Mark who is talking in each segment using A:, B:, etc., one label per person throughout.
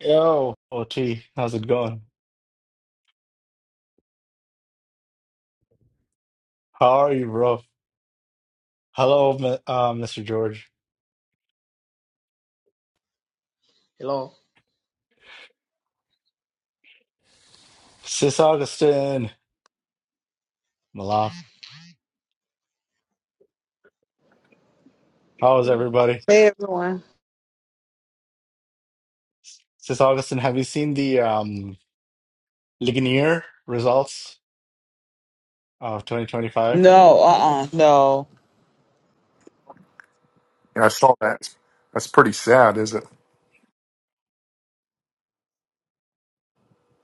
A: Yo, OT, how's it going? How are you, bro? Hello, m- uh, Mr. George.
B: Hello.
A: Sis Augustine, Malaf. How is everybody?
C: Hey everyone.
A: Sis Augustine, have you seen the um, Ligonier results of 2025?
C: No, uh uh no.
D: Yeah, I saw that. That's pretty sad, is it?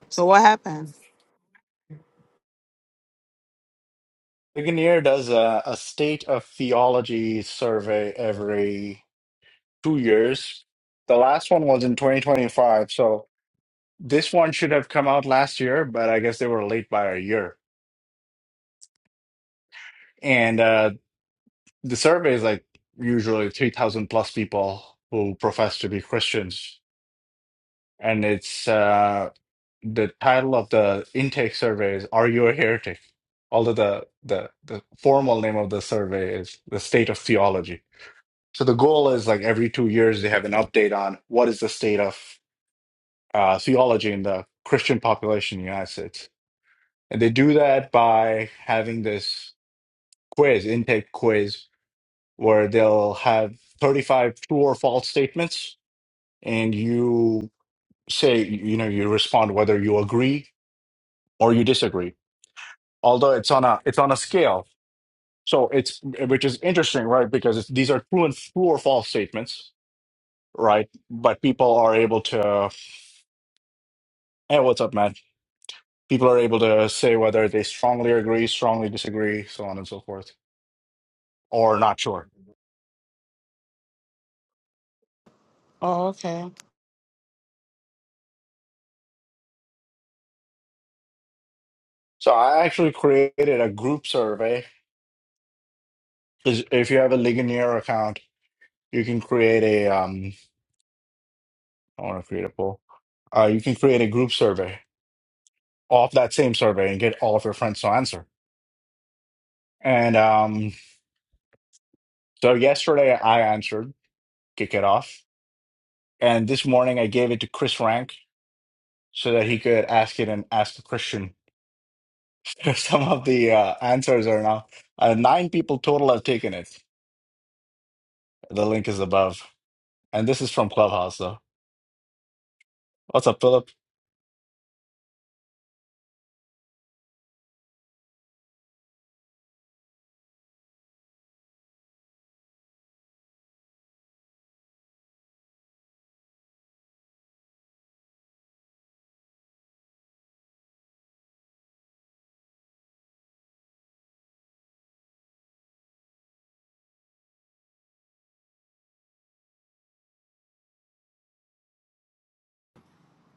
C: So what happened?
A: Ligonier does a, a state of theology survey every two years. The last one was in 2025, so this one should have come out last year, but I guess they were late by a year. And uh, the survey is like usually 3,000 plus people who profess to be Christians. And it's uh, the title of the intake survey is Are You a Heretic? Although the, the, the formal name of the survey is The State of Theology. So the goal is like every two years they have an update on what is the state of uh, theology in the Christian population in the United States. And they do that by having this quiz, intake quiz, where they'll have 35 true or false statements, and you say, you know, you respond whether you agree or you disagree. Although it's on a it's on a scale, so it's which is interesting, right? Because it's, these are true and true or false statements, right? But people are able to, hey, what's up, man? People are able to say whether they strongly agree, strongly disagree, so on and so forth, or not sure.
C: Oh, okay.
A: So I actually created a group survey. 'cause If you have a Ligonier account, You can create a um I want to create a poll. Uh you can create a group survey off that same survey and get all of your friends to answer. And um so yesterday I answered, kick it off. And this morning I gave it to Chris Rank so that he could ask it and ask the Christian. Some of the uh, answers are now uh, nine people total have taken it. The link is above. And this is from Clubhouse though. What's up, Philip?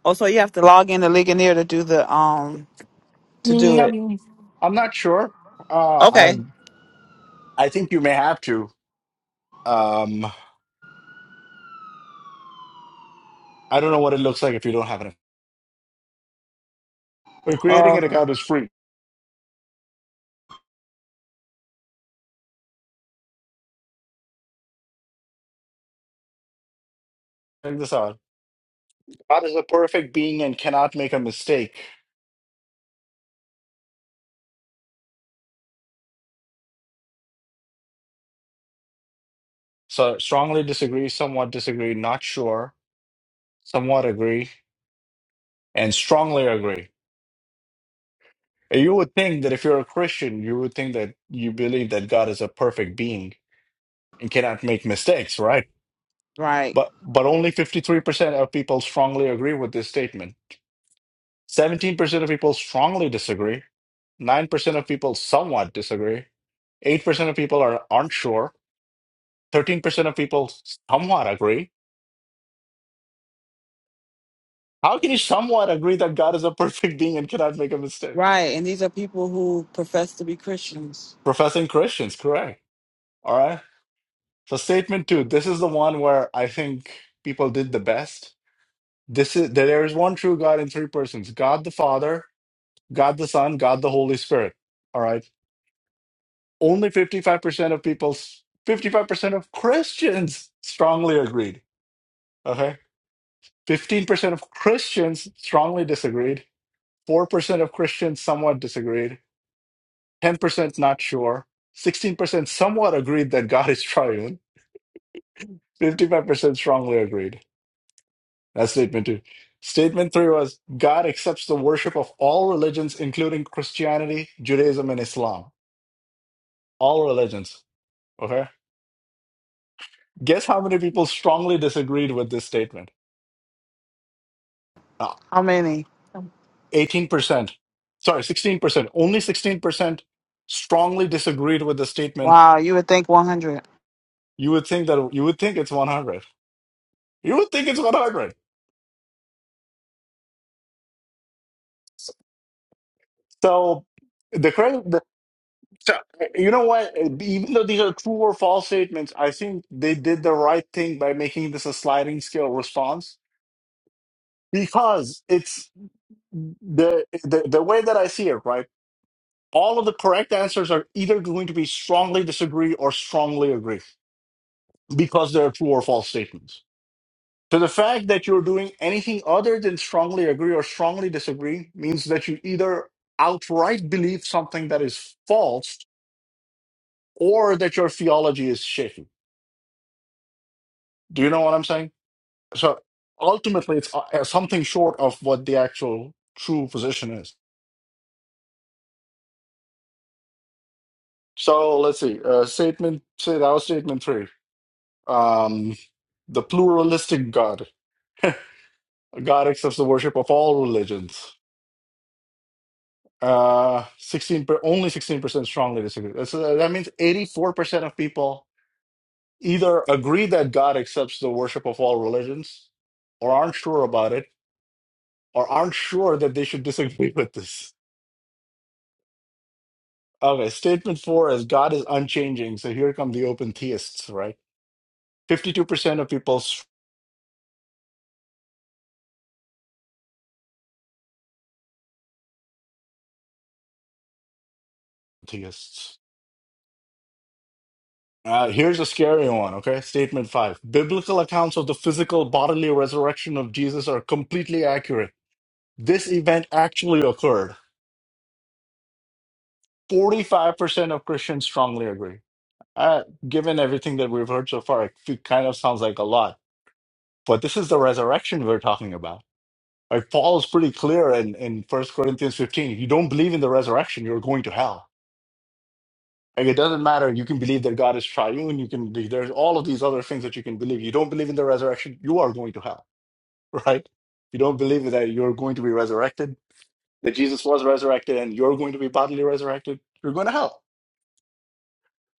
C: Oh, so you have to log in to Ligonier to do the um to
A: Mm,
C: do it.
A: I'm I'm not sure. Uh,
C: Okay.
A: I'm I think you may have to. Um. I don't know what it looks like if you don't have an account. But
C: Oh,
A: creating an
C: okay.
A: account is free. Check this out. God is a perfect being and cannot make a mistake. So strongly disagree, somewhat disagree, not sure, somewhat agree, and strongly agree. And You would think that if you're a Christian, you would think that you believe that God is a perfect being and cannot make mistakes, right?
C: Right.
A: But but only 53% of people strongly agree with this statement. 17% of people strongly disagree, 9% of people somewhat disagree. 8% of people are aren't sure. 13% of people somewhat agree. How can you somewhat agree that God is a perfect being and cannot make a mistake?
C: Right. And these are people who profess to be Christians.
A: Professing Christians, correct. All right. So statement two, this is the one where I think people did the best. This is that there is one true God in three persons, God the Father, God the Son, God the Holy Spirit. All right. Only 55% of people, 55% of Christians strongly agreed. Okay 15% of Christians strongly disagreed. 4% of Christians somewhat disagreed. 10% not sure. 16% somewhat agreed that God is triune. 55% strongly agreed. That's statement two. Statement three was God accepts the worship of all religions, including Christianity, Judaism, and Islam. All religions. Okay. Guess how many people strongly disagreed with this statement? Uh,
C: How many?
A: 18%. Sorry, 16%. Only 16% strongly disagreed with the statement
C: Wow, you would think 100.
A: You would think that you would think it's 100. You would think it's 100. So the credit, the, so, you know what? Even though these are true or false statements, I think they did the right thing by making this a sliding scale response because it's the the, the way that I see it. Right, all of the correct answers are either going to be strongly disagree or strongly agree because they're true or false statements. So the fact that you're doing anything other than strongly agree or strongly disagree means that you either outright believe something that is false or that your theology is shaky. Do you know what I'm saying? So ultimately, it's uh, uh, something short of what the actual true position is. So let's see. Uh, statement say that was statement three. Um, the pluralistic God. God accepts the worship of all religions. Uh, 16 per, only 16% strongly disagree. That's, uh, that means 84% of people either agree that God accepts the worship of all religions or aren't sure about it or aren't sure that they should disagree with this. Okay, statement four is God is unchanging. So here come the open theists, right? 52% of people s- theists. Uh, here's a scary one, okay? Statement five. Biblical accounts of the physical bodily resurrection of Jesus are completely accurate. This event actually occurred. 45% of Christians strongly agree. Uh, given everything that we've heard so far, it fe- kind of sounds like a lot. But this is the resurrection we're talking about. Like Paul is pretty clear in, in First Corinthians 15. If you don't believe in the resurrection, you're going to hell. Like it doesn't matter. You can believe that God is triune. You can be, there's all of these other things that you can believe. You don't believe in the resurrection, you are going to hell, right? You don't believe that you're going to be resurrected, that Jesus was resurrected and you're going to be bodily resurrected, you're going to hell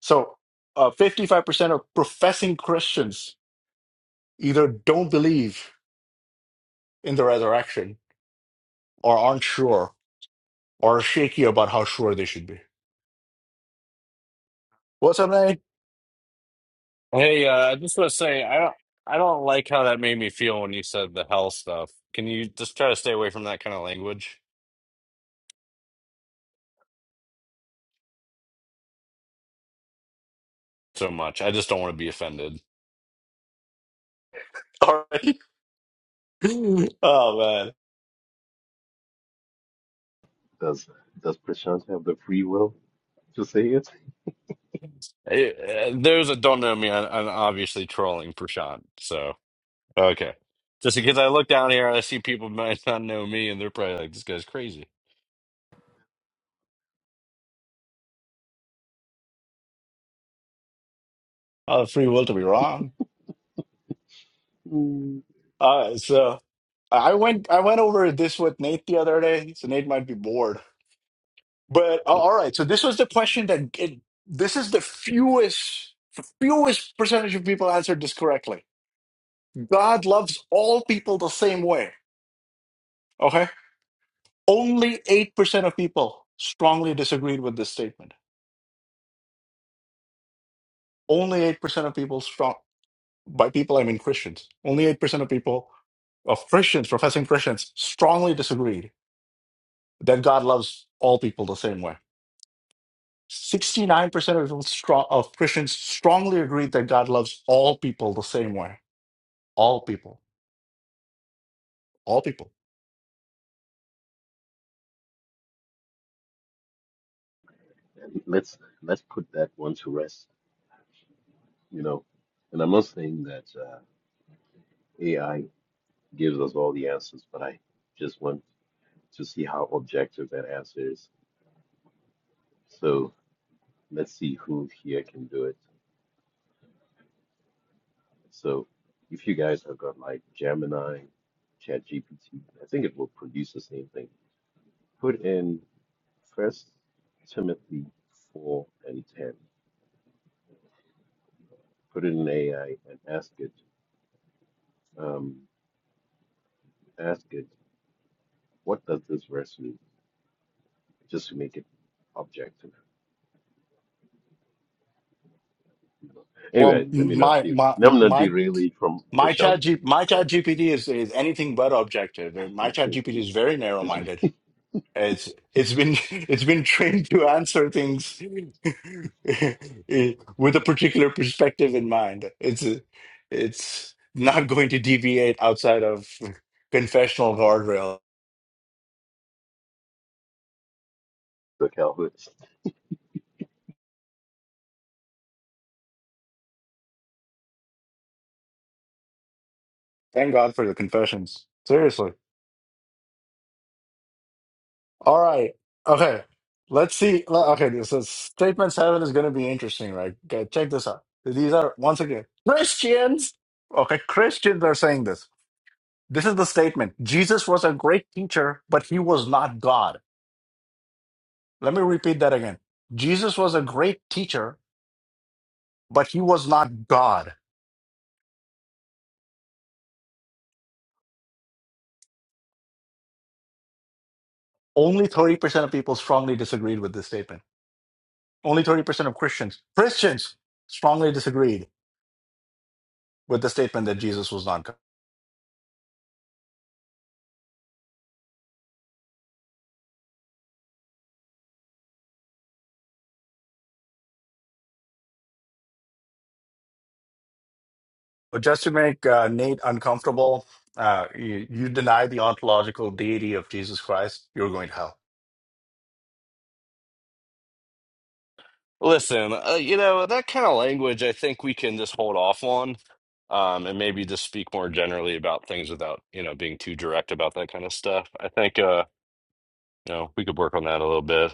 A: So, uh, 55% of professing Christians either don't believe in the resurrection or aren't sure or are shaky about how sure they should be. What's up, man?
E: Hey, uh, I just want to say I don't I don't like how that made me feel when you said the hell stuff. Can you just try to stay away from that kind of language so much? I just don't want to be offended.
A: All right. oh, man.
F: Does does Prashant have the free will to say it?
E: Eh, eh, those that don't know me, I'm, I'm obviously trolling Prashant. So okay, just because I look down here and I see people might not know me, and they're probably like, "This guy's crazy."
A: Oh, free will to be wrong.
F: Mm,
A: All right. So, I went, I went over this with Nate the other day. So, Nate might be bored. But, uh, all right. So, this was the question that it, this is the fewest, fewest percentage of people answered this correctly. God loves all people the same way. Okay. Only 8% of people strongly disagreed with this statement. Only 8% of people strong by people I mean Christians. Only 8% of people of Christians, professing Christians, strongly disagreed that God loves all people the same way. 69% of, people strong, of Christians strongly agreed that God loves all people the same way. All people. All people.
F: And Let's let's put that one to rest, you know. And I'm not saying that uh, AI gives us all the answers, but I just want to see how objective that answer is. So let's see who here can do it. So if you guys have got like Gemini, ChatGPT, I think it will produce the same thing. Put in First Timothy four and ten. put it in AI and ask it, um, ask it, what does this verse mean? Just to make it objective.
A: Well,
F: Anyway, let me not
A: my
F: de-
A: my
F: let me not
A: my
F: derail it from
A: my
F: Prashant.
A: chat G, my
F: Go.
A: chat GPT is, is anything but objective. My
F: Yeah,
A: chat GPT is very narrow
F: this is
A: minded It's it's been it's been trained to answer things with a particular perspective in mind. It's it's not going to deviate outside of confessional guardrail.
F: the Calvinist.
A: Thank God for the confessions. Seriously. All right. Okay. Let's see. le- Okay. So statement seven is going to be interesting, right? Okay, check this out. These are once again Christians. Okay, Christians are saying this. This is the statement Jesus was a great teacher, but he was not God. Let me repeat that again. Jesus was a great teacher, but he was not God. Only 30% of people strongly disagreed with this statement. Only 30% of Christians, Christians strongly disagreed with the statement that Jesus was not God. But just to make uh, Nate uncomfortable, uh, you, you deny the ontological deity of Jesus Christ, you're going to hell.
E: Listen, uh, you know that kind of language. I think we can just hold off on, um, and maybe just speak more generally about things without you know being too direct about that kind of stuff. I think. Uh, You know, we could work on that a little bit.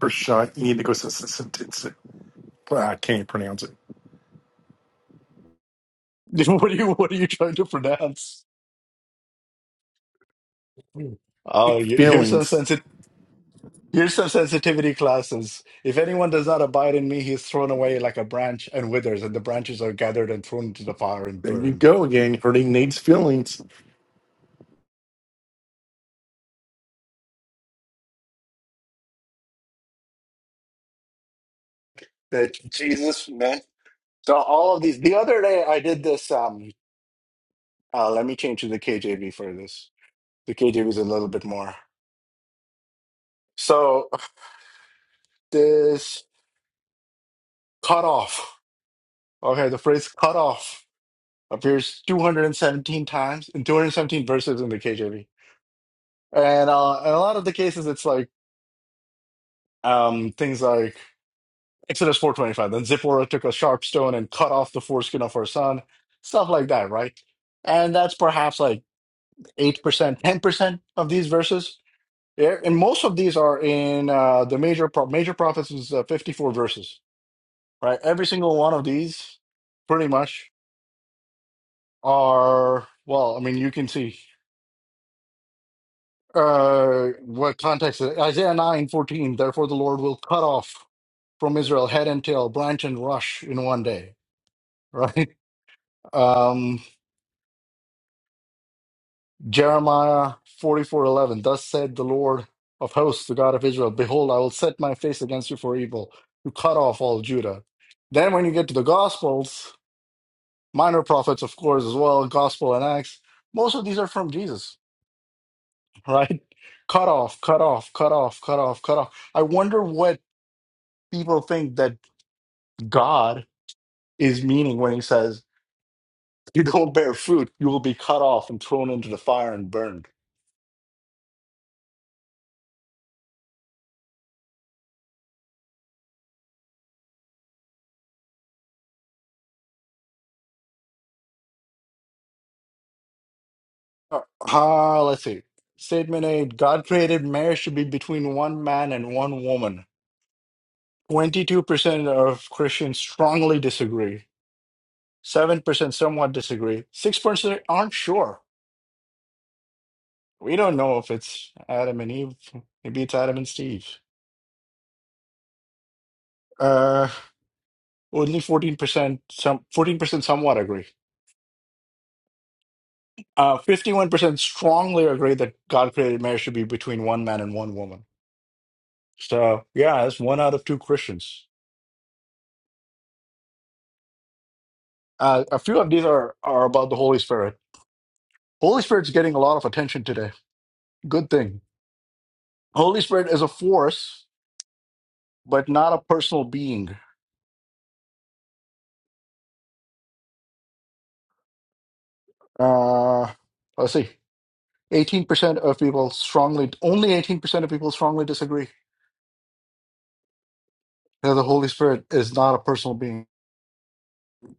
D: Prashant, you need to go to sentence. I can't pronounce
A: what, are you, what are you trying to pronounce? Hmm. Oh,
D: it.
A: you- you're so
D: Feelings.
A: sensitive. Years of sensitivity classes. If anyone does not abide in me, he is thrown away like a branch and withers, and the branches are gathered and thrown into the fire and
D: There you
A: burned.
D: go again. Hurting needs feelings.
A: That Jesus, man. So all of these. The other day, I did this. Um, uh, let me change to the KJV for this. The KJV is a little bit more. So this cut off. Okay, the phrase cut off appears 217 times in 217 verses in the KJV, and uh, in a lot of the cases, it's like um, things like. Exodus 4:25. Then Zipporah took a sharp stone and cut off the foreskin of her son. Stuff like that, right? And that's perhaps like 8%, 10% of these verses. Yeah, And most of these are in uh, the major pro- major prophets is uh, 54 verses, right? Every single one of these pretty much are well, I mean, you can see uh what context is it? Isaiah 9:14. therefore the Lord will cut off from Israel head and tail, branch and rush in one day, right? Um Jeremiah forty-four eleven. Thus said the Lord of hosts, the God of Israel Behold, I will set my face against you for evil, to cut off all Judah. Then, when you get to the Gospels, minor prophets, of course, as well, Gospel and Acts, most of these are from Jesus, right? Cut off, cut off, cut off, cut off, cut off. I wonder what people think that God is meaning when he says, You don't bear fruit, you will be cut off and thrown into the fire and burned Uh, uh, let's see. Statement eight God created marriage to be between one man and one woman. 22% of Christians strongly disagree. 7% somewhat disagree. 6% aren't sure. We don't know if it's Adam and Eve. Maybe it's Adam and Steve. Uh, only 14% some 14% somewhat agree. Uh, 51% strongly agree that God created marriage to be between one man and one woman. So, yeah, that's one out of two Christians. Uh, a few of these are, are about the Holy Spirit. Holy Spirit's getting a lot of attention today. Good thing. Holy Spirit is a force, but not a personal being. Uh, let's see. 18% of people strongly, only 18% of people strongly disagree that the Holy Spirit is not a personal being.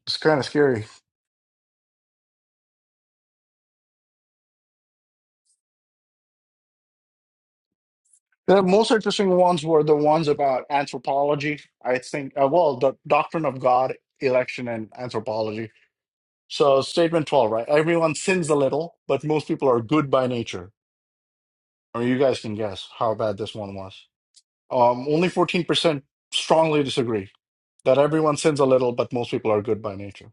A: It's kind of scary. The most interesting ones were the ones about anthropology. I think, uh, well, the doctrine of God, election, and anthropology. So, statement 12, right? Everyone sins a little, but most people are good by nature. I mean, you guys can guess how bad this one was. Um, only 14% strongly disagree that everyone sins a little, but most people are good by nature.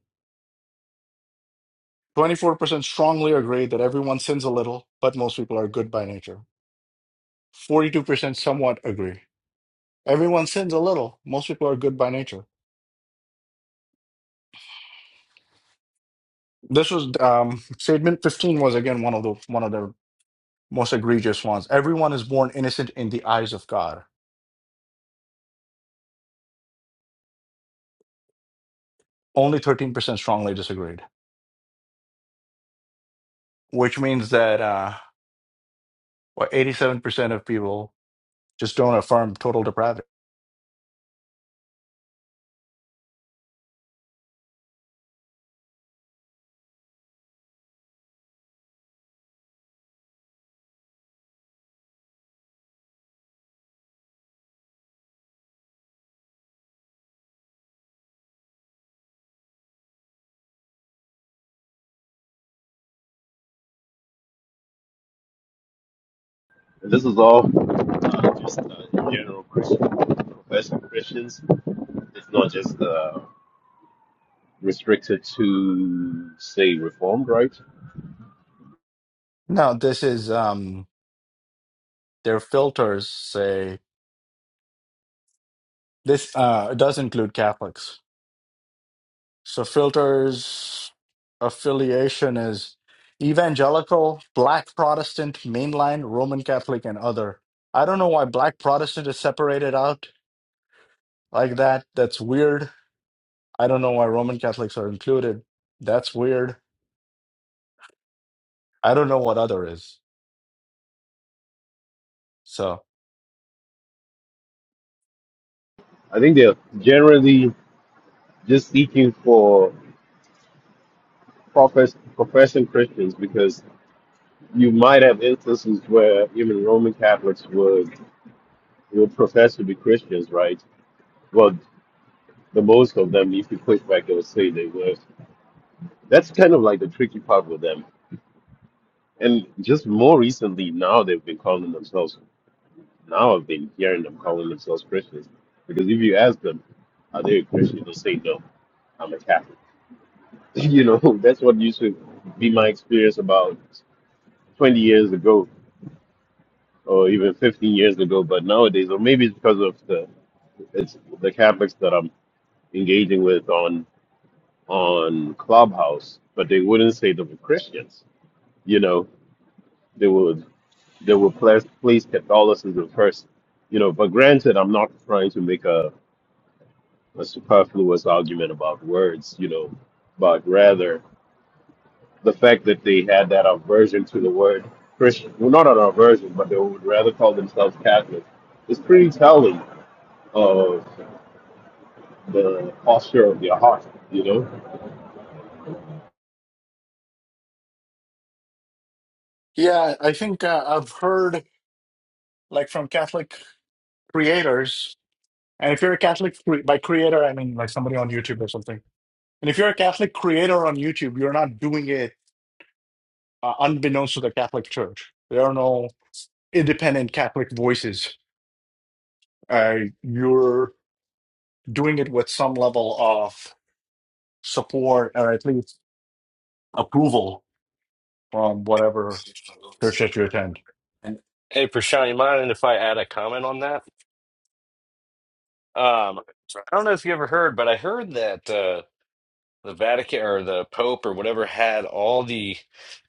A: 24% strongly agree that everyone sins a little, but most people are good by nature. 42% somewhat agree. Everyone sins a little, most people are good by nature. This was um, statement 15 was again one of the one of the most egregious ones. Everyone is born innocent in the eyes of God. Only 13% strongly disagreed, which means that uh, what 87% of people just don't affirm total depravity.
F: And this is all uh, just uh, general Christian professing Christians. It's not just uh, restricted to say Reformed, right?
A: No, this is um, their filters say this uh, does include Catholics. So filters affiliation is evangelical, black Protestant, mainline, Roman Catholic, and other. I don't know why black Protestant is separated out like that. That's weird. I don't know why Roman Catholics are included. That's weird. I don't know what other is. So
F: I think they're generally just seeking for profess professing Christians because you might have instances where even Roman Catholics would would profess to be Christians, right? Well, the most of them, if you click back, they'll say they were. That's kind of like the tricky part with them. And just more recently, now they've been calling themselves. Now I've been hearing them calling themselves Christians because if you ask them, are they a Christian? They'll say no. I'm a Catholic. You know, that's what used to be my experience about 20 years ago or even 50 years ago. But nowadays, or maybe it's because of the it's the Catholics that I'm engaging with on on Clubhouse, but they wouldn't say they were Christians. You know, they would they would place, place Catholicism first. You know, but granted, I'm not trying to make a, a superfluous argument about words. You know, but rather the fact that they had that aversion to the word Christian, well, not an aversion, but they would rather call themselves Catholic. It's pretty telling of. the posture of your heart, you know.
A: Yeah, I think uh, I've heard like from Catholic creators, and if you're a Catholic cre by creator, I mean like somebody on YouTube or something. And if you're a Catholic creator on YouTube, you're not doing it uh, unbeknownst to the Catholic Church. There are no independent Catholic voices. Uh, you're doing it with some level of support or at least approval from whatever church that you attend. And
E: Hey, Prashant, you mind if I add a comment on that? Um, I don't know if you ever heard, but I heard that uh, the Vatican or the Pope or whatever had all the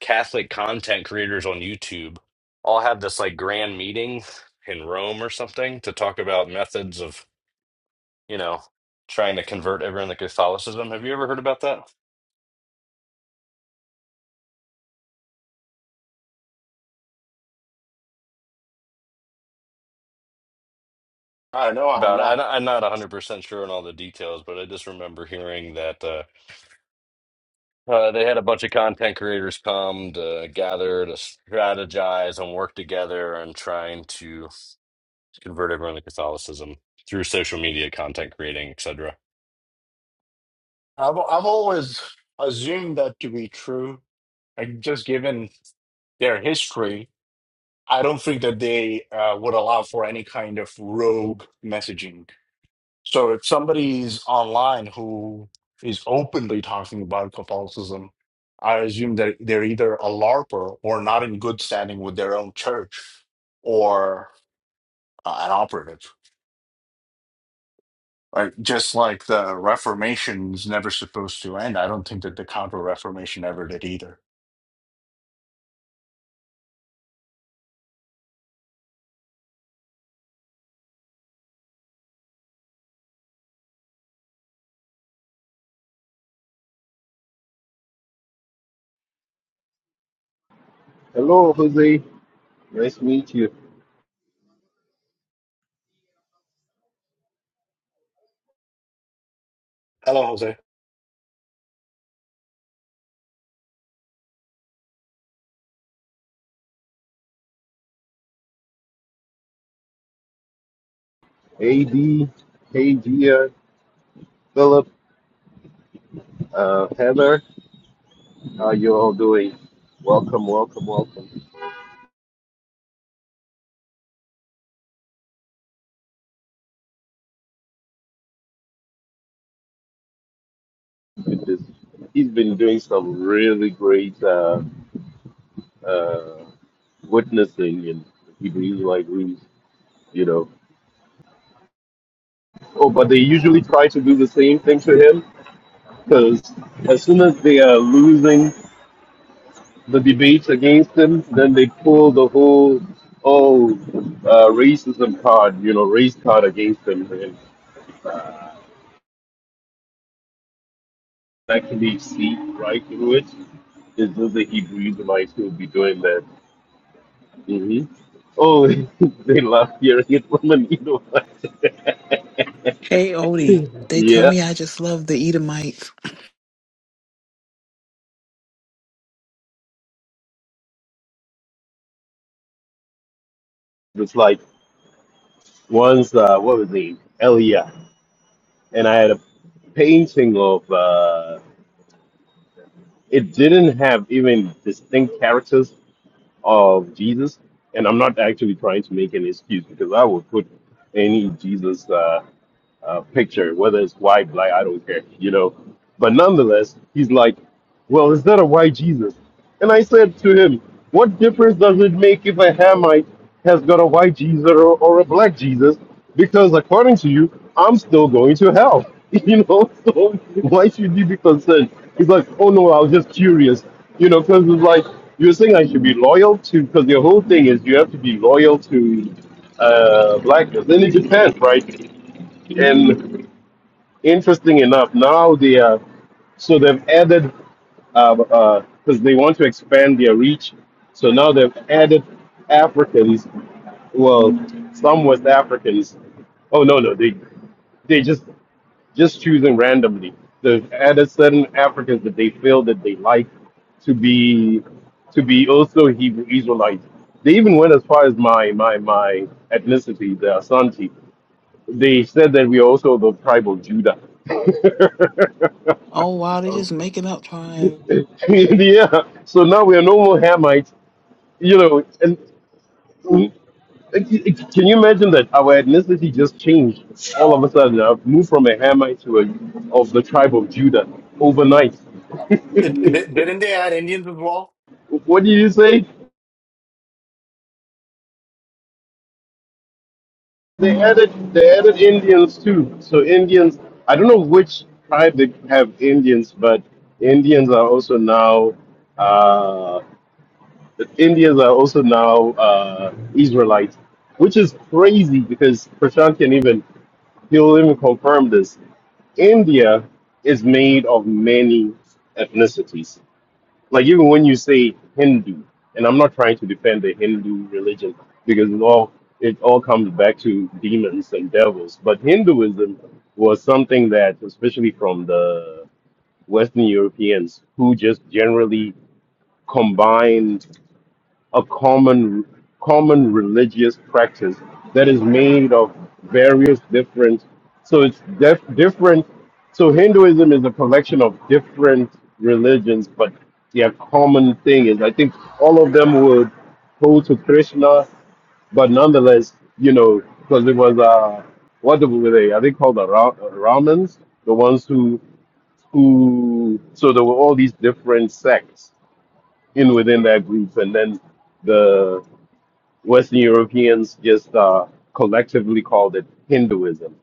E: Catholic content creators on YouTube all have this like grand meeting in Rome or something to talk about methods of, you know, trying to convert everyone to Catholicism. Have you ever heard about that?
A: I don't know, I'm not.
E: About I, I'm not 100% sure on all the details, but I just remember hearing that. uh, Uh, they had a bunch of content creators come to gather to strategize and work together on trying to convert everyone to Catholicism through social media, content creating, etc.
A: I've I've always assumed that to be true. Like just given their history, I don't think that they uh, would allow for any kind of rogue messaging. So if somebody's online who is openly talking about Catholicism, I assume that they're either a LARPer or not in good standing with their own church or uh, an operative. Like just like the Reformation's never supposed to end, I don't think that the Counter Reformation ever did either.
F: Hello, Jose. Nice to meet you.
A: Hello, Jose.
F: AD, hey, Gia, Philip, uh, Heather. How are you all doing? Welcome, welcome, welcome. Goodness. He's been doing some really great uh, uh, witnessing in Hebrew like rooms, you know. Oh, but they usually try to do the same thing to him because as soon as they are losing the debates against him. Then they pull the whole oh uh, racism card, you know, race card against him, and actually see right through it. It's just the Hebrew Israelites who will be doing that. hmm Oh, they love hearing it from an Edomite.
C: Hey Odie, they tell
F: yeah,
C: me I just love the Edomites.
F: it's like once uh, what was it, Elia, and I had a painting of uh, it didn't have even distinct characters of Jesus, and I'm not actually trying to make an excuse because I would put any Jesus. Uh, uh, picture, whether it's white, black, I don't care, you know. But nonetheless, he's like, Well, is that a white Jesus? And I said to him, What difference does it make if a Hamite has got a white Jesus or, or a black Jesus? Because according to you, I'm still going to hell, you know. So why should you be concerned? He's like, Oh no, I was just curious, you know, because it's like, you're saying I should be loyal to, because the whole thing is you have to be loyal to uh, blackness. And it depends, right? And Interesting enough, now they are so they've added because they want to expand their reach. So now they've added Africans, well, some West Africans. Oh no, no, they they just just choosing randomly. They've added certain Africans that they feel that they like to be to be also Hebrew Israelites. They even went as far as my my my ethnicity, the Asante. They said that we are also the tribe of Judah.
C: Oh wow, they just making up trying.
F: yeah. So now we are no more Hamites. You know, and mm, it- it- can you imagine that our ethnicity just changed all of a sudden? I've moved from a Hamite to a of the tribe of Judah overnight.
A: It, di- didn't they add Indians as well?
F: What do you say? They added they added Indians too. So Indians, I don't know which tribe they have Indians, but Indians are also now. Uh, The Indians are also now uh, Israelites, which is crazy because Prashant can even he'll even confirm this. India is made of many ethnicities. Like even when you say Hindu, and I'm not trying to defend the Hindu religion because it all it all comes back to demons and devils. But Hinduism was something that, especially from the Western Europeans, who just generally combined a common common religious practice that is made of various different so it's def- different so hinduism is a collection of different religions but their common thing is i think all of them would hold to krishna but nonetheless you know because it was uh what were they are they called the Ra- uh, ramans the ones who who so there were all these different sects in within that group and then the Western Europeans just uh, collectively called it Hinduism,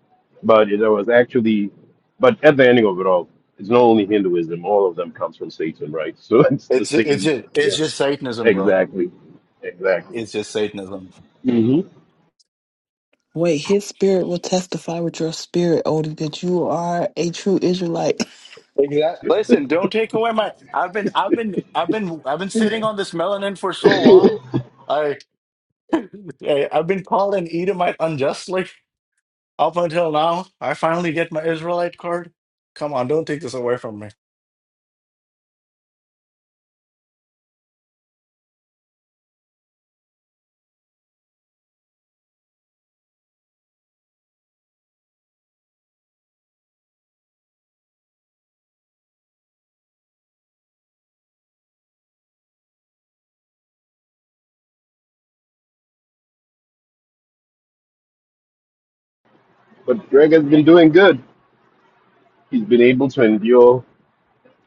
F: but it was actually, but at the ending of it all, it's not only Hinduism. All of them comes from Satan, right? So it's the
A: It's it's
F: same.
A: just
F: Yeah,
A: it's just Satanism, bro.
F: exactly, exactly.
A: It's just Satanism.
F: hmm
C: Wait, his spirit will testify with your spirit, Odie, that you are a true Israelite.
A: Exactly. Listen, don't take away my. I've been I've been I've been I've been sitting on this melanin for so long. I, I I've been called an Edomite unjustly up until now. I finally get my Israelite card. Come on, don't take this away from me.
F: But Greg has been doing good. He's been able to endure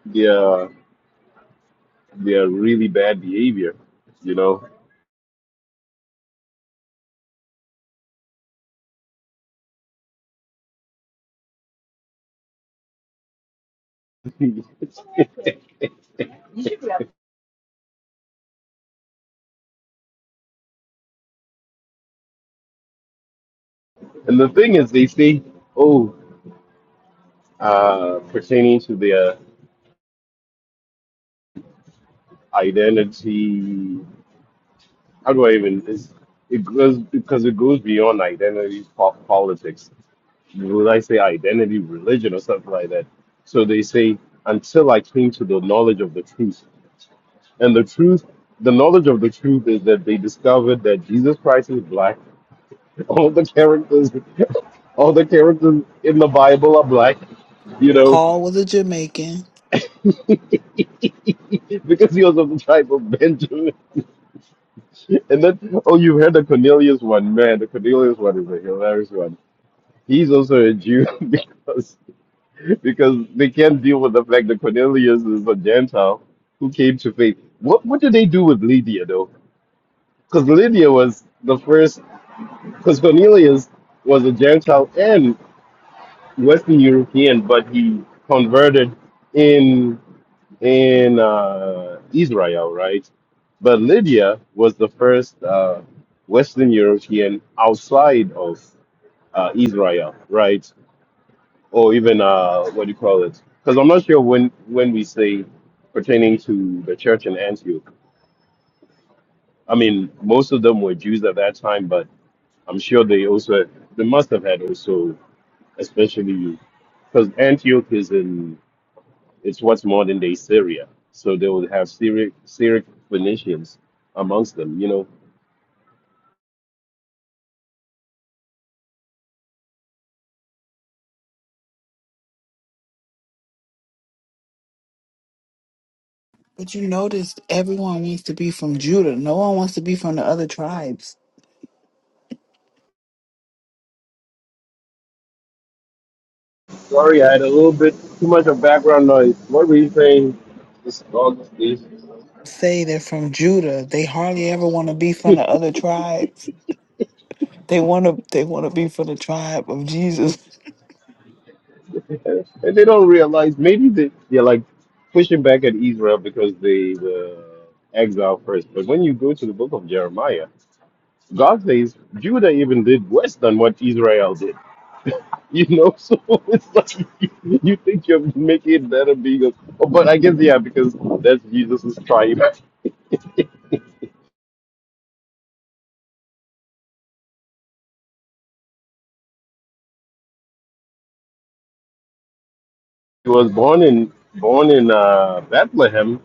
F: their their really bad behavior. You know. and the thing is, they say, oh, uh, pertaining to their identity. How do I even? It's, it goes because it goes beyond identity po- politics. Would I say identity, religion, or something like that? So they say until I came to the knowledge of the truth, and the truth, the knowledge of the truth is that they discovered that Jesus Christ is black. All the characters, all the characters in the Bible are black. You know,
C: Paul was a Jamaican.
F: because he was of the tribe of Benjamin. And then, oh, you heard the Cornelius one, man. The Cornelius one is a hilarious one. He's also a Jew because because they can't deal with the fact that Cornelius is a Gentile who came to faith. What what did they do with Lydia though? Because Lydia was the first. Because Cornelius was a Gentile and Western European, but he converted in. in uh, Israel, right? But Lydia was the first uh, Western European outside of uh, Israel, right? Or even uh, what do you call it? Because I'm not sure when when we say pertaining to the church in Antioch. I mean, most of them were Jews at that time, but I'm sure they also they must have had also, especially because Antioch is in It's what's modern day Syria. So they would have Syriac, Syriac Phoenicians amongst them, you know.
C: But you noticed everyone wants to be from Judah. No one wants to be from the other tribes.
F: Sorry, I had a little bit too much of background noise. What were you saying? This dog is.
C: Say they're from Judah. They hardly ever want to be from the other tribes. They want to. They want to be from the tribe of Jesus.
F: And they don't realize maybe they, they're like pushing back at Israel because they were exiled first. But when you go to the book of Jeremiah, God says Judah even did worse than what Israel did. You know, so it's like you think you're making it better being a, oh, but I guess yeah, because that's Jesus's triumph. He was born in born in uh, Bethlehem,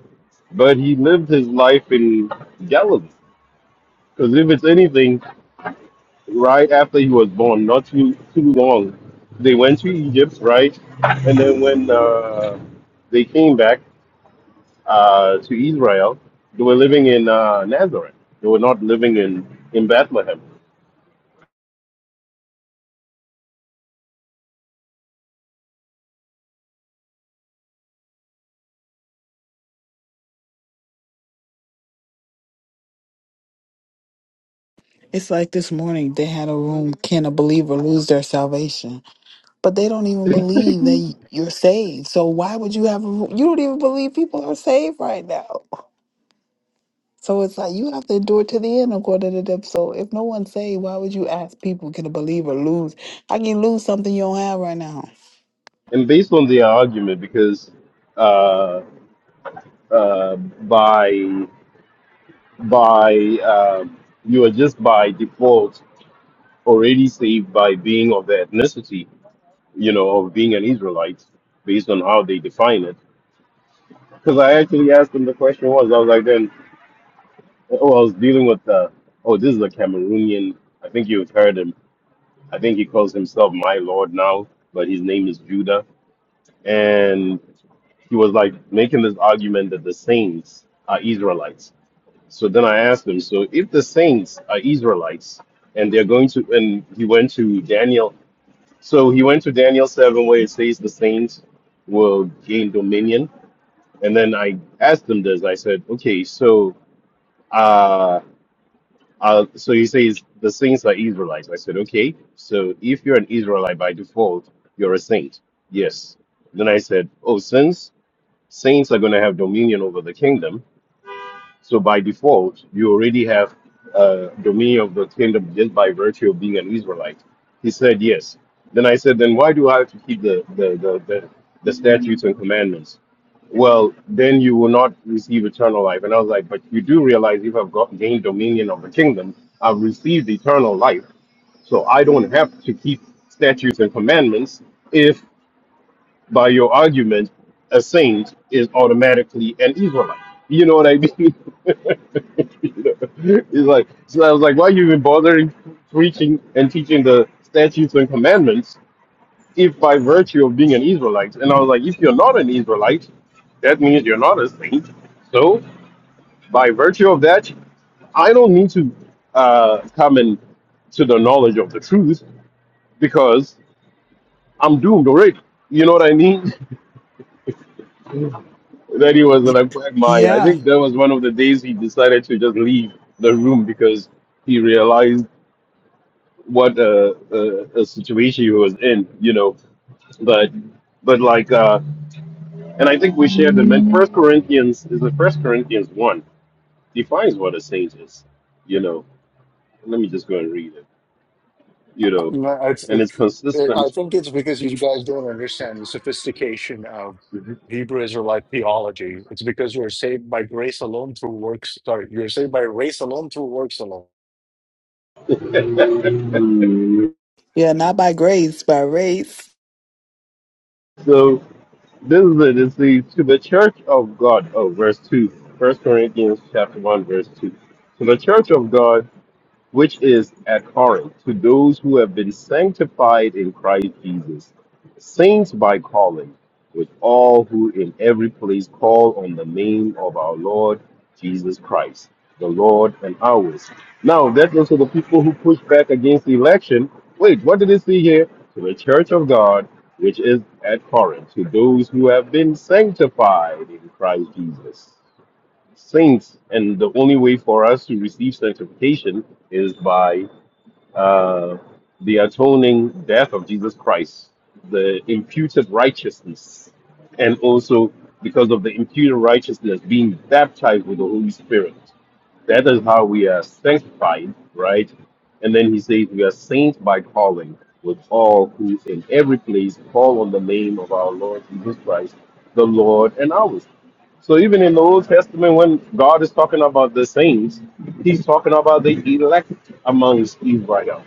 F: but he lived his life in Galilee. Because if it's anything, right after he was born, not too too long, they went to Egypt, right, and then when uh, they came back uh, to Israel, they were living in uh, Nazareth. They were not living in in Bethlehem.
C: It's like this morning they had a room. Can a believer lose their salvation? But they don't even believe that you're saved. So why would you have? A, you don't even believe people are saved right now. So it's like you have to endure to the end according to them. So if no one's saved, why would you ask people can believe or lose? I can you lose something you don't have right now.
F: and based on the argument, because uh, uh, by by um, you are just by default already saved by being of the ethnicity, you know, of being an Israelite, based on how they define it. Because I actually asked them the question was I was like then oh I was dealing with uh, oh this is a Cameroonian I think you've heard him I think he calls himself my lord now but his name is Judah he was like making this argument that the saints are Israelites. So then I asked him, so if the saints are Israelites and they're going to, and he went to Daniel, so he went to Daniel 7 where it says the saints will gain dominion. And then I asked him this, I said, okay, so, uh, uh, so he says the saints are Israelites. I said, okay, so if you're an Israelite by default, you're a saint. Yes. Then I said, oh, since saints are going to have dominion over the kingdom. So by default, you already have uh, dominion of the kingdom just by virtue of being an Israelite. He said yes. Then I said, then why do I have to keep the the the, the, the statutes and commandments? Well, then you will not receive eternal life. And I was like, but you do realize if I've got, gained dominion of the kingdom, I've received eternal life. So I don't have to keep statutes and commandments if by your argument, a saint is automatically an Israelite. You know what I mean? it's like so I was like, why are you even bothering preaching and teaching the statutes and commandments if by virtue of being an Israelite? And I was like, if you're not an Israelite, that means you're not a saint. So by virtue of that, I don't need to uh, come in to the knowledge of the truth because I'm doomed already. You know what I mean? Then he was
C: Y-
F: in a quagmire. I
C: yeah.
F: think that was one of the days he decided to just leave the room because he realized what a, a, a situation he was in, you know. But but like, uh, and I think we shared them. men. First Corinthians is the First Corinthians one defines what a saint is, you know. Let me just go and read it, you know,
A: No, it's,
F: and
A: it,
F: it's
A: it- I
F: consistent.
A: think it's because you guys don't understand the sophistication of Hebrew Israelite theology. It's because you're saved by grace alone through works. Sorry, you're saved by grace alone through works alone.
C: Yeah, not by grace, by race.
F: so This is it. It's the to the church of God. Oh, verse two. First Corinthians chapter one, verse two. To the church of God which is abhorrent to those who have been sanctified in Christ Jesus, saints by calling, with all who in every place call on the name of our Lord Jesus Christ, the Lord and ours. Now, that goes to the people who push back against the election. Wait, what did it say here? To the church of God, which is at Corinth to those who have been sanctified in Christ Jesus saints, and the only way for us to receive sanctification is by uh, the atoning death of Jesus Christ, the imputed righteousness, and also because of the imputed righteousness being baptized with the Holy Spirit. That is how we are sanctified, right? And then he says, We are saints by calling, with all who in every place call on the name of our Lord Jesus Christ, the Lord and ours. So even in the Old Testament, when God is talking about the saints, He's talking about the elect amongst Israel.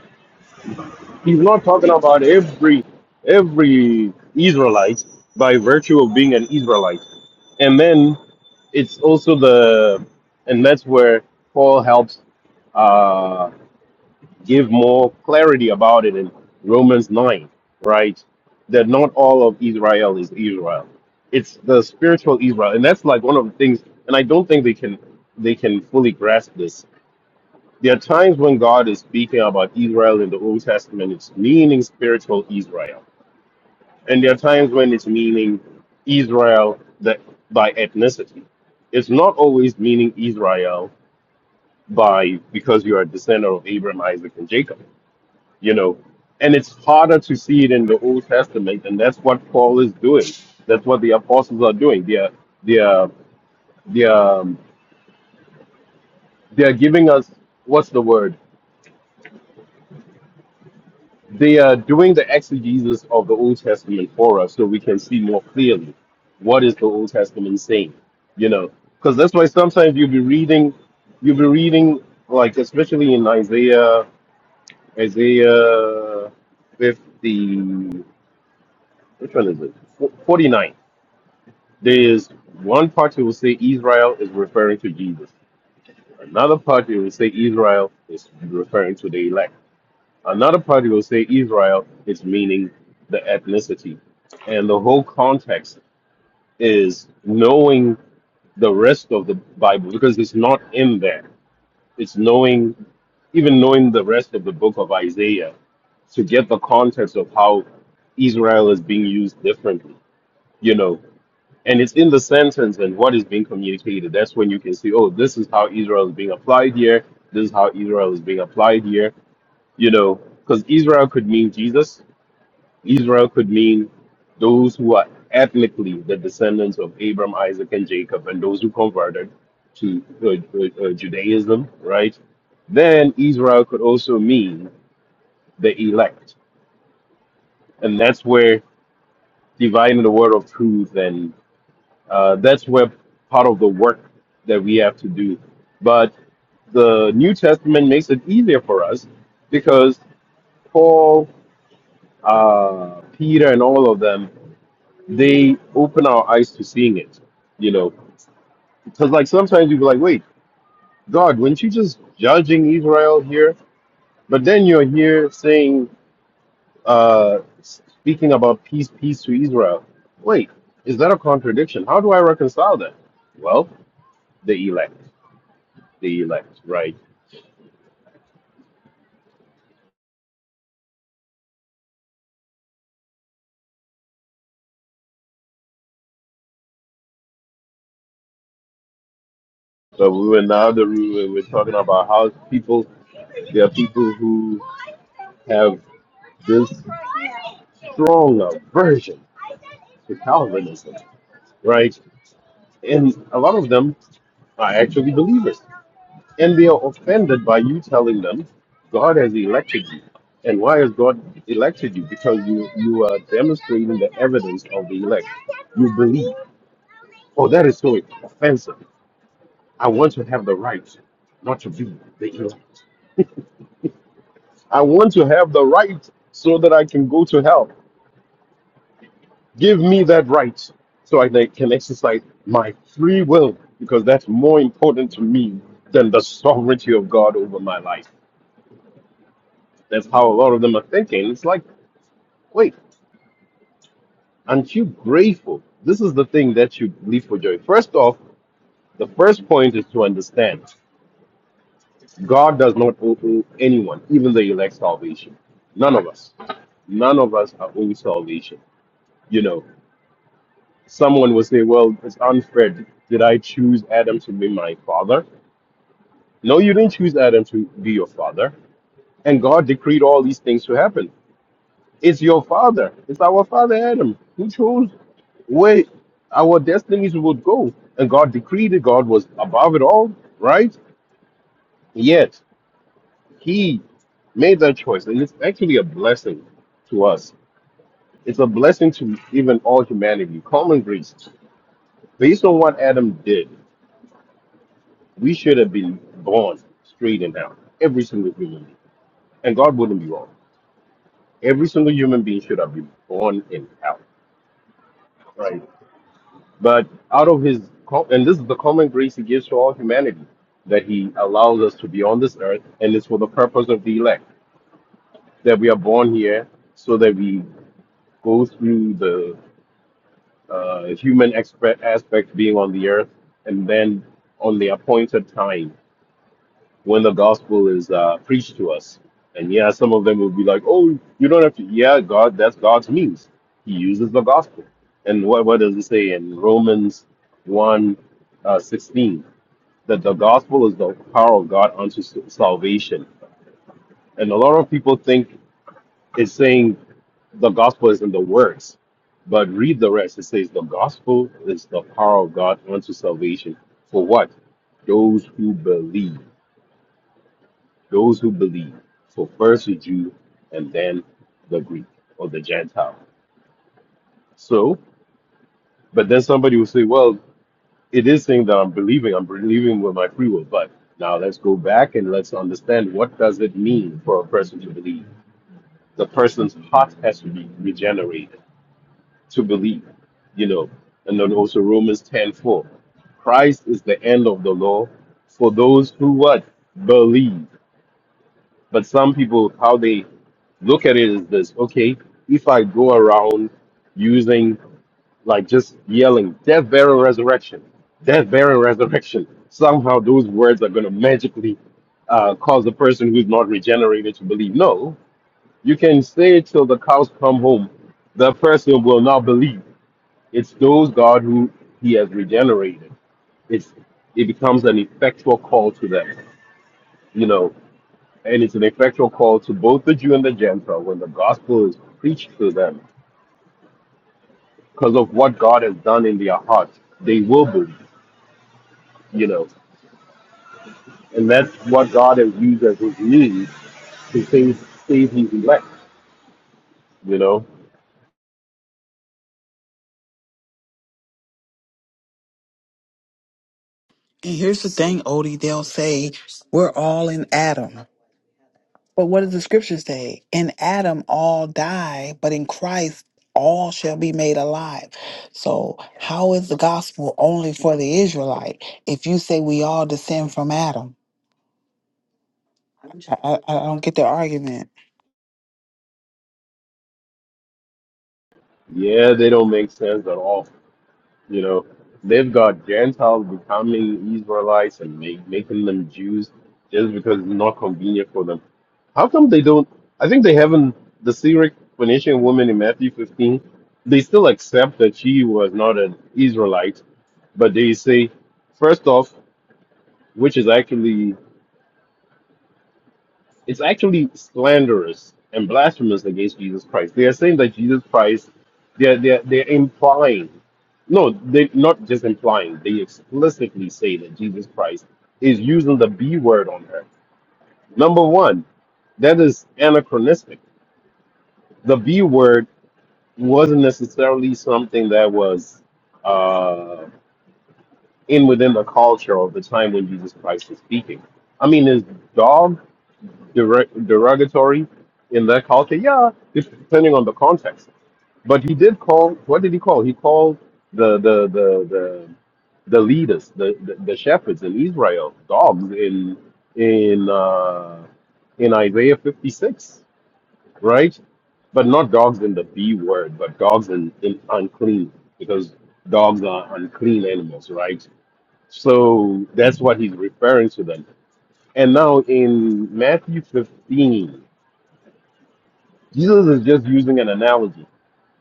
F: He's not talking about every every Israelite by virtue of being an Israelite. And then it's also the and that's where Paul helps uh, give more clarity about it in Romans 9, right? That not all of Israel is Israel. It's the spiritual Israel. And that's like one of the things, and I don't think they can they can fully grasp this. There are times when God is speaking about Israel in the Old Testament, it's meaning spiritual Israel. And there are times when it's meaning Israel that by ethnicity. It's not always meaning Israel by because you are a descendant of Abraham, Isaac, and Jacob you know and it's harder to see it in the old testament and that's what paul is doing that's what the apostles are doing they are they are they are, um, they are giving us what's the word they are doing the exegesis of the old testament for us so we can see more clearly what is the old testament saying you know because that's why sometimes you'll be reading you'll be reading like especially in isaiah isaiah 50 which one is it 49 There is one part you will say Israel is referring to Jesus. Another part you will say Israel is referring to the elect. Another part you will say Israel is meaning the ethnicity. And the whole context is knowing the rest of the Bible because it's not in there. It's knowing, even knowing the rest of the book of Isaiah to get the context of how Israel is being used differently. You know, and it's in the sentence and what is being communicated. That's when you can see, oh, this is how Israel is being applied here. This is how Israel is being applied here. You know, because Israel could mean Jesus. Israel could mean those who are ethnically the descendants of Abram, Isaac, and Jacob, and those who converted to uh, uh, uh, Judaism, right? Then Israel could also mean the elect, and that's where dividing the word of truth and Uh, that's where part of the work that we have to do. But the New Testament makes it easier for us because Paul, uh, Peter, and all of them, they open our eyes to seeing it. You know, because like sometimes you be like, wait, God, weren't you just judging Israel here? But then you're here saying, uh, speaking about peace, peace to Israel. Wait, is that a contradiction? How do I reconcile that? Well, the elect. the elect, right? But we were in the other room and we're talking about how people, there are people who have this strong aversion to Calvinism, right? And a lot of them are actually believers. And they are offended by you telling them God has elected you. And why has God elected you? Because you, you are demonstrating essence of the, oh, that is so offensive. I want to have the right not to be the elect. I want to have the right so that I can go to hell. Give me that right so I they can exercise my free will because that's more important to me than the sovereignty of God over my life. That's how a lot of them are thinking. It's like, wait, aren't you grateful? This is the thing that you leave for joy. First off, the first point is to understand God does not owe owe anyone, even the elect salvation. None of us. None of us are owed salvation. You know, someone will say, well, it's unfair. Did I choose Adam to be my father? No, you didn't choose Adam to be your father. And God decreed all these things to happen. It's your father. It's our father, Adam, who chose where our destinies would go. And God decreed it. God was above it all, right? Yet, he made that choice. And it's actually a blessing to us. It's a blessing to even all humanity, common grace, based on what Adam did. We should have been born straight and down, every single human being. And God wouldn't be wrong. Every single human being should have been born and out, right? But out of his, co- and this is the common grace he gives to all humanity, that he allows us to be on this earth, and it's for the purpose of the elect, that we are born here so that we go through the uh, human expert aspect being on the earth, and then on the appointed time when the gospel is uh, preached to us. And yeah, some of them will be like, "Oh, you don't have to." Yeah, God, that's God's means. He uses the gospel. And what what does it say in Romans 1, uh, 16? That the gospel is the power of God unto s- salvation. And a lot of people think it's saying the gospel is in the words, but read the rest. It says the gospel is the power of God unto salvation. For what? Those who believe. those who believe. For first the Jew and then the Greek or the Gentile. So, but then somebody will say, well, it is saying that I'm believing, I'm believing with my free will. But now let's go back and let's understand what does it mean for a person to believe. The person's heart has to be regenerated to believe, you know. And then also Romans ten four, Christ is the end of the law for those who what? Believe But some people, how they look at it is this: okay, if I go around using like just yelling "death, burial, resurrection," death, burial, resurrection, somehow those words are going to magically uh, cause the person who's not regenerated to believe. No, you can say it till the cows come home. The person will not believe. It's those God who He has regenerated. It's it becomes an effectual call to them. You know, and it's an effectual call to both the Jew and the Gentile when the gospel is preached to them because of what God has done in their hearts. They will believe, you know. And that's what God has used as his means to save, save his elect, you know.
C: And here's the thing, Odie, they'll say, we're all in Adam. But what does the scripture say? In Adam all die, but in Christ all shall be made alive. So how is the gospel only for the Israelite if you say we all descend from Adam? I, I, I don't get the argument.
F: Yeah, they don't make sense at all You know, they've got Gentiles becoming Israelites and make, making them Jews just because it's not convenient for them. How come they don't? I think they haven't. The Syriac Phoenician woman in Matthew 15, they still accept that she was not an Israelite, but they say, first off, which is actually it's actually slanderous and blasphemous against Jesus Christ. They are saying that Jesus Christ, they're, they're, they're implying, no, they're not just implying, they explicitly say that Jesus Christ is using the B word on her. Number one, that is anachronistic. The B word wasn't necessarily something that was uh, in within the culture of the time when Jesus Christ was speaking. I mean, is dog derog- derogatory in that culture? Yeah, it's depending on the context. But he did call. What did he call? He called the the the the, the leaders, the, the the shepherds in Israel, dogs in in uh, in Isaiah fifty six, right? But not dogs in the B word, but dogs in, in unclean, because dogs are unclean animals, right? So that's what he's referring to them. And now in Matthew 15, Jesus is just using an analogy.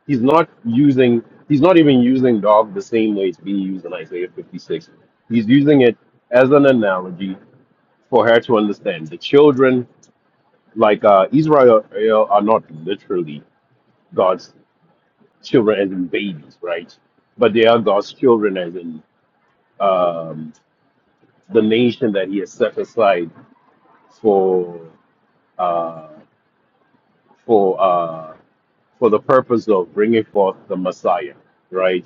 F: He's not using, he's not even using dog the same way it's being used in Isaiah 56. He's using it as an analogy for her to understand. The children, like uh, Israel, are not literally God's children as in babies, right? But they are God's children as in um, the nation that He has set aside for uh, for uh, for the purpose of bringing forth the Messiah, right?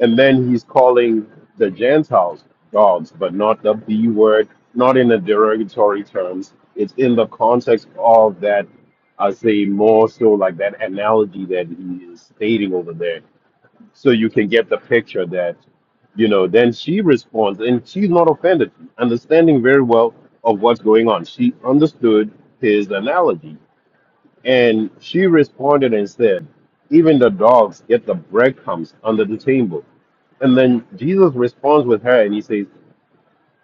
F: And then he's calling the Gentiles gods, but not the B word, not in a derogatory terms. It's in the context of that, I say more so like that analogy that he is stating over there. So you can get the picture that, you know, then she responds and she's not offended, understanding very well of what's going on. She understood his analogy. And she responded and said, Even the dogs get the breadcrumbs under the table. And then Jesus responds with her and he says,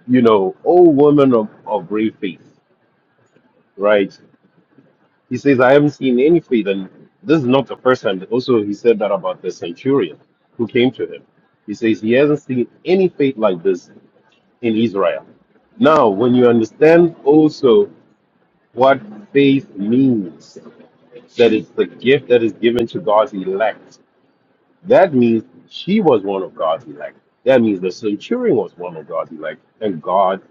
F: You know, O woman of, of great faith, right? He says, I haven't seen any faith. And this is not the first time. Also, he said that about the centurion who came to him. He says, He hasn't seen any faith like this in Israel. Now, when you understand also what faith means, that it's the gift that is given to God's elect, That means she was one of God's elect. That means the centurion was one of God's elect, and God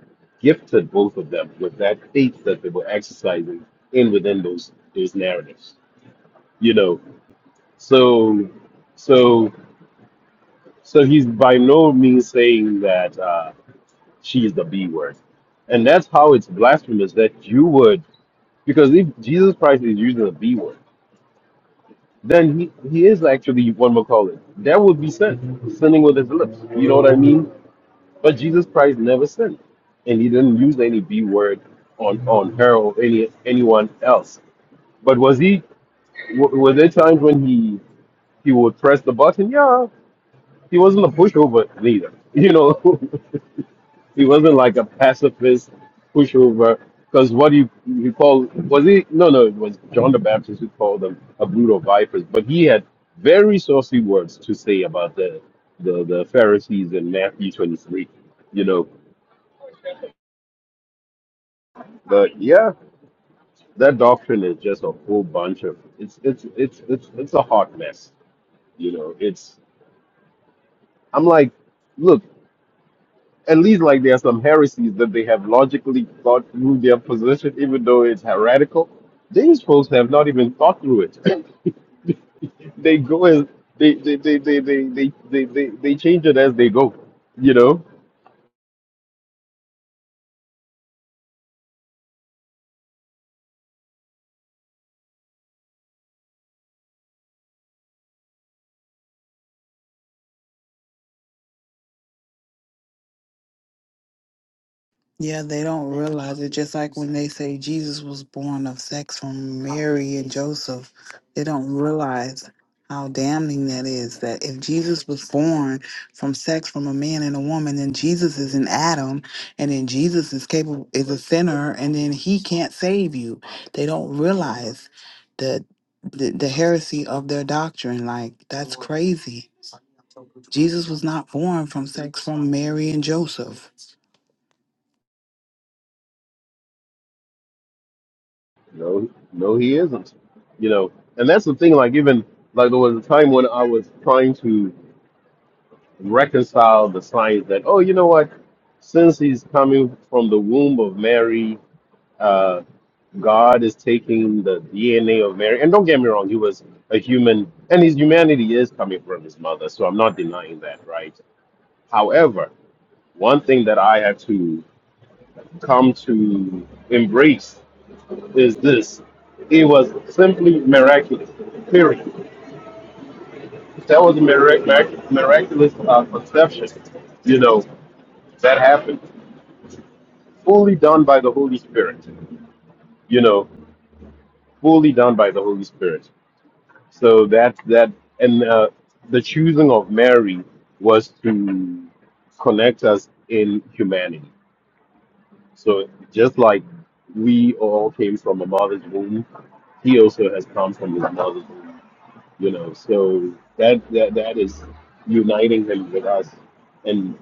F: gifted both of them with that faith that they were exercising in within those those narratives. You know, so so so he's by no means saying that uh, she is the B word, and that's how it's blasphemous that you would because if Jesus Christ is using the B word, then he he is actually one would call it. That would be sin, sinning with his lips. You know what I mean? But Jesus Christ never sinned, and he didn't use any B word on on her or any anyone else. But was he? W- were there times when he he would press the button? Yeah, he wasn't a pushover neither. You know, he wasn't like a pacifist pushover. Because what he he called was he? No, no, it was John the Baptist who called them a brood of vipers. But he had very saucy words to say about the the, the Pharisees in Matthew twenty three. You know, but yeah. that doctrine is just a whole bunch of it's it's it's it's it's a hot mess. You know, it's I'm like, look, at least like there are some heresies that they have logically thought through their position, even though it's heretical. These folks have not even thought through it. they go as they they they they they they, they, they, they change it as they go. You know?
C: Yeah, they don't realize it. Just like when they say Jesus was born of sex from Mary and Joseph, they don't realize how damning that is. That if Jesus was born from sex from a man and a woman, then Jesus is an Adam, and then Jesus is capable is a sinner, and then he can't save you. They don't realize the the, the heresy of their doctrine. Like that's crazy. Jesus was not born from sex from Mary and Joseph.
F: No no he isn't. You know. And that's the thing, like even like there was a time when I was trying to reconcile the science that, oh, you know what? Since he's coming from the womb of Mary, uh, God is taking the DNA of Mary. And don't get me wrong, he was a human, and his humanity is coming from his mother. So I'm not denying that, right? However, one thing that I had to come to embrace is this it was simply miraculous, period. That was a mirac- mirac- miraculous uh, conception, you know, that happened. fully done by the Holy Spirit. You know, fully done by the Holy Spirit. So that that and uh, the choosing of Mary was to connect us in humanity. So just like we all came from a mother's womb, he also has come from his mother's womb. You know, so that that that is uniting him with us and.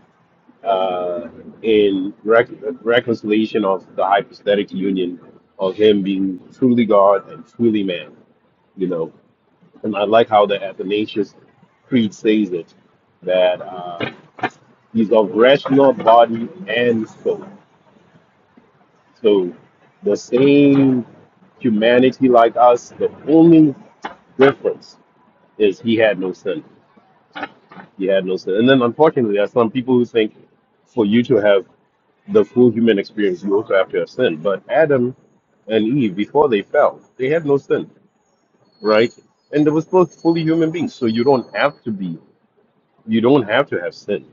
F: uh, in rec- reconciliation of the hypostatic union of him being truly God and truly man, you know. And I like how the Athanasius Creed says it that uh, he's of rational body and soul. So the same humanity like us, the only difference is he had no sin. He had no sin. And then unfortunately, there are some people who think for you to have the full human experience, you also have to have sin. But Adam and Eve, before they fell, they had no sin, right? And they were both fully human beings. So you don't have to be, you don't have to have sin.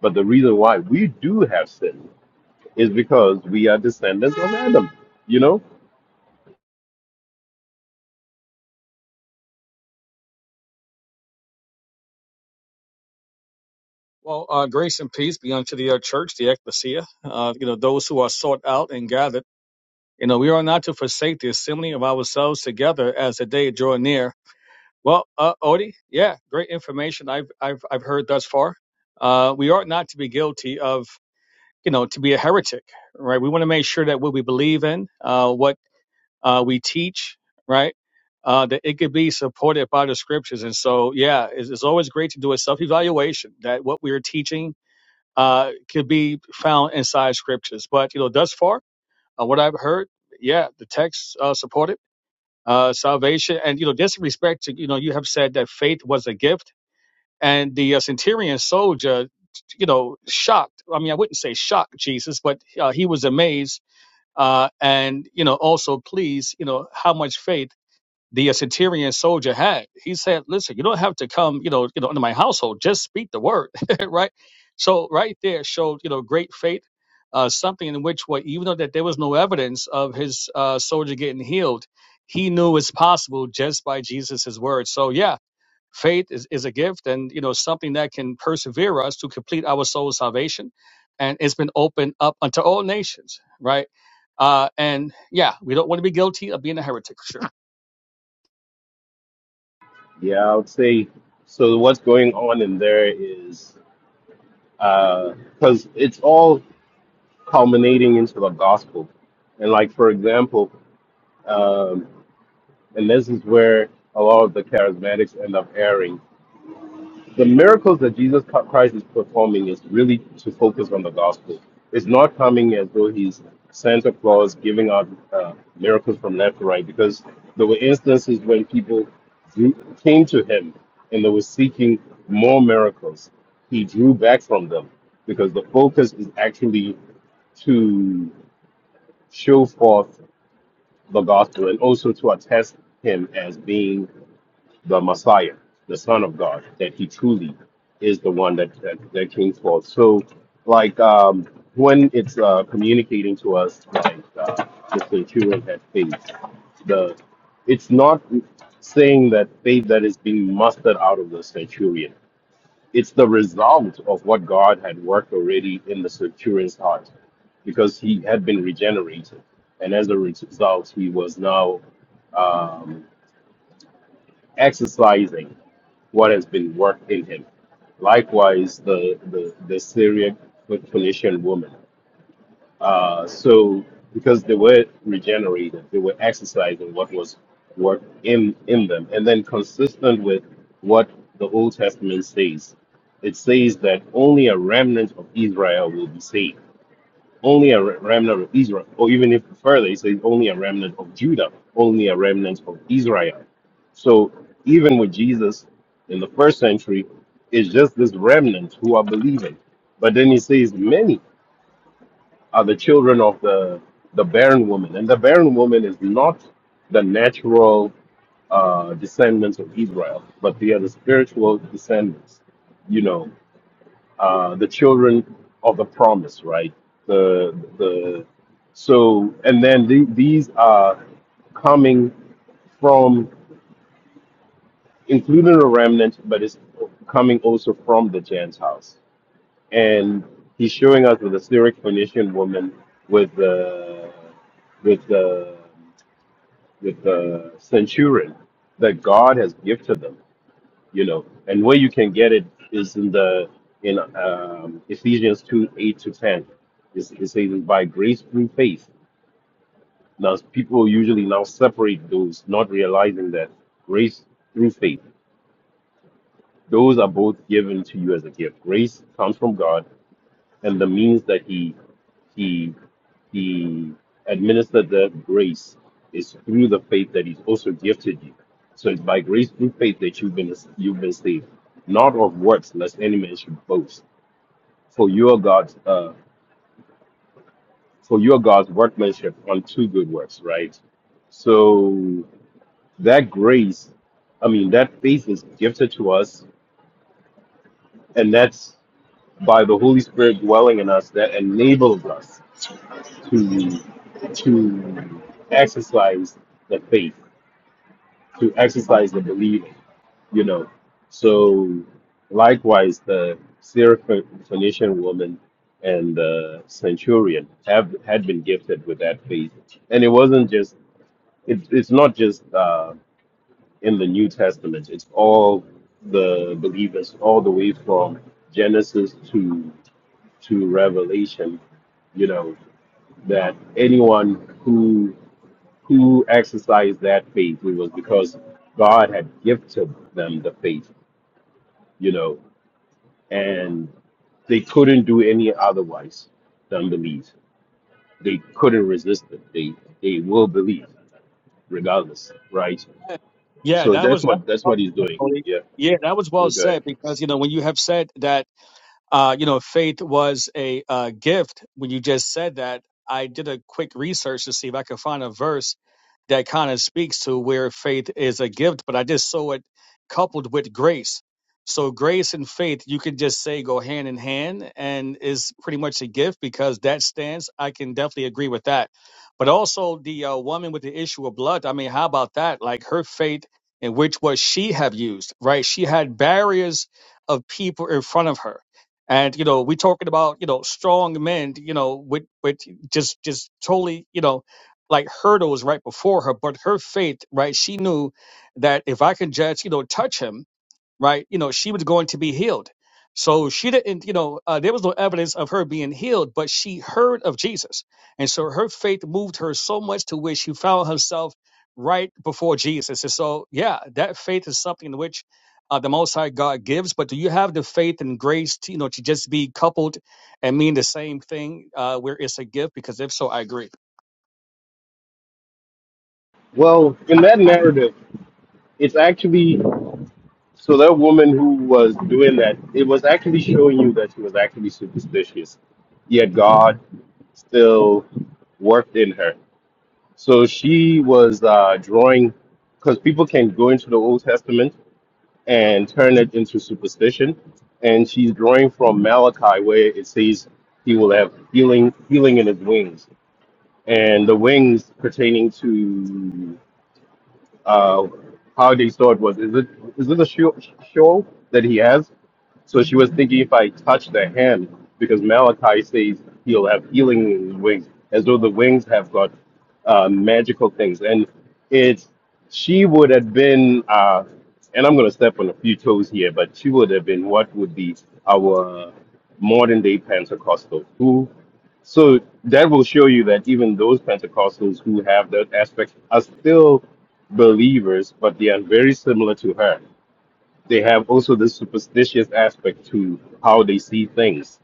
F: But the reason why we do have sin is because we are descendants of Adam, you know?
G: Well, uh, grace and peace be unto the uh, church, the ecclesia, uh, you know, those who are sought out and gathered. You know, we are not to forsake the assembly of ourselves together as the day draw near. Well, uh, Odie, yeah, great information I've I've I've heard thus far. Uh, we ought not to be guilty of, you know, to be a heretic, right? We want to make sure that what we believe in, uh, what uh, we teach, right, uh, that it could be supported by the scriptures. And so, yeah, it's, it's always great to do a self-evaluation that what we are teaching uh, could be found inside scriptures. But you know, thus far, uh, what I've heard, yeah, the text uh, supported uh, salvation, and you know, just respect to you know, you have said that faith was a gift, and the uh, centurion soldier, you know, shocked. I mean, I wouldn't say shocked Jesus, but uh, he was amazed. Uh, and you know, also pleased, you know, how much faith the uh, centurion soldier had. He said, "Listen, you don't have to come, you know, you know, into my household. Just speak the word, right?" So right there showed you know great faith, uh, something in which what even though that there was no evidence of his uh, soldier getting healed, he knew it's possible just by Jesus' word. So yeah, faith is, is a gift, and you know something that can persevere us to complete our soul's salvation, and it's been opened up unto all nations, right? Uh, and yeah, we don't want to be guilty of being a heretic. Sure.
F: Yeah, I would say. So what's going on in there is, because it's all culminating into the gospel. And like, for example, um, And this is where a lot of the charismatics end up erring. The miracles that Jesus Christ is performing is really to focus on the gospel. It's not coming as though he's Santa Claus giving out uh, miracles from left to right, because there were instances when people drew, came to him and they were seeking more miracles. He drew back from them because the focus is actually to show forth the gospel and also to attest him as being the Messiah, the Son of God, that he truly is the one that that, that came forth. So, like um, when it's uh, communicating to us, like uh, the centurion had faith. The it's not saying that faith that is being mustered out of the centurion. It's the result of what God had worked already in the centurion's heart, because he had been regenerated, and as a result, he was now um, exercising what has been worked in him. Likewise, the the, the Syriac Phoenician woman. Uh, so because they were regenerated, they were exercising what was worked in in them, and then consistent with what the Old Testament says, it says that only a remnant of Israel will be saved only a re- remnant of Israel, or even if further, it says only a remnant of Judah, only a remnant of Israel. So even with Jesus in the first century, it's just this remnant who are believing. But then he says many are the children of the the barren woman, and the barren woman is not the natural uh, descendants of Israel, but they are the spiritual descendants. You know, uh, the children of the promise, right? The the so and then the, these are coming from including a remnant, but it's coming also from the Gentiles. And he's showing us with the Syriac Phoenician woman with the with the with the centurion that God has gifted them you know and where you can get it is in the in um, ephesians 2 8 to 10 it's, it says it's by grace through faith now people usually now separate those not realizing that grace through faith those are both given to you as a gift grace comes from god and the means that he he He administered the grace is through the faith that He's also gifted you. So it's by grace through faith that you've been you've been saved, not of works, lest any man should boast. For you are God's uh, for you are God's workmanship unto good works, right? So that grace, I mean, that faith is gifted to us, and that's by the Holy Spirit dwelling in us that enables us to to exercise the faith. to exercise the belief, you know. So likewise, the Syrophoenician woman and the centurion have had been gifted with that faith, and it wasn't just it, it's not just uh, in the New Testament. It's all the believers, all the way from Genesis to to Revelation, you know, that anyone who who exercised that faith. It was because God had gifted them the faith, you know, and they couldn't do any otherwise than believe. They couldn't resist it. They they will believe regardless, right?
G: Yeah,
F: So
G: that
F: that's
G: was, that
F: what that's what he's doing.
G: was
F: Yeah.
G: yeah, that was well
F: Okay.
G: said because you know when you have said that uh, you know, faith was a uh, gift. When you just said that, I did a quick research to see if I could find a verse that kind of speaks to where faith is a gift, but I just saw it coupled with grace. So grace and faith, you could just say go hand in hand and is pretty much a gift because that stands. I can definitely agree with that. But also the uh, woman with the issue of blood. I mean, how about that? Like her faith in which was she have used, right? She had barriers of people in front of her and you know we're talking about you know strong men you know with with just just totally you know like hurdles right before her but her faith right she knew that if i can just you know touch him right? You know, she was going to be healed. So she didn't, you know, uh, there was no evidence of her being healed, but she heard of Jesus. And so her faith moved her so much to where she found herself right before Jesus. And so, yeah, that faith is something in which uh, the Most High God gives. But do you have the faith and grace to, you know, to just be coupled and mean the same thing uh, where it's a gift? Because if so, I agree.
F: Well, in that narrative, it's actually So that woman who was doing that, it was actually showing you that she was actually superstitious. Yet God still worked in her. So she was uh, drawing, because people can go into the Old Testament and turn it into superstition. And she's drawing from Malachi, where it says he will have healing, healing in his wings, and the wings pertaining to uh, how they saw it was. Is it is it a show, show that he has? So she was thinking if I touch the hand, because Malachi says he'll have healing in his wings, as though the wings have got uh, magical things. And it's she would have been, uh, and I'm going to step on a few toes here, but she would have been what would be our modern day Pentecostal. Who so that will show you that even those Pentecostals who have that aspect are still believers, but they are very similar to her they have also this superstitious aspect to how they see things.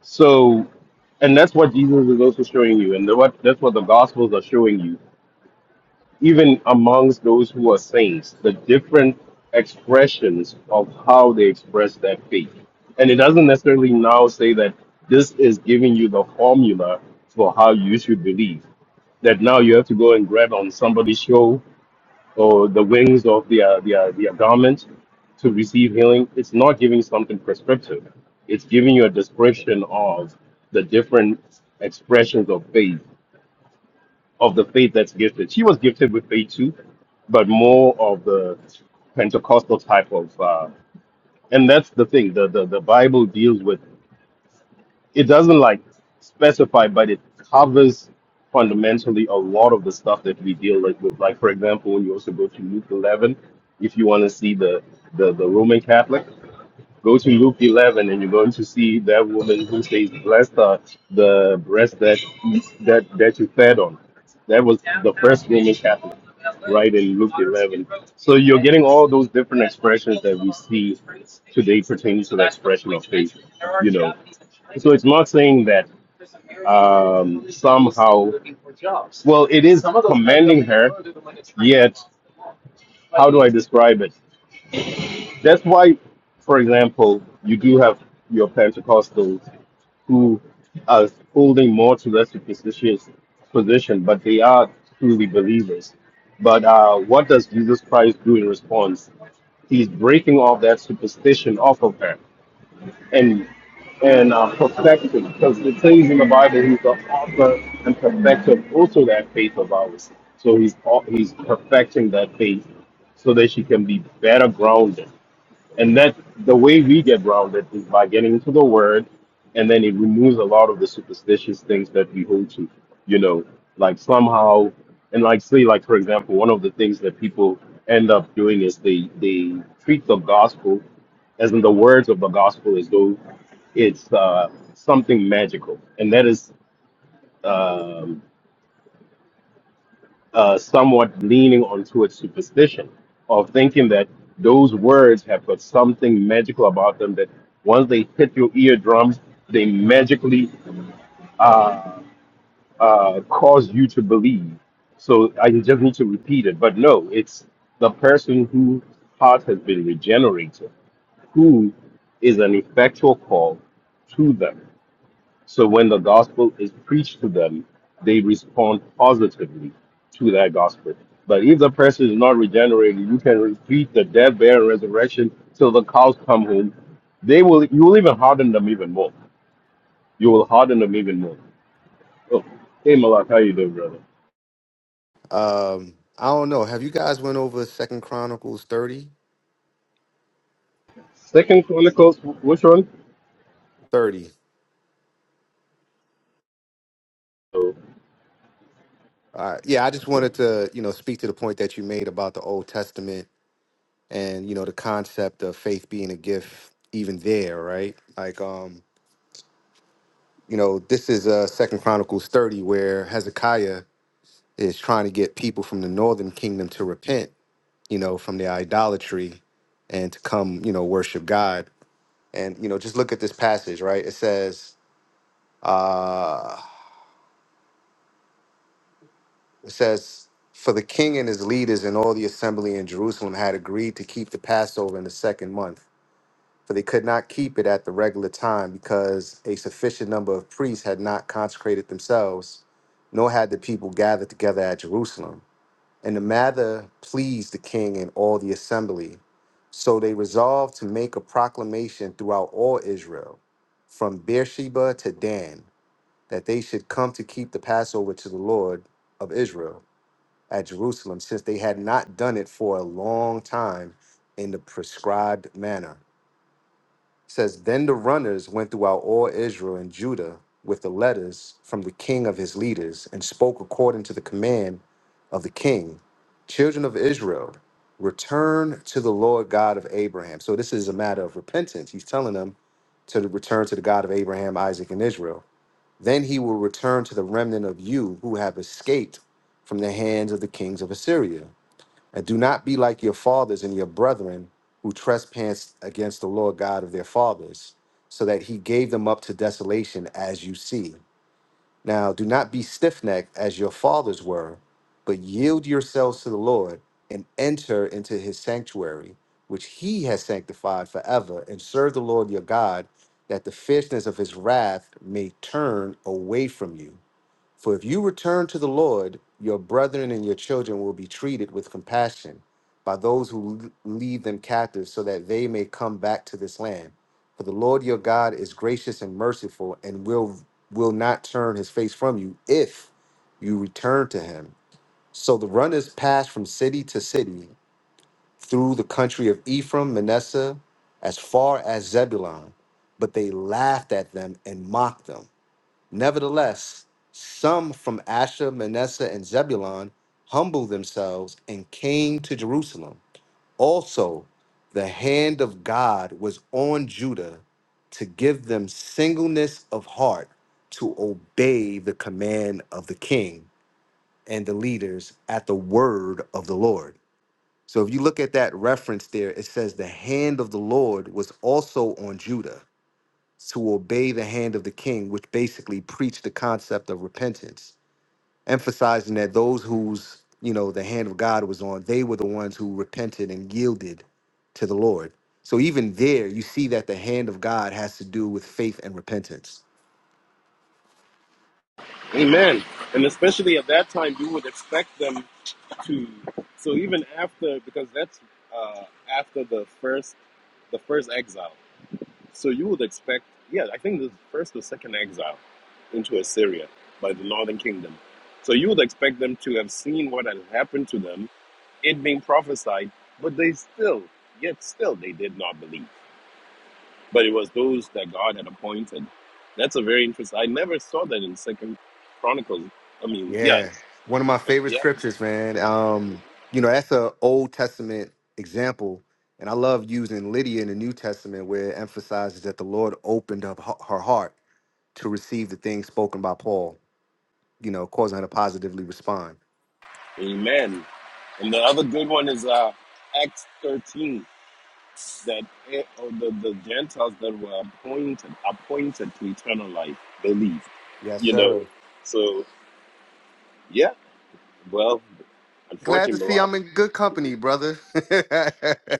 F: So, and that's what Jesus is also showing you, and the, what that's what the Gospels are showing you, even amongst those who are saints, the different expressions of how they express that faith. And it doesn't necessarily now say that this is giving you the formula for how you should believe. That now you have to go and grab on somebody's show or the wings of their, their, their garment to receive healing, it's not giving something prescriptive. It's giving you a description of the different expressions of faith, of the faith that's gifted. She was gifted with faith too, but more of the Pentecostal type of. Uh, and that's the thing. The, the the Bible deals with it doesn't like specify, but it covers fundamentally a lot of the stuff that we deal like, with. Like for example, when you also go to Luke 11, if you want to see the, the the Roman Catholic, go to Luke 11, and you're going to see that woman who says, "Blessed are the breast that that that you fed on." That was the fight in Luke. All those different. It's not saying that. Well, it is. Yet, how I describe it. That's why, for example, you do have your Pentecostals who are holding more to their superstitious position, but they are truly believers. But uh, what does Jesus Christ do in response? He's breaking off that superstition off of her and and uh, perfecting, because it says in the Bible he's the author and perfecter of also that faith of ours. So he's au- he's perfecting that faith so that she can be better grounded and that the way we get grounded is by getting into the word, and then it removes a lot of the superstitious things that we hold to, you know, like somehow, and like say, like for example, one of the things that people end up doing is they they treat the gospel, as in the words of the gospel, as though it's uh, something magical, and that is. Um, uh, somewhat leaning onto its superstition of thinking that those words have got something magical about them that once they hit your eardrums, they magically uh, uh, cause you to believe. So I just need to repeat it. But no, it's the person whose heart has been regenerated, who is an effectual call to them. So when the gospel is preached to them, they respond positively to that gospel. But if the person is not regenerated, you can repeat the death, burial, and resurrection till the cows come home. They will. You will even harden them even more. You will harden them even more. Oh, hey Malak, how you doing, brother?
H: Um, I don't know. Have you guys went over Second Chronicles 30?
F: Second Chronicles, wh- which one?
H: 30.
F: Oh,
H: All right. Yeah, I just wanted to, you know, speak to the point that you made about the Old Testament and, you know, the concept of faith being a gift even there, right? Like um, you know, this is uh Second Chronicles 30 where Hezekiah is trying to get people from the northern kingdom to repent, you know, from their idolatry and to come, you know, worship God. And you know, just look at this passage, right? It says, uh, It says, For the king and his leaders and all the assembly in Jerusalem had agreed to keep the Passover in the second month, for they could not keep it at the regular time because a sufficient number of priests had not consecrated themselves, nor had the people gathered together at Jerusalem. And the matter pleased the king and all the assembly. So they resolved to make a proclamation throughout all Israel, from Beersheba to Dan, that they should come to keep the Passover to the Lord of Israel at Jerusalem, since they had not done it for a long time in the prescribed manner. It says, Then the runners went throughout all Israel and Judah with the letters from the king of his leaders and spoke according to the command of the king. Children of Israel, return to the Lord God of Abraham. So this is a matter of repentance. He's telling them to return to the God of Abraham, Isaac, and Israel. Then he will return to the remnant of you who have escaped from the hands of the kings of Assyria and do not be like your fathers and your brethren who trespassed against the Lord God of their fathers, so that he gave them up to desolation as you see. Now do not be stiff necked as your fathers were, but yield yourselves to the Lord and enter into his sanctuary, which he has sanctified forever, and serve the Lord your God, that the fierceness of his wrath may turn away from you. For if you return to the Lord, your brethren and your children will be treated with compassion by those who l- lead them captive, so that they may come back to this land. For the Lord your God is gracious and merciful, and will will not turn his face from you if you return to him. So the runners passed from city to city through the country of Ephraim, Manasseh, as far as Zebulun, but they laughed at them and mocked them. Nevertheless, some from Asher, Manasseh, and Zebulun humbled themselves and came to Jerusalem. Also, the hand of God was on Judah to give them singleness of heart to obey the command of the king and the leaders at the word of the Lord. So, if you look at that reference there, it says the hand of the Lord was also on Judah to obey the hand of the king, which basically preached the concept of repentance, emphasizing that those whose you know the hand of God was on, they were the ones who repented and yielded to the Lord. So even there, you see that the hand of God has to do with faith and repentance.
F: Amen. And especially at that time, you would expect them to. So even after, because that's uh, after the first, the first exile. So you would expect, yeah, I think this is first or second exile into Assyria by the northern kingdom. So you would expect them to have seen what had happened to them, it being prophesied, but they still, yet still, they did not believe. But it was those that God had appointed. That's a very interesting. I never saw that in Second Chronicles. I mean, yes,
H: Yeah, one of my
F: but
H: favorite
F: yeah,
H: scriptures, man. Um, you know, that's a Old Testament example, and I love using Lydia in the New Testament, where it emphasizes that the Lord opened up her her heart to receive the things spoken by Paul. you know, causing her to positively respond.
F: Amen. And the other good one is uh, Acts thirteen. that eh, or the, the Gentiles that were appointed appointed to eternal life they leave,
H: Yes,
F: you know.
H: sir.
F: So yeah, well,
H: Glad to
F: unfortunately, a
H: see
F: lot
H: I'm in good
F: of
H: company, brother.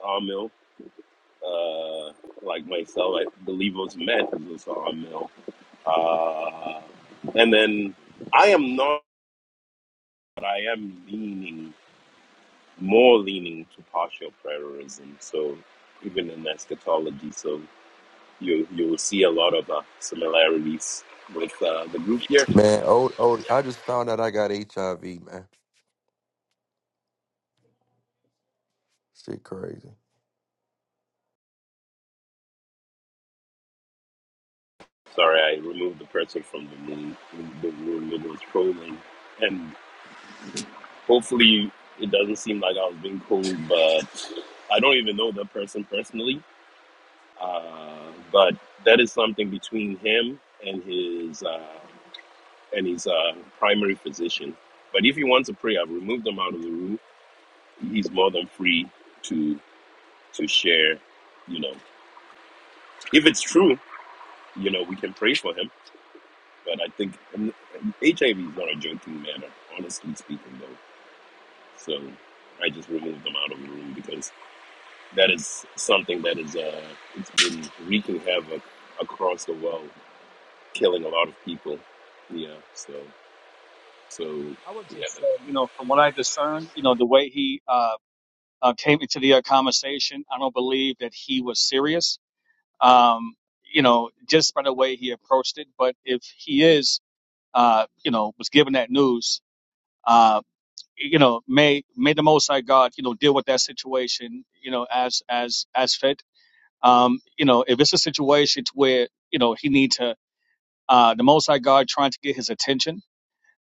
F: Amil, uh, like myself, I believe was met was Amil, uh, and then I am not, but I am leaning more leaning to partial prayerism. So even in eschatology, so you you will see a lot of uh, similarities with uh, the group here
I: Man, old, old. I just found out I got HIV, man. Shit crazy.
F: Sorry, I removed the person from the room, the room that was trolling. And hopefully, it doesn't seem like I was being cold, but I don't even know that person personally. Uh, but that is something between him and his uh, and his uh, primary physician. But if he wants to pray, I've removed him out of the room. He's more than free to to share. You know, if it's true, you know, we can pray for him. But I think HIV is not a joking matter, honestly speaking, though. So I just removed them out of the room because that is something that is uh, it's been wreaking havoc across the world, killing a lot of people. Yeah. So so
G: I would
F: yeah
G: just say,
F: that-
G: you know, from what I discern, you know, the way he uh, uh, came into the uh, conversation. I don't believe that he was serious, um, you know, just by the way he approached it. But if he is, uh, you know, was given that news, uh, you know, may may the Most High God, you know, deal with that situation, you know, as as as fit. Um, you know, if it's a situation to where you know he need to, uh, the Most High God trying to get his attention,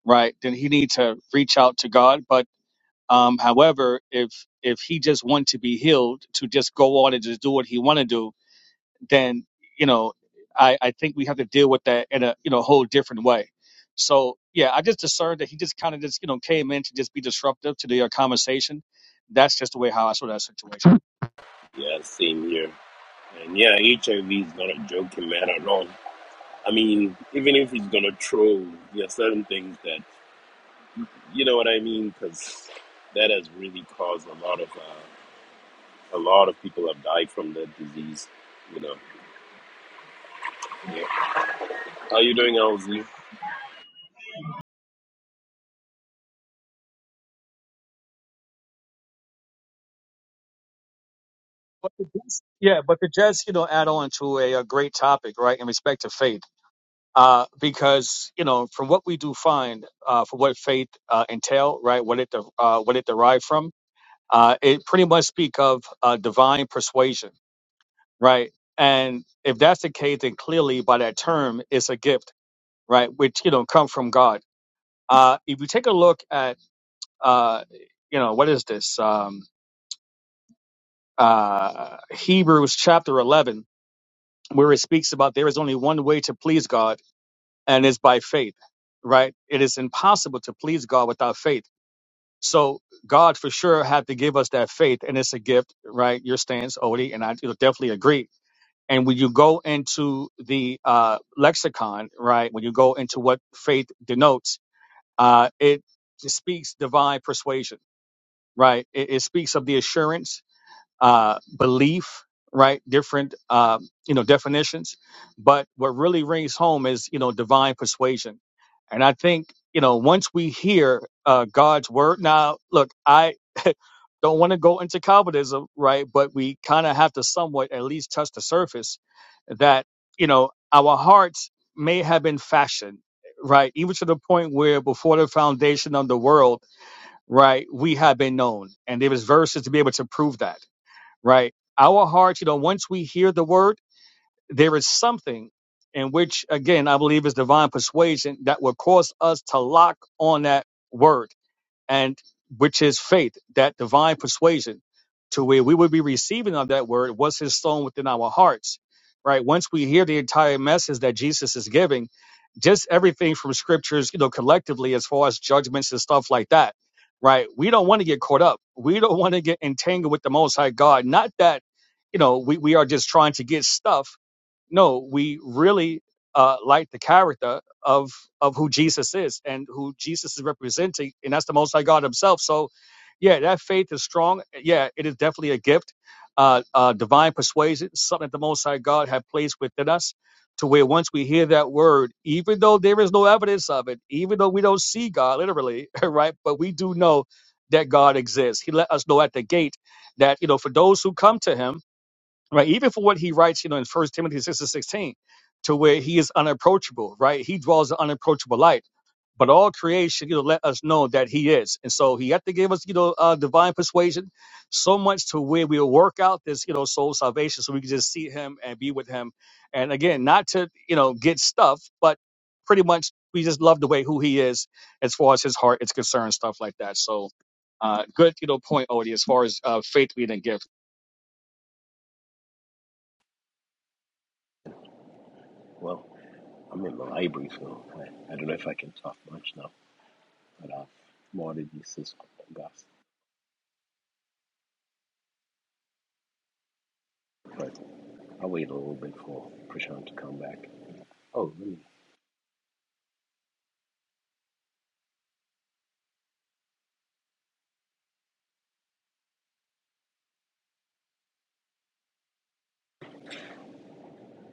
G: right? Then he need to reach out to God, but Um, however, if if he just want to be healed, to just go on and just do what he want to do, then you know, I I think we have to deal with that in a you know whole different way. So yeah, I just discerned that he just kind of just you know came in to just be disruptive to the uh, conversation. That's just the way how I saw that situation.
F: yeah same here. And yeah, HIV is not a joking matter at all. I mean, even if he's gonna troll, there are certain things that you know what I mean, because that has really caused a lot of uh, a lot of people have died from that disease. You know. Yeah. How you doing, LZ?
G: But to just, yeah, but to just you know add on to a, a great topic, right, in respect to faith. Uh, because you know, from what we do find, uh, for what faith uh, entail, right, what it de- uh, what it derived from, Uh, it pretty much speak of uh, divine persuasion, right? And if that's the case, then clearly by that term, it's a gift, right? Which you know come from God. Uh, if you take a look at, uh, you know, what is this? Um, uh, Hebrews chapter eleven, where it speaks about there is only one way to please God, and it's by faith, right? It is impossible to please God without faith. So God for sure had to give us that faith, and it's a gift, right? Your stance, Odie, and I you know, definitely agree And when you go into the uh, lexicon, right, when you go into what faith denotes, uh, it speaks divine persuasion, right? It, it speaks of the assurance uh, belief, right? Different, um, you know, definitions. But what really rings home is, you know, divine persuasion. And I think, you know, once we hear uh, God's word, now, look, I don't want to go into Calvinism, right? But we kind of have to somewhat at least touch the surface that, you know, our hearts may have been fashioned, right? Even to the point where before the foundation of the world, right, we have been known. And there was verses to be able to prove that right? Our hearts, you know, once we hear the word, there is something in which, again, I believe is divine persuasion that will cause us to lock on that word and which is faith, that divine persuasion, to where we would be receiving of that word what's installed within our hearts, right? Once we hear the entire message that Jesus is giving, just everything from scriptures, you know, collectively as far as judgments and stuff like that, right? We don't want to get caught up. We don't want to get entangled with the Most High God. Not that, you know, we, we are just trying to get stuff no, we really uh, like the character of of who Jesus is and who Jesus is representing, and that's the Most High God Himself. So, yeah, that faith is strong. Yeah, it is definitely a gift, uh, uh, divine persuasion, something that the Most High God had placed within us. To where once we hear that word, even though there is no evidence of it, even though we don't see God literally, right? But we do know that God exists. He let us know at the gate that you know for those who come to Him right? Even for what he writes, you know, in First Timothy six and sixteen, to where he is unapproachable, right? He dwells in unapproachable light. But all creation, you know, let us know that he is. And so he had to give us, you know, uh, divine persuasion so much to where we'll work out this, you know, soul salvation so we can just see him and be with him. And again, not to, you know, get stuff, but pretty much we just love the way who he is as far as his heart is concerned, stuff like that. So uh, good, you know, point, Odie, as far as uh, faith leading gifts.
F: cut off. Water uses Gus. I'll wait a little bit for Prashant to come back.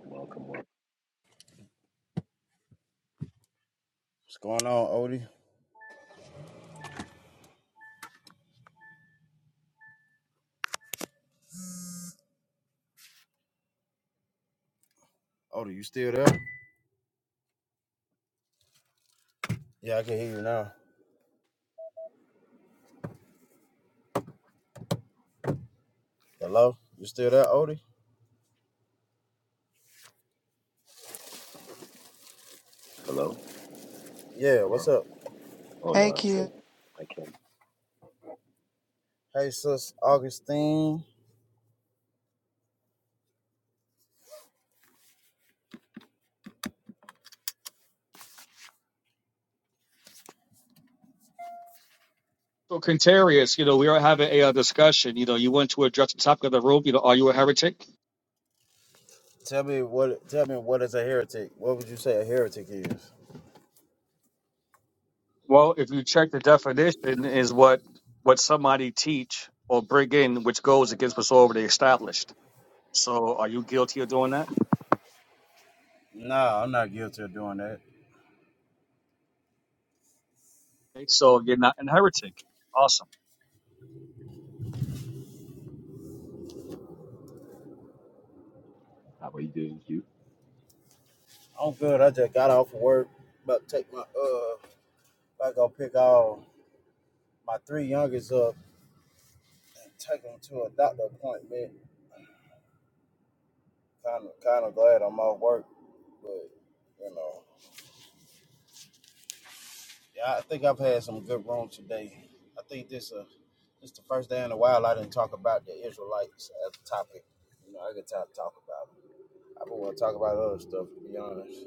F: Welcome, welcome.
J: What's going on, Odie? Odie, you still there? Yeah, I can hear you now. Hello? You still there, Odie?
F: Hello?
J: Yeah,
F: Hello?
J: what's up?
F: Oh no,
C: Hey,
F: I
C: Q.
F: said I can.
J: Hey sis Augustine.
G: So, Quintarius, you know, we are having a uh, discussion. You know, you want to address the topic of the room. You know, are you a heretic?
J: Tell me what tell me what is a heretic? What would you say a heretic is?
G: Well, if you check the definition, is what what somebody teach or bring in, which goes against what's already established. So, are you guilty of doing that?
J: Nah, I'm not guilty of doing that.
G: Okay, So, you're not a heretic. Awesome,
F: How are you doing, Hugh?
J: I'm good. I just got off of work. About to take my uh about to go pick all my three youngest up and take them to a doctor appointment. Kinda kinda glad I'm off work, but you know. Yeah, I think I've had some good rooms today. I think this uh It's the first day in a while I didn't talk about the Israelites as a topic. You know, I get tired of talking about it. I don't want to talk about other stuff to be honest.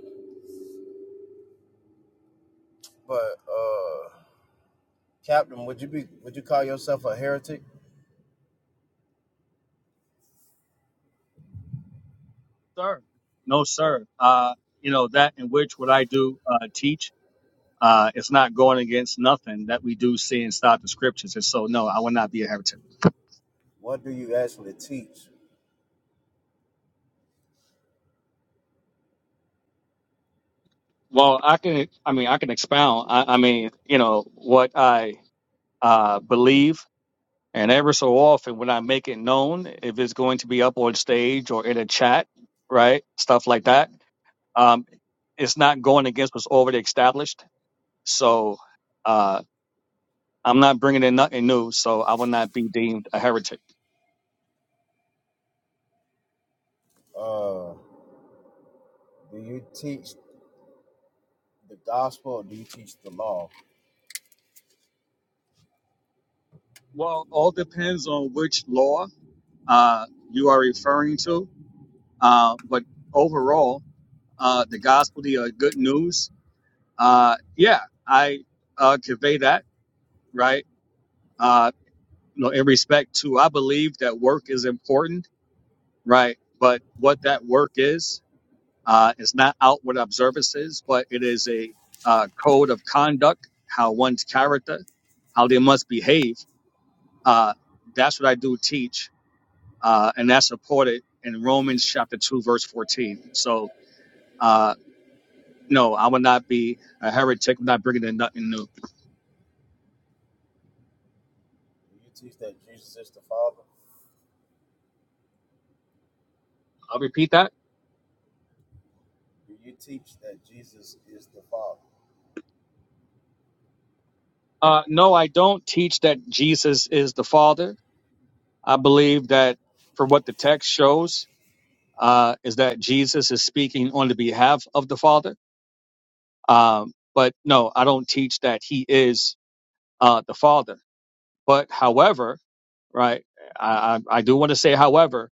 J: But uh Captain, would you be would you call yourself a heretic?
G: sir. No, sir. Uh, you know that in which what I do uh, teach, uh, it's not going against nothing that we do see inside the scriptures. And so, no, I will not be a heretic.
J: What do you actually teach?
G: Well, I can, I mean, I can expound. I, I mean, you know, what I uh, believe, and ever so often when I make it known, if it's going to be up on stage or in a chat, right, stuff like that, um, it's not going against what's already established. So uh, I'm not bringing in nothing new, so I will not be deemed a heretic.
J: Uh do you teach the gospel or do you teach the law?
G: Well, all depends on which law uh, you are referring to, uh, but overall, uh, the gospel, the uh, good news. Uh, yeah, I uh, convey that, right? Uh, you know, in respect to, I believe that work is important, right? But what that work is, uh, is not outward observances, but it is a uh, code of conduct, how one's character, how they must behave. Uh, that's what I do teach, uh, and that's supported in Romans chapter two, verse fourteen. So, uh, no, I will not be a heretic. I'm not bringing in nothing new.
J: Do you teach that Jesus is the Father?
G: I'll repeat that.
J: Do you teach that Jesus is the Father?
G: Uh, no, I don't teach that Jesus is the Father. I believe that for what the text shows uh, is that Jesus is speaking on the behalf of the Father. Um, but no, I don't teach that he is uh, the Father. But however, right, I, I I do want to say however,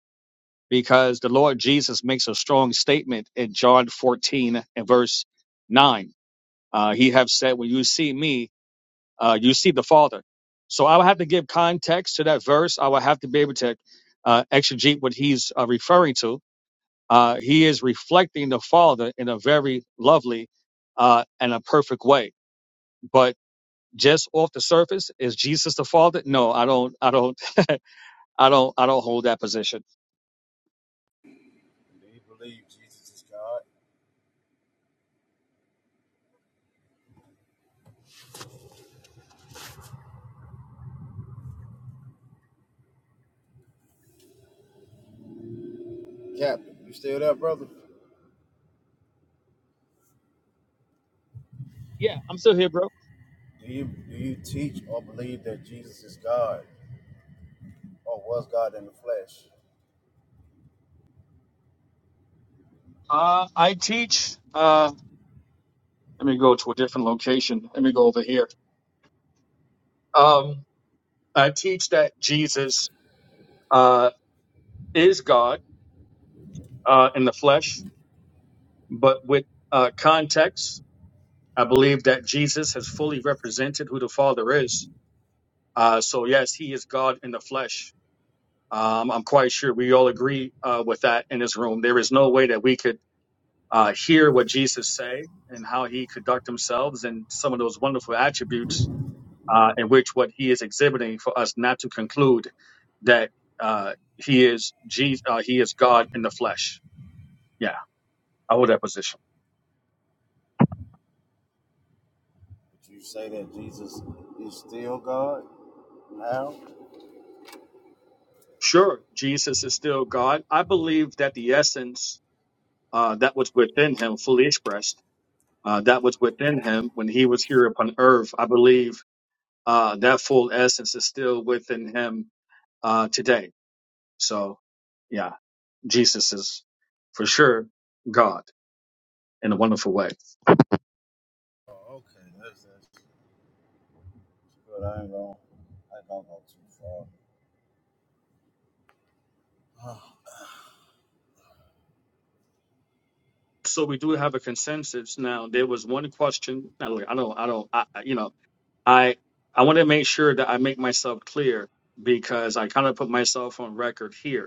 G: because the Lord Jesus makes a strong statement in John 14 and verse 9. Uh, he have said, when you see me, uh, you see the Father. So I would have to give context to that verse. I would have to be able to uh, exegete what he's uh, referring to. Uh, he is reflecting the Father in a very lovely uh, and a perfect way. But just off the surface, is Jesus the Father? No, I don't. I don't. I don't. I don't hold that position.
J: Do you believe Jesus is God? Captain, you still there, brother?
G: Yeah, I'm still here, bro.
J: Do you do you teach or believe that Jesus is God? or was God in the flesh.
G: Uh, I teach. Uh, let me go to a different location. Let me go over here. Um, I teach that Jesus uh, is God uh, in the flesh, but with uh, context, I believe that Jesus has fully represented who the Father is. Uh, so, yes, he is God in the flesh. Um, I'm quite sure we all agree uh, with that in this room. There is no way that we could uh, hear what Jesus say and how he conduct himself and some of those wonderful attributes uh, in which what he is exhibiting for us not to conclude that uh, he is Jesus, uh, he is God in the flesh. Yeah, I hold that position.
J: Would you say that Jesus is still God now?
G: Sure, Jesus is still God. I believe that the essence uh, that was within him, fully expressed, uh, that was within him when he was here upon earth, I believe uh, that full essence is still within him uh, today. So, yeah, Jesus is for sure God in a wonderful way.
J: Oh, okay, that's that's good. I ain't gonna I ain't gonna go too far.
G: So we do have a consensus now. There was one question. Now, look, I don't, I don't, I, I- you know, I, I want to make sure that I make myself clear because I kind of put myself on record here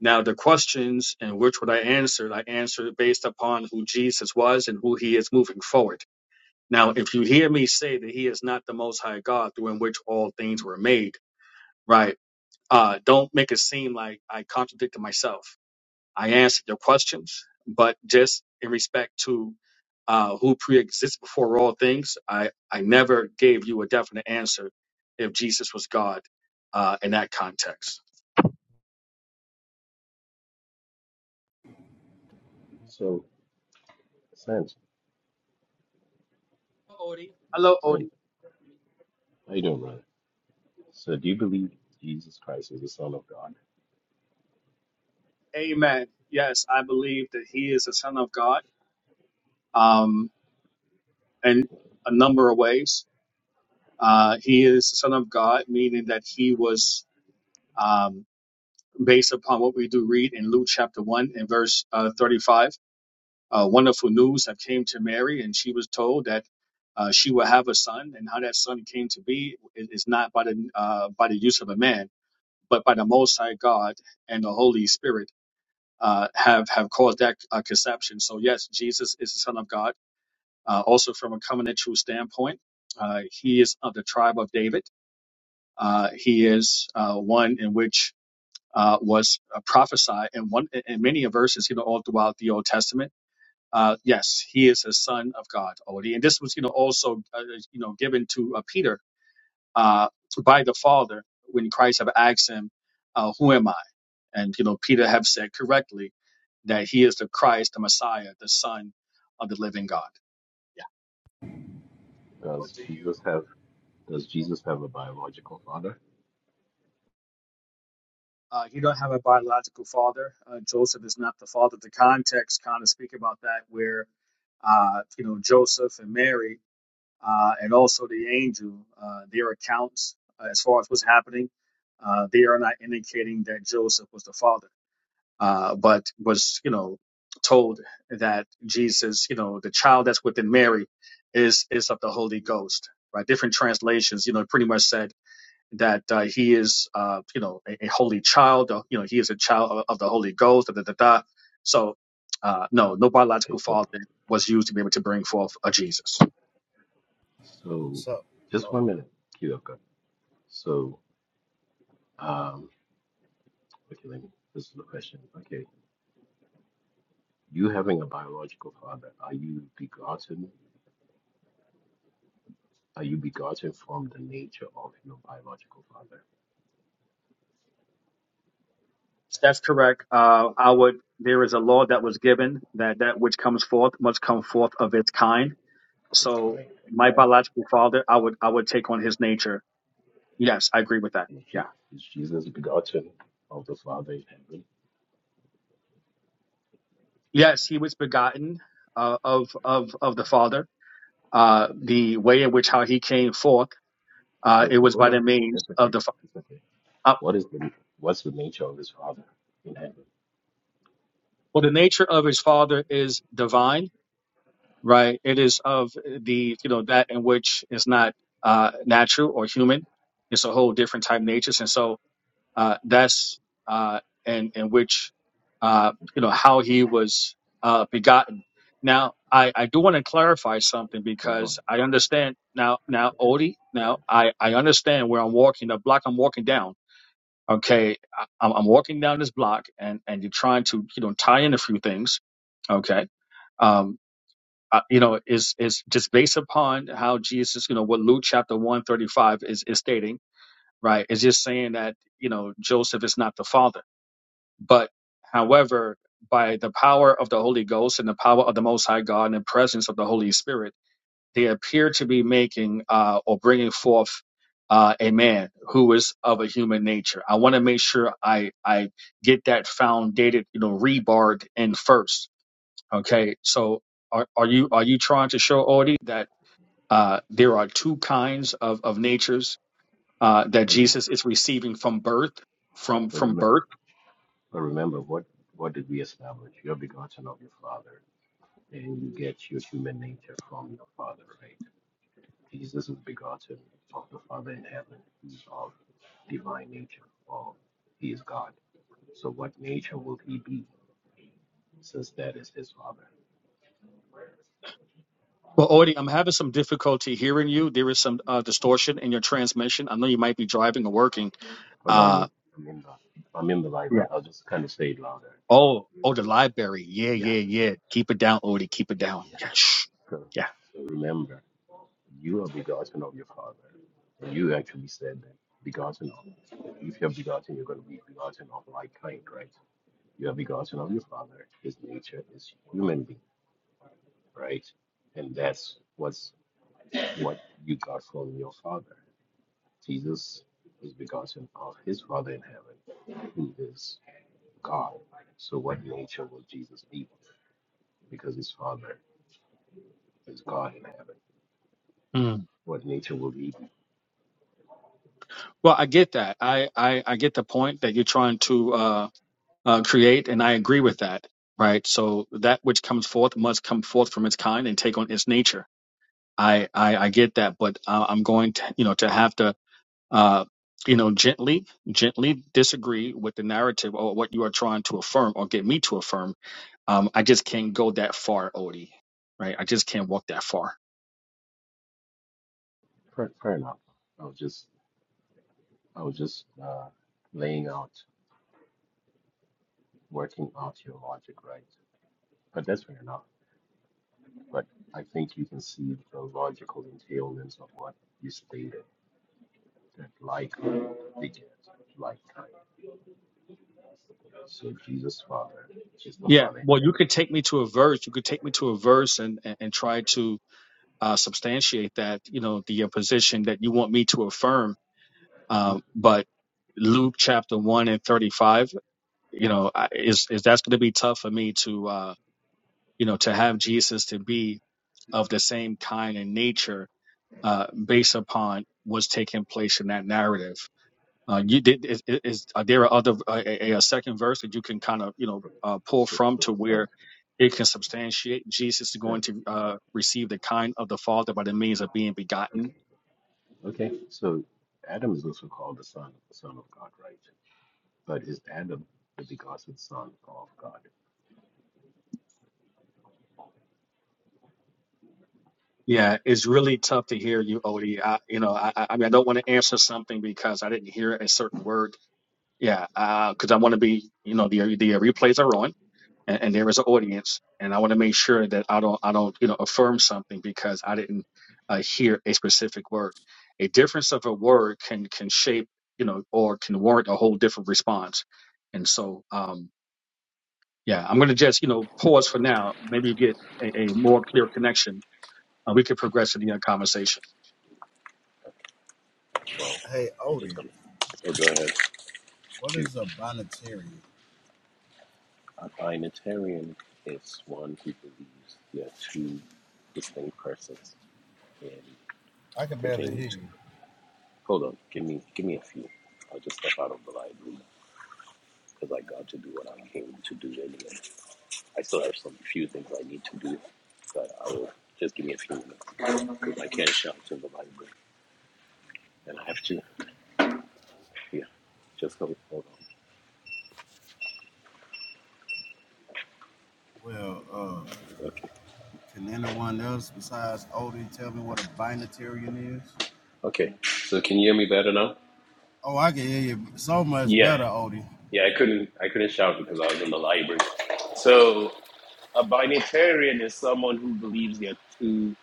G: Now, the questions in which what I answered, I answered based upon who Jesus was and who he is moving forward. Now, if you hear me say that he is not the most high God through in which all things were made, right? Uh, don't make it seem like I contradicted myself. I answered your questions, but just in respect to uh, who pre-exists before all things, I, I never gave you a definite answer if Jesus was God uh, in that context.
F: So, Sam,
G: Hello, Odie. Hello, Odie.
F: Sam, how you doing, brother? So, do you believe Jesus Christ is the Son of God?
G: Amen. Yes, I believe that he is the Son of God um, in a number of ways. Uh, he is the Son of God, meaning that he was, um, based upon what we do read in Luke chapter 1 and verse uh, 35, uh, wonderful news that came to Mary, and she was told that. Uh, she will have a son, and how that son came to be is is not by the uh, by the use of a man, but by the Most High God and the Holy Spirit. uh, have have caused that uh, conception. So yes, Jesus is the Son of God. Uh, also, from a covenantal standpoint, uh, he is of the tribe of David. Uh, he is uh, one in which uh, was uh, prophesied in one in many verses, you know, all throughout the Old Testament. Uh, yes, he is a son of God already, and this was, you know, also uh, you know given to uh, Peter uh, by the Father when Christ have asked him, uh, "Who am I?" And you know, Peter have said correctly that he is the Christ, the Messiah, the Son of the Living God. Yeah.
J: What do you
G: Uh, he don't have a biological father. Uh, Joseph is not the father. The context kind of speak about that, where uh, you know Joseph and Mary, uh, and also the angel, uh, their accounts uh, as far as what's happening, uh, they are not indicating that Joseph was the father uh, but was, you know, told that Jesus, you know, the child that's within Mary is is of the Holy Ghost, right? Different translations, you know, pretty much said that uh, he is, uh, you know, a, a holy child, uh, you know, he is a child of, of the Holy Ghost, da da da da. So, uh, no, no
F: Okay,
G: biological
F: so,
G: father was used to be able to bring forth a Jesus.
F: so,
J: so?
F: just one
J: Oh,
F: minute, Hugh. Okay. So, um, okay, let me. This is the question. Okay, you having a biological father, are you begotten? Are you begotten from the nature of your biological father?
G: That's correct. Uh, I would. There is a law that was given that that which comes forth must come forth of its kind
F: That's
G: So
F: fine.
G: my
F: Exactly.
G: biological father, I would I would take on his nature. Yes, I agree with that.
F: And
G: Yeah.
F: Je- Is Jesus begotten of the Father in heaven?
G: Yes, he was begotten uh, of of of the Father. Uh, the way in which how he came forth, uh,
F: Oh,
G: it
F: no,
G: was
F: hold
G: by the
F: on.
G: means
F: That's okay.
G: of the. fa-
F: That's okay.
G: Uh,
F: What is the what's the nature of his Father in heaven?
G: well, the nature of his Father is divine, right? It is of the you know that in which is not uh, natural or human. It's a whole different type of nature, and so uh, that's uh, and in which uh, you know how he was uh, begotten. Now, I, I do want to clarify something
F: Hold on.
G: because I understand now. Now, Odie,
F: Right.
G: now I, I understand where I'm walking the block I'm walking down. Okay, I- I'm, I'm walking down this block, and and you're trying to you know tie in a few things. Okay, um, uh, you know is is just based upon how Jesus, you know, what Luke chapter one thirty five is is stating, right? It's just saying that you know Joseph is not the father but however, by the power of the Holy Ghost and the power of the Most High God and the presence of the Holy Spirit, they appear to be making uh, or bringing forth uh, a man who is of a human nature. I want to make sure I I get that foundated, you know, rebarred in first. Okay, so are, are you are you trying to show Audie that uh, there are two kinds of of natures uh, that
F: I mean,
G: Jesus is receiving from birth, from
F: but
G: from
F: remember,
G: birth?
F: but remember what what did we establish? You're begotten of your Father, and you get your human nature from your Father, right? Jesus is begotten of the Father in heaven. He's of divine nature, or he is God. So, what nature will he be, since that is his Father?
G: Well, Audie, I'm having some difficulty hearing you. There is some uh, distortion in your transmission. I know you might be driving or working.
F: Oh no, I
G: Uh,
F: mean, I'm in the I'm in the
G: yeah.
F: library. I'll just kind of say it louder.
G: Oh, oh, the library. Yeah,
F: Yeah,
G: yeah, yeah. Keep it down, Odie. Keep it down.
F: yeah.
G: Yeah. Shh.
F: So,
G: Yeah.
F: so remember, you are begotten of your father. And you actually said that begotten of. If you're begotten, you're going to be begotten of like kind, right? You are begotten of your father. His nature is human being, right? And that's what's what you got from your father. Jesus is begotten of his father in heaven, who is God. So, what nature will Jesus be? because his father is God in heaven.
G: Mm.
F: What nature will be?
G: Well, I get that. I, I, I get the point that you're trying to uh, uh, create, and I agree with that. Right. So that which comes forth must come forth from its kind and take on its nature. I, I, I get that, but uh, I'm going to, you know, to have to uh, you know, gently, gently disagree with the narrative or what you are trying to affirm or get me to affirm. Um, I just can't go that far, Odie. Right? I just can't walk that far.
F: Fair, fair enough. I was just, I was just uh, laying out, working out your logic, right? But that's fair enough. But I think you can see the logical entailments of what you stated that like beget like kind. So Jesus' father is the
G: Yeah.
F: father in
G: Well, you
F: heaven.
G: could take me to a verse. You could take me to a verse and and, and try to uh, substantiate that, you know, the uh, position that you want me to affirm.
F: Mhm.
G: Um, but Luke chapter one and thirty five, you know, I- is is that's going to be tough for me to, uh, you know, to have Jesus to be of the same kind and nature uh, based upon what's taking place in that narrative. Uh, you did is, is are there other uh, a, a second verse that you can kind of you know uh, pull
F: So,
G: from
F: so,
G: to
F: thank,
G: where it can substantiate Jesus is going
F: thank.
G: to uh, receive the kind of the Father by the means of being begotten.
F: Okay, okay. So Adam is also called the son, the son of God, right? but is Adam the begotten Son of God?
G: Yeah, it's really tough to hear you, Odie. I, you know, I, I I mean, I don't want to answer something because I didn't hear a certain word. Yeah, because I want to be, you know, the the replays are on. and, and there is an audience and i want to make sure that i don't i don't you know affirm something because i didn't uh, hear a specific word a difference of a word can can shape you know or can warrant a whole different response and so um yeah i'm going to just you know pause for now maybe you get a, a more clear connection and we could progress to the other conversation
F: Well,
J: hey Odie,
F: um, we'll go ahead
J: what
F: to
J: is a bonitarian?
F: a binitarian is one who believes there are two distinct persons and
J: I can barely
F: pertaining
J: hear
F: to.
J: you.
F: Hold on, give me give me a few. I'll just step out of the library because I got to do what I came to do anyway. I still have some few things I need to do, but I will just give me a few minutes because I can't shout to the library and I have to. Yeah, just hold, on.
J: Well, uh,
F: Okay,
J: can anyone else besides Odie tell me what a binitarian is?
F: okay. So can you hear me better now?
J: Oh, I can hear you so much
F: Yeah.
J: better, Odie.
F: Yeah, I couldn't I couldn't shout because I was in the library. So a binitarian is someone who believes there are two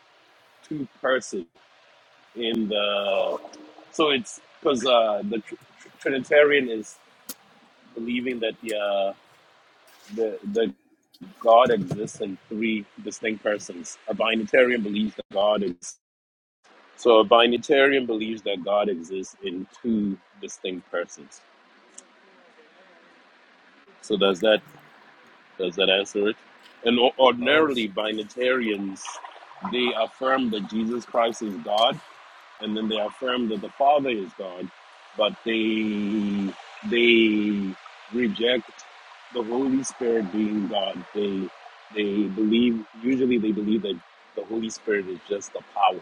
F: two persons in the so it's because uh, the tr- tr- Trinitarian is believing that the uh, the the God exists in three distinct persons. A binitarian believes that God is so a binitarian believes that God exists in two distinct persons. So does that Does that answer it? And o-
J: Oh,
F: ordinarily,
J: so
F: Binitarians, they affirm that Jesus Christ is God, and then they affirm that the Father is God, but they they reject the Holy Spirit being God. They they believe usually they believe that the Holy Spirit is just a power,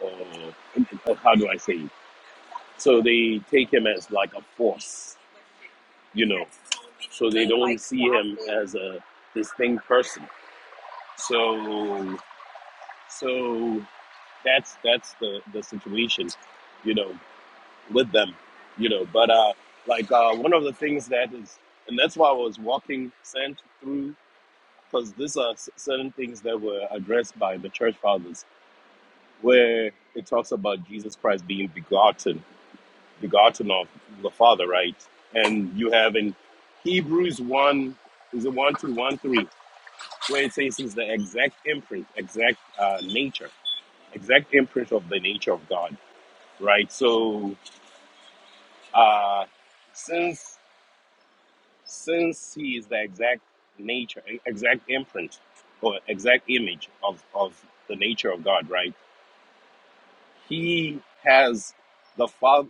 F: or or how do I say? It? So they take him as like a force, you know. So they don't see him as a distinct person so so that's that's the the situation, you know, with them, you know. But uh, like uh, one of the things that is, and that's why I was walking sent through because these are s- certain things that were addressed by the church fathers, where it talks about Jesus Christ being begotten, begotten of the Father, right? And you have in Hebrews one is it one two one three where it says he's the exact imprint, exact uh, nature exact imprint of the nature of God, right? So, uh, since since He is the exact nature, exact imprint, or exact image of of the nature of God, right? He has the father,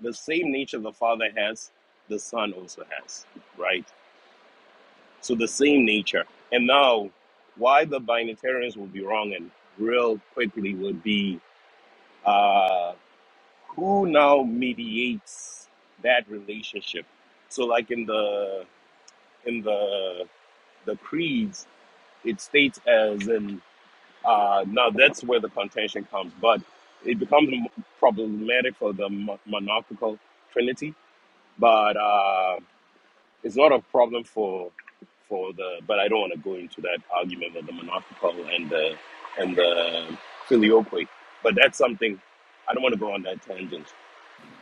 F: the same nature the Father has, the Son also has, right? So the same nature. And now, why the binitarians will be wrong and real quickly would be. uh, who now mediates that relationship so like in the in the the creeds it states as in uh now that's where the contention comes but it becomes m- problematic for the mon- monarchical trinity but uh it's not a problem for for the but i don't want to go into that argument with the monarchical and the and the filioque but that's something i don't want to go on that tangent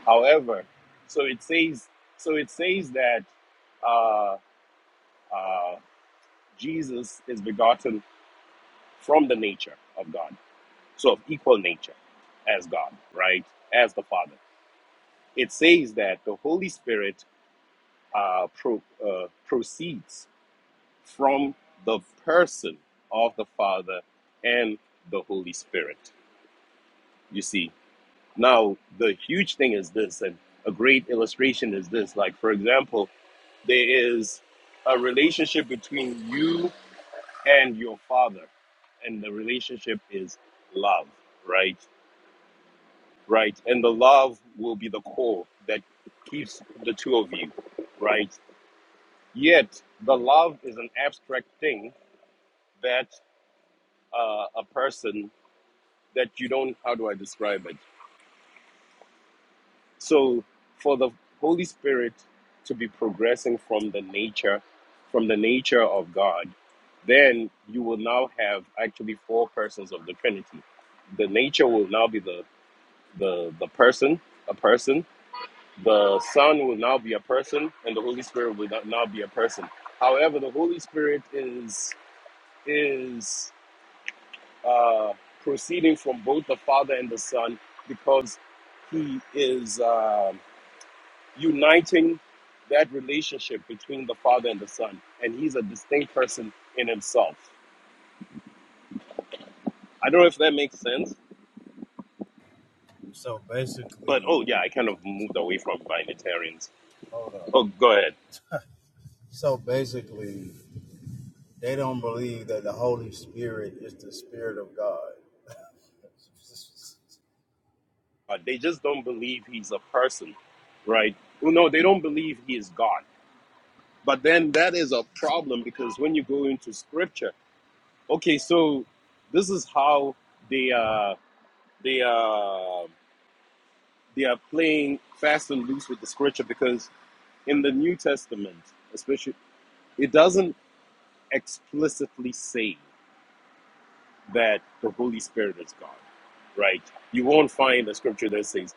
F: However, so it says, so it says that uh, uh, Jesus is begotten from the nature of God, so of equal nature as God, right, as the Father. It says that the Holy Spirit uh, pro, uh, proceeds from the person of the Father and the Holy Spirit. You see, now the huge thing is this, and a great illustration is this. Like, for example, There is a relationship between you and your father, and the relationship is love, right? Right. And the love will be the core that keeps the two of you, right? Yet, the love is an abstract thing that uh, a person that you don't, how do I describe it? So for the Holy Spirit to be progressing from the nature, from the nature of God, then you will now have actually four persons of the Trinity. The nature will now be the the, the person, a person. The Son will now be a person, and the Holy Spirit will not- now be a person. However, the Holy Spirit is is uh, proceeding from both the Father and the Son because he is. Um, uniting that relationship between the father and the son and he's a distinct person in himself i don't know if that makes sense
J: so
F: but
J: basically,
F: oh yeah i kind of moved away from binitarians
J: hold up.
F: oh go ahead
J: So basically, They don't believe that the Holy Spirit is the Spirit of God.
F: uh, they just don't believe he's a person right well, no they don't believe he is god but then that is a problem because when you go into scripture okay so this is how they uh they uh they are playing fast and loose with the scripture because in the New Testament, especially, it doesn't explicitly say that the Holy Spirit is God, right? You won't find a scripture that says,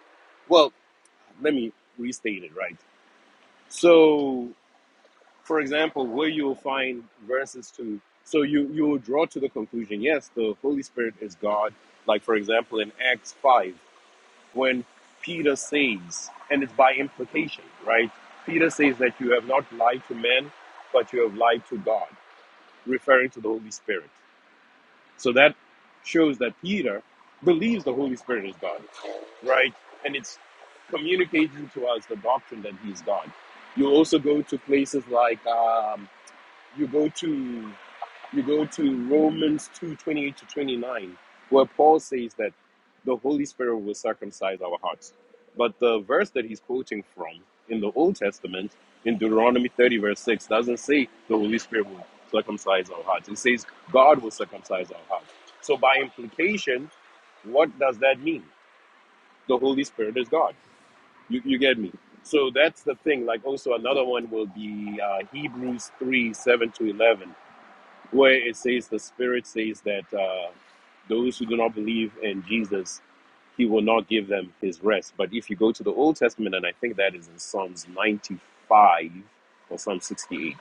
F: well, let me restate it, right? So, for example, where you'll find verses to, so you, you will draw to the conclusion, yes, the Holy Spirit is God. Like, for example, in Acts 5, when Peter says, and it's by implication, right? Peter says that you have not lied to men, but you have lied to God referring to the Holy Spirit. So that shows that Peter believes the Holy Spirit is God, right? And it's communicating to us the doctrine that He's God. You also go to places like um, you go to you go to Romans two twenty eight to 29, where Paul says that the Holy Spirit will circumcise our hearts. But the verse that he's quoting from in the Old Testament, in Deuteronomy 30, verse 6, doesn't say the Holy Spirit will circumcise our hearts. It says God will circumcise our hearts. So by implication, what does that mean? The Holy Spirit is God. You, you get me? So that's the thing. Like also another one will be uh, Hebrews 3, 7 to 11 where it says the Spirit says that uh, those who do not believe in Jesus, He will not give them His rest. But if you go to the Old Testament, and I think that is in Psalms 95 or Psalm 68,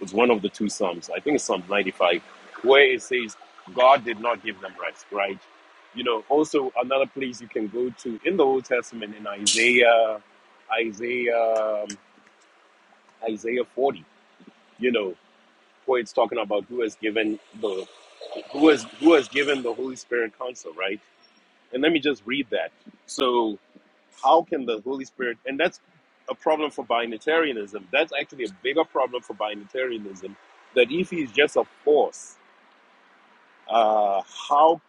F: it's one of the two Psalms. I think it's Psalm 95, where it says God did not give them rest, right? You know, also another place you can go to in the Old Testament in Isaiah, Isaiah, um, Isaiah 40. You know, where it's talking about who has given the who has who has given the Holy Spirit counsel, right? And let me just read that. So how can the Holy Spirit and that's a problem for binitarianism. That's actually a bigger problem for binitarianism that if he's just a force, uh, how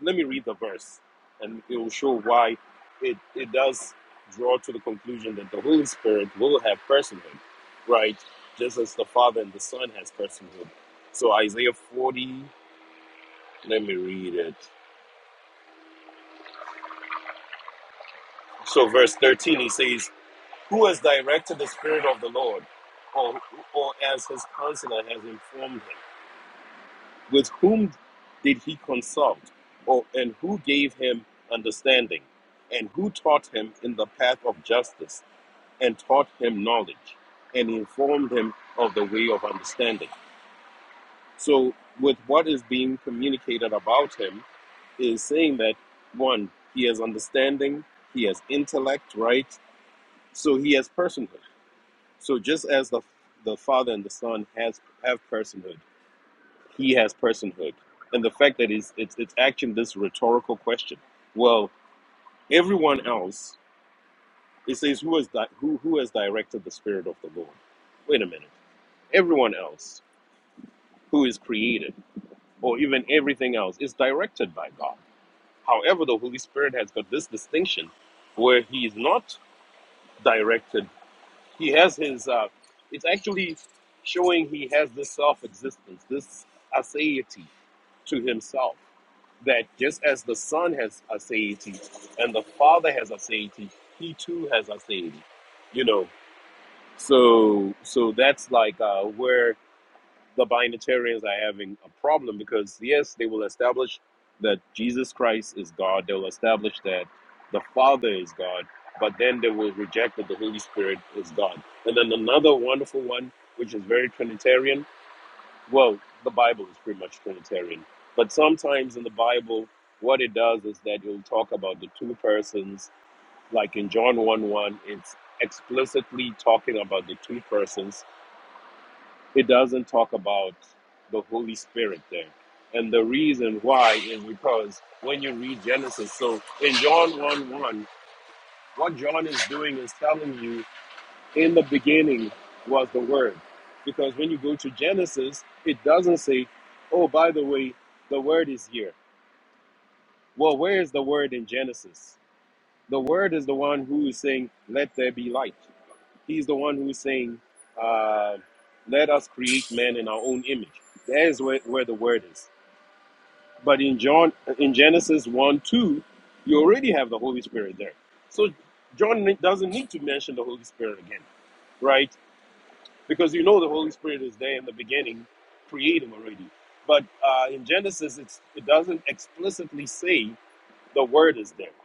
F: let me read the verse and it will show why it, it does draw to the conclusion that the Holy Spirit will have personhood, right? Just as the Father and the Son has personhood. So Isaiah 40, let me read it. So, verse 13, he says, Who has directed the Spirit of the Lord, or, or as his counselor has informed him? With whom did he consult, or, and who gave him understanding? And who taught him in the path of justice, and taught him knowledge, and informed him of the way of understanding? So, with what is being communicated about him, is saying that one, he has understanding, he has intellect, right? So, he has personhood So just as the the Father and the Son has have personhood, he has personhood, and the fact that it's it's, it's actually this rhetorical question. Well, everyone else it says who has di- who who has directed the Spirit of the Lord? Wait a minute, everyone else who is created or even everything else is directed by God. However, the Holy Spirit has got this distinction where he is not directed he has his uh it's actually showing he has this self-existence this aseity to himself that just as the son has aseity and the father has aseity he too has aseity you know so so that's like uh where the binitarians are having a problem because yes, they will establish that Jesus Christ is God. They will establish that the Father is God, but then they will reject that the Holy Spirit is God. And then another wonderful one, which is very Trinitarian. Well, the Bible is pretty much Trinitarian, but sometimes in the Bible, what it does is that it will talk about the two persons. Like in John one one, it's explicitly talking about the two persons it doesn't talk about the Holy Spirit there. And the reason why is because when you read Genesis, so in John 1 1, what John is doing is telling you in the beginning was the Word. Because when you go to Genesis, it doesn't say, oh, by the way, the Word is here. Well, where is the Word in Genesis? The Word is the one who is saying, let there be light. He's the one who's saying, uh, "Let us create man in our own image." There's where, where the word is. But in John, in Genesis one two, you already have the Holy Spirit there. So John doesn't need to mention the Holy Spirit again, right? Because you know the Holy Spirit is there in the beginning, creating already. But uh, in Genesis, it's, it doesn't explicitly say the word is there.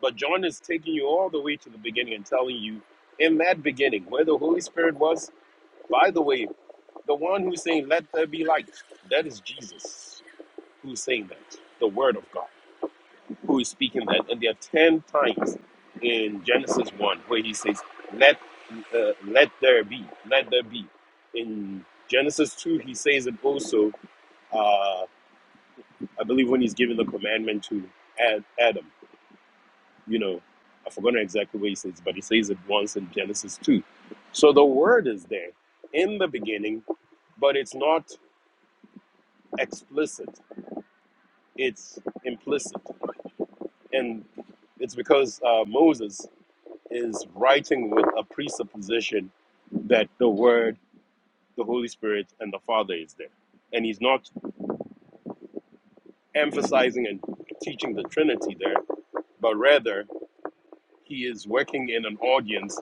F: But John is taking you all the way to the beginning and telling you, in that beginning, where the Holy Spirit was, by the way, the one who's saying, Let there be light, that is Jesus who's saying that, the Word of God, who is speaking that. And there are 10 times in Genesis 1 where he says, Let, uh, let there be, let there be. In Genesis 2, he says it also, uh, I believe, when he's giving the commandment to Ad, Adam, you know, I've forgotten exactly what he says, but he says it once in Genesis 2. So the Word is there in the beginning, but it's not. explicit, it's implicit. And it's because uh, Moses is writing with a presupposition that the Word, the Holy Spirit, and the Father is there. And he's not emphasizing and teaching the Trinity there, but rather he is working in an audience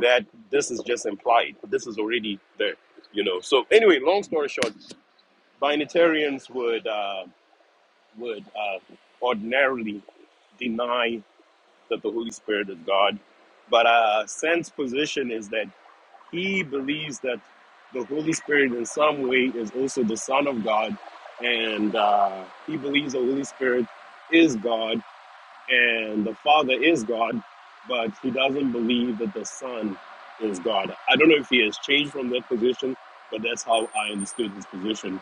F: that this is just implied. This is already there, you know. So anyway, long story short, binitarians would uh, would uh, ordinarily deny that the Holy Spirit is God. But uh, Sen's position is that he believes that the Holy Spirit, in some way, is also the Son of God, and uh, he believes the Holy Spirit is God and the Father is God, but he doesn't believe that the Son is God. I don't know if he has changed from that position, but that's how I understood his position.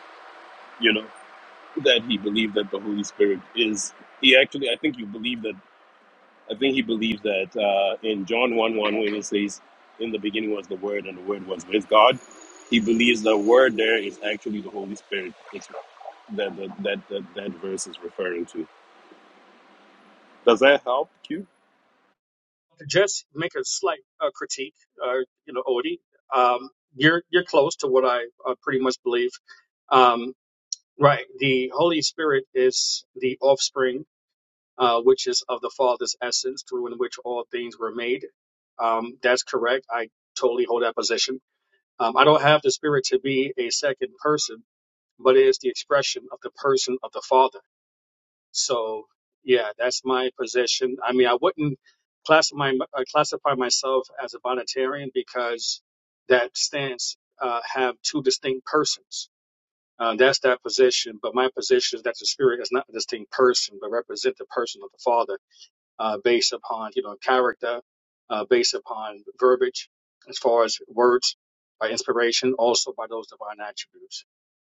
F: You know that he believed that the Holy Spirit is. He actually, I think, you believe that. I think he believes that uh, in John 1 1, when it says, In the beginning was the Word, and the Word was with God, he believes the Word there is actually the Holy Spirit is that, that, that, that, that verse is referring to. Does that help, Q?
G: just make a slight uh, critique uh, you know odie um, you're you're close to what i uh, pretty much believe Um, Right. The Holy Spirit is the offspring, uh, which is of the Father's essence, through in which all things were made. Um, that's correct. I totally hold that position. Um, I don't have the Spirit to be a second person, but it is the expression of the person of the Father. So, yeah, that's my position. I mean, I wouldn't class my, uh, classify myself as a Bonitarian because that stance uh, have two distinct persons. Uh, that's that position. But my position is that the spirit is not a distinct person, but represent the person of the Father uh, based upon you know character, uh, based upon verbiage, as far as words, by inspiration, also by those divine attributes.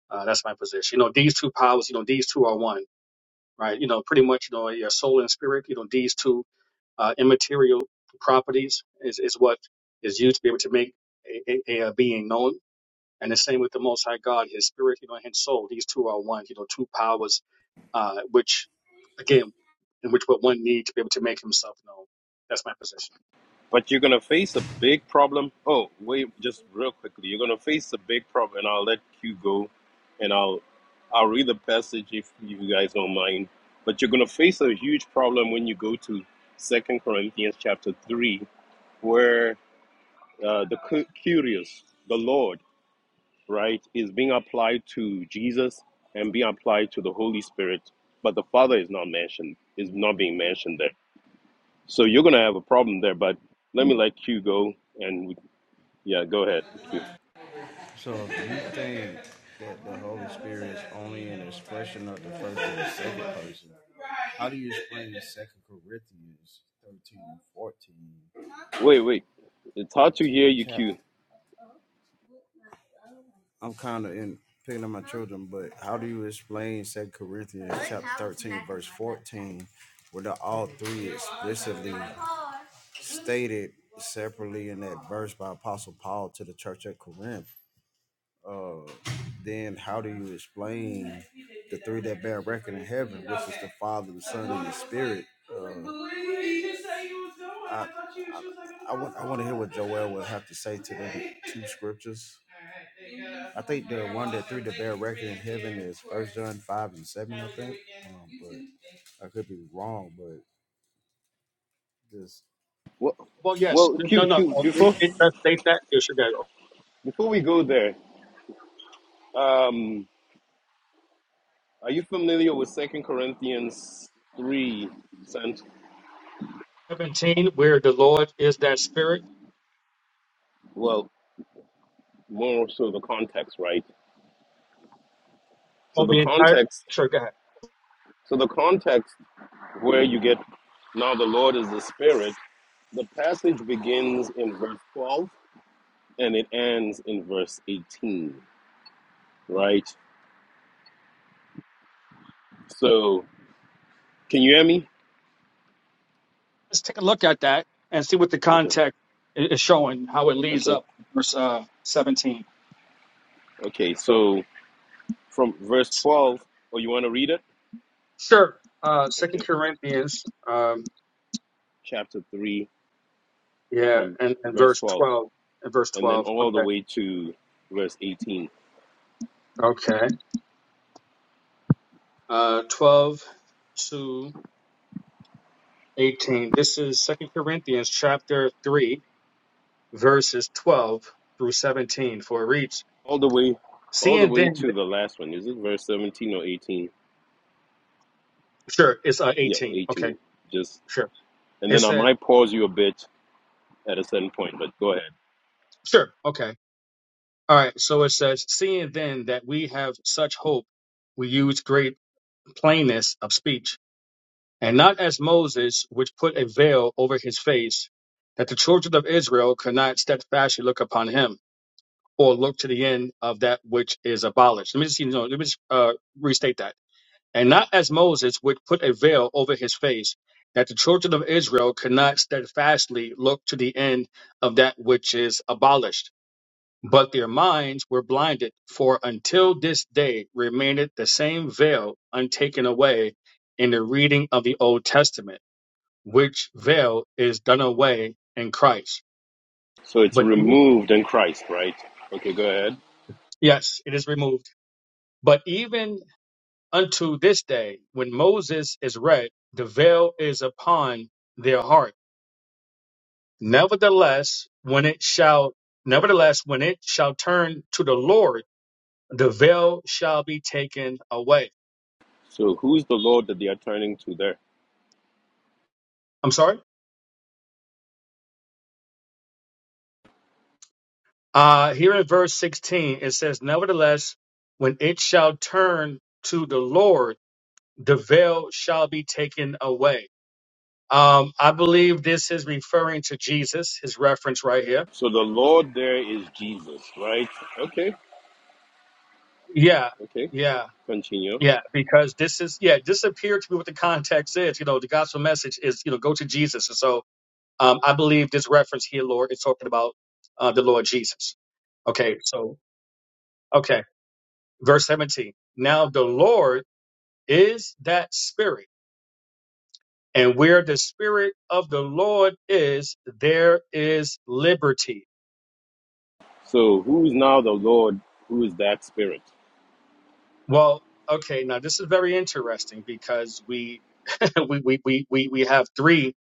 G: Uh, that's my position. You know, these two powers, you know, these two are one, right? You know, pretty much, you know, your soul and spirit. You know, these two uh, immaterial properties is is what is used to be able to make a, a, a being known and the same with the Most High God, His Spirit, you know, and His soul. These two are one, you know, two powers, uh, which again, in which what one needs to be able to make himself known. That's my position.
F: But you're going to face a big problem. Oh, wait, just real quickly. You're going to face a big problem, and I'll let Q go, and I'll, I'll read the passage if you guys don't mind. But you're going to face a huge problem when you go to Second Corinthians chapter 3, where uh, the cu- curious, the Lord, right, is being applied to Jesus and being applied to the Holy Spirit, but the Father is not mentioned, is not being mentioned there. So you're going to have a problem there, but let me let Q go. And we, yeah, go ahead, Q.
J: So if you think that the Holy Spirit is only an expression of the first and the second person, how do you explain Second Corinthians 13 and 14?
F: Wait, wait. It's hard to hear
J: 13
F: you,
J: chapter
F: Q.
J: I'm kind of in picking up my children, but how do you explain Second Corinthians chapter 13, verse 14, where the all three explicitly stated separately in that verse by Apostle Paul to the church at Corinth? uh, then how do you explain the three that bear record in heaven, which is the Father, the Son, and the Spirit? Uh, I, I, I, want, I want to hear what Joel will have to say to the two scriptures. I think the one that three that bear record in heaven is First John five and seven. I think, um, but I could be wrong. But just
F: What?
G: Well, yes,
F: Well,
G: no,
F: Q,
G: no,
F: Q,
G: no. it,
F: before,
G: it does state that. Yeah, sure, go
F: before we go there, um, are you familiar with Second Corinthians 3? And,
G: ahead. Seventeen, where the Lord is that Spirit.
F: well, more so the context, right? So
G: Well,
F: the
G: the entire.
F: context
G: Sure, go ahead.
F: So the context where you get now the Lord is the Spirit, the passage begins in verse 12 and it ends in verse 18, right? So can you hear me?
G: Let's take a look at that and see what the
F: Okay,
G: context i- is showing, how it leads
F: okay,
G: up verse uh, seventeen.
F: okay.
G: So,
F: So from verse 12, oh, you want to read it?
G: sure. Uh, Second
F: Okay,
G: Corinthians.
F: chapter 3
G: Yeah,
F: from
G: and, and
F: verse
G: verse
F: 12
G: 12. And verse
F: and then
G: 12.
F: all the
G: Okay.
F: way to verse 18.
G: Okay. Uh, 12 to 18. This is Second Corinthians chapter 3, verses 12 through 17. For it reads,
F: All the way all the
G: Seeing
F: way
G: then,
F: to the last one. Is it verse 17 or 18?
G: sure, it's uh,
F: Yeah,
G: 18. Okay,
F: 18. Just
G: sure.
F: and
G: It
F: then I
G: said,
F: might pause you a bit at a certain point, but go ahead.
G: sure, okay. All right, so it says, Seeing then that we have such hope, we use great plainness of speech and not as Moses, which put a veil over his face, that the children of Israel could not steadfastly look upon him, or look to the end of that which is abolished. Let me just, you know, let me just uh, restate that. And not as Moses, which put a veil over his face, that the children of Israel could not steadfastly look to the end of that which is abolished. But their minds were blinded, for until this day remaineth the same veil untaken away in the reading of the Old Testament which veil is done away in Christ.
F: So it's
G: But e-
F: removed in Christ, right? Okay, go ahead.
G: yes, it is removed. But even unto this day, when Moses is read, the veil is upon their heart. Nevertheless, when it shall, nevertheless, when it shall turn to the Lord, the veil shall be taken away.
F: So who's the Lord that they are turning to there?
G: I'm sorry. Uh, here in verse 16, it says, nevertheless, when it shall turn to the Lord, the veil shall be taken away Um, I believe this is referring to Jesus, his reference right here.
F: So the Lord there is Jesus, right? Okay,
G: Yeah,
F: okay,
G: yeah,
F: continue.
G: yeah, because this is, yeah, this appeared to be what the context is. You know, the gospel message is, you know, go to Jesus. And so um, I believe this reference here, Lord, is talking about uh, the Lord Jesus. Okay, so, okay, verse 17. Now the Lord is that spirit, and where the spirit of the Lord is, there is liberty.
F: So who's now the Lord? Who is that spirit?
G: Well, okay, now this is very interesting because we we we we we we have three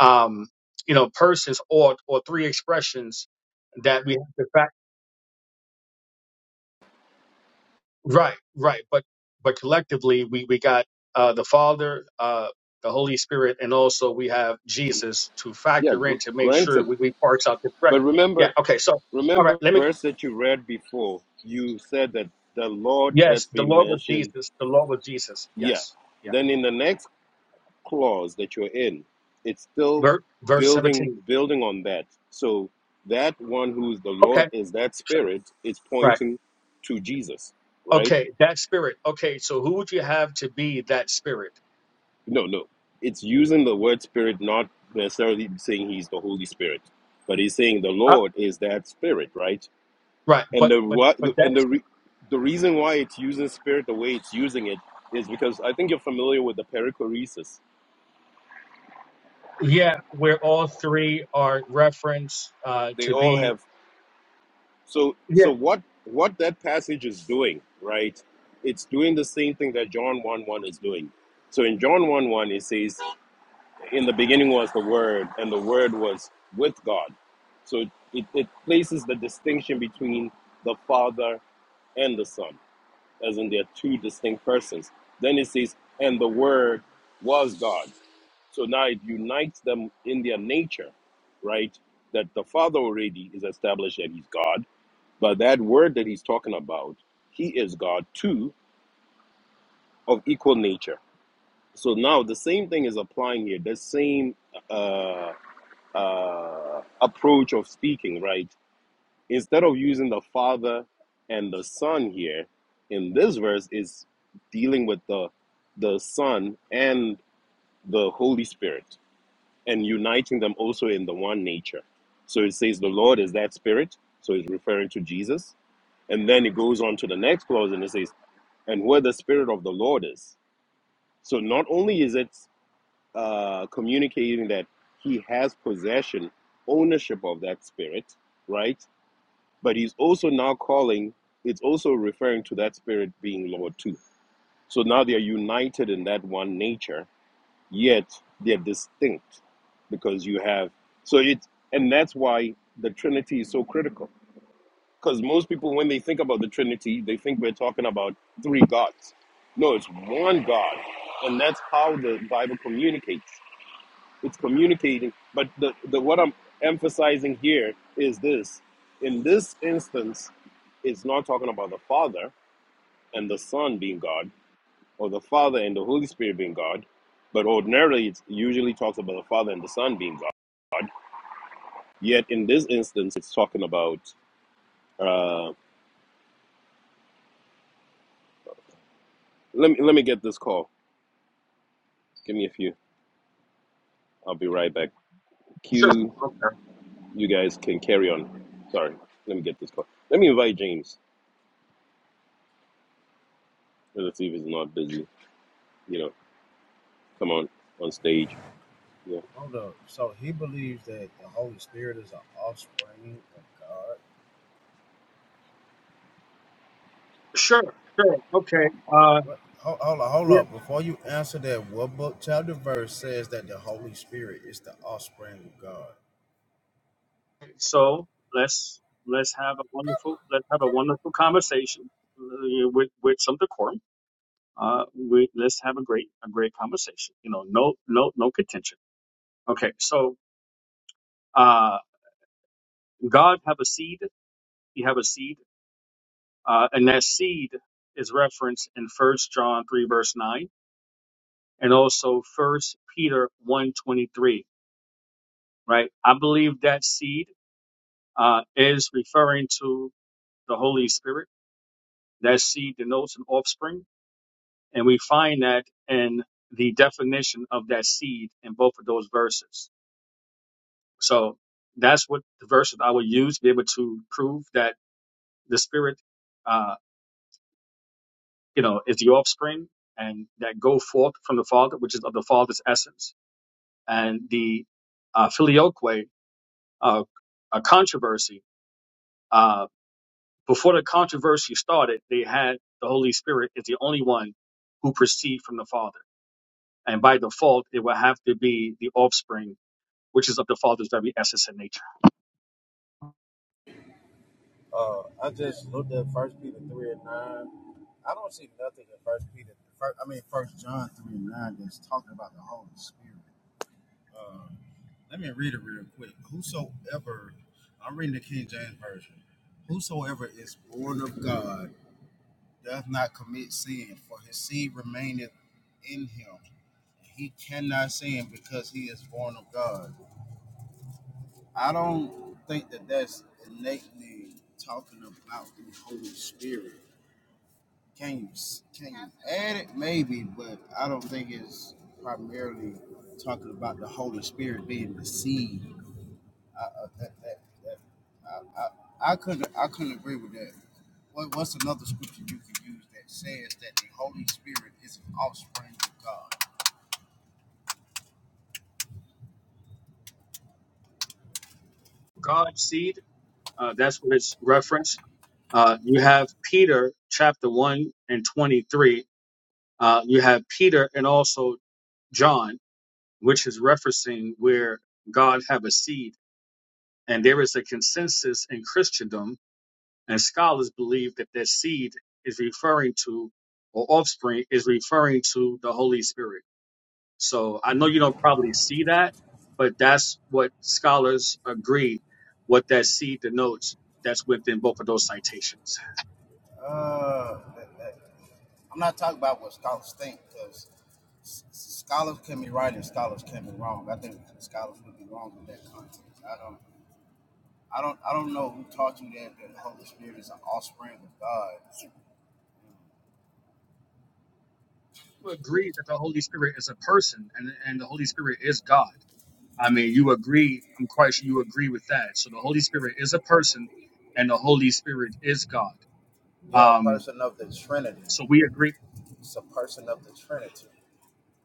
G: um you know persons or or three expressions that we have to fact right right but but collectively we we got uh the father uh the holy spirit and also we have jesus to
F: Yeah,
G: factor
F: gr-
G: in to make sure
F: granted.
G: we, we parse out the correct
F: But
G: yeah
F: remember,
G: okay so all right
F: remember
G: let
F: the
G: me
F: verse that you read before. You said that the Lord
G: yes
F: that's
G: the
F: been
G: lord was
F: mentioned.
G: jesus the lord was jesus
F: Yeah.
G: yes yeah
F: Then in the next clause that you're in, it's still
G: verse, verse
F: building
G: 17
F: building on that. So that one who is the
G: okay
F: Lord is that
G: sure
F: spirit is
G: right
F: pointing to Jesus, right?
G: okay that spirit okay so who would you have to be that spirit
F: No, no. It's using the word spirit, not necessarily saying he's the Holy Spirit, but he's saying the Lord is that spirit, right?
G: Right,
F: And
G: but
F: the
G: but
F: what
G: but
F: and
G: that's
F: the re, the reason why it's using spirit the way it's using it is because I think you're familiar with the perichoresis.
G: yeah, where all three are referenced uh,
F: They
G: to
F: all
G: be.
F: have So
G: Yeah,
F: so what what that passage is doing, right? It's doing the same thing that John 1 1 is doing. So in John 1 1 it says, In the beginning was the word, and the word was with God. So it, it places the distinction between the Father and the Son, as in they're two distinct persons. Then it says, and the word was God. So now it unites them in their nature, right? That the Father already is established that He's God but that word that he's talking about, he is God too, of equal nature. So now the same thing is applying here, the same uh, uh, approach of speaking, right? Instead of using the Father and the Son here, in this verse is dealing with the the Son and the Holy Spirit and uniting them also in the one nature. So it says the Lord is that Spirit, so it's referring to Jesus. And then it goes on to the next clause and it says, and where the Spirit of the Lord is. So not only is it uh, communicating that he has possession, ownership of that Spirit, right? But he's also now calling, it's also referring to that Spirit being Lord too. So now they are united in that one nature, yet they're distinct because you have, so it, and that's why the Trinity is so critical Because most people, when they think about the Trinity, they think we're talking about three gods. No, it's one God, and that's how the Bible communicates. It's communicating, but the, the what I'm emphasizing here is this: in this instance, it's not talking about the Father and the Son being God, or the Father and the Holy Spirit being God, but ordinarily it usually talks about the Father and the Son being God. Yet in this instance, it's talking about. Uh, let me let me get this call. Give me a few. I'll be right back.
G: sure,
F: Q,
G: okay,
F: you guys can carry on. Sorry, let me get this call. Let me invite James. Let's see if he's not busy. You know, come on on stage. Yeah,
J: Hold up. So he believes that the Holy Spirit is an offspring of God.
G: sure, sure, okay. Uh,
J: What? Hold, hold up, hold
G: yeah.
J: up. Before you answer that, what book, chapter, verse says that the Holy Spirit is the offspring of God?
G: So let's let's have a wonderful let's have a wonderful conversation uh, with with some decorum. Uh, we let's have a great a great conversation. You know, no no no contention. Okay, so uh, God have a seed. You have a seed, uh, and that seed is referenced in First John three verse nine and also first peter one twenty three right i believe that seed uh, is referring to the holy spirit that seed denotes an offspring and we find that in the definition of that seed in both of those verses so that's what the verse that i would use to be able to prove that the spirit uh, you know is the offspring and that go forth from the father which is of the father's essence and the uh, filioque uh, a controversy Uh, before the controversy started, they had the Holy Spirit is the only one who proceeds from the Father. And by default, it will have to be the offspring, which is of the Father's very essence and nature.
J: Uh, I just looked at First Peter three and nine. I don't see nothing in First Peter. First, I mean First John three and nine that's talking about the Holy Spirit. Let me read it real quick. Whosoever, I'm reading the King James version. Whosoever is born of God doth not commit sin, for his seed remaineth in him. He cannot sin because he is born of God. I don't think that that's innately talking about the Holy Spirit. Can you can you add it? Maybe, but I don't think it's primarily talking about the Holy Spirit being received. I, I, uh, that, that, that, I, I, I couldn't I couldn't agree with that. What, what's another scripture you could use that says that the Holy Spirit is an offspring of God?
G: God's seed, uh, that's what it's referenced. Uh, you have Peter chapter 1 and 23. Uh, you have Peter and also John, which is referencing where God have a seed. And there is a consensus in Christendom And scholars believe that that seed is referring to, or offspring is referring to the Holy Spirit. So I know you don't probably see that, but that's what scholars agree what that seed denotes. That's within both of those citations.
J: Uh, that, that I'm not talking about what scholars think, because s- s- scholars can be right and scholars can be wrong. I think scholars would be wrong in that context. I don't, I don't, I don't know who taught you that, that the Holy Spirit is an offspring of God.
G: You agree that the Holy Spirit is a person and, and the Holy Spirit is God. I mean, you agree, I'm quite sure you agree with that. So the Holy Spirit is a person and the Holy Spirit is God.
J: You're a
G: Um,
J: person of the Trinity.
G: so we agree
J: It's a person of the Trinity.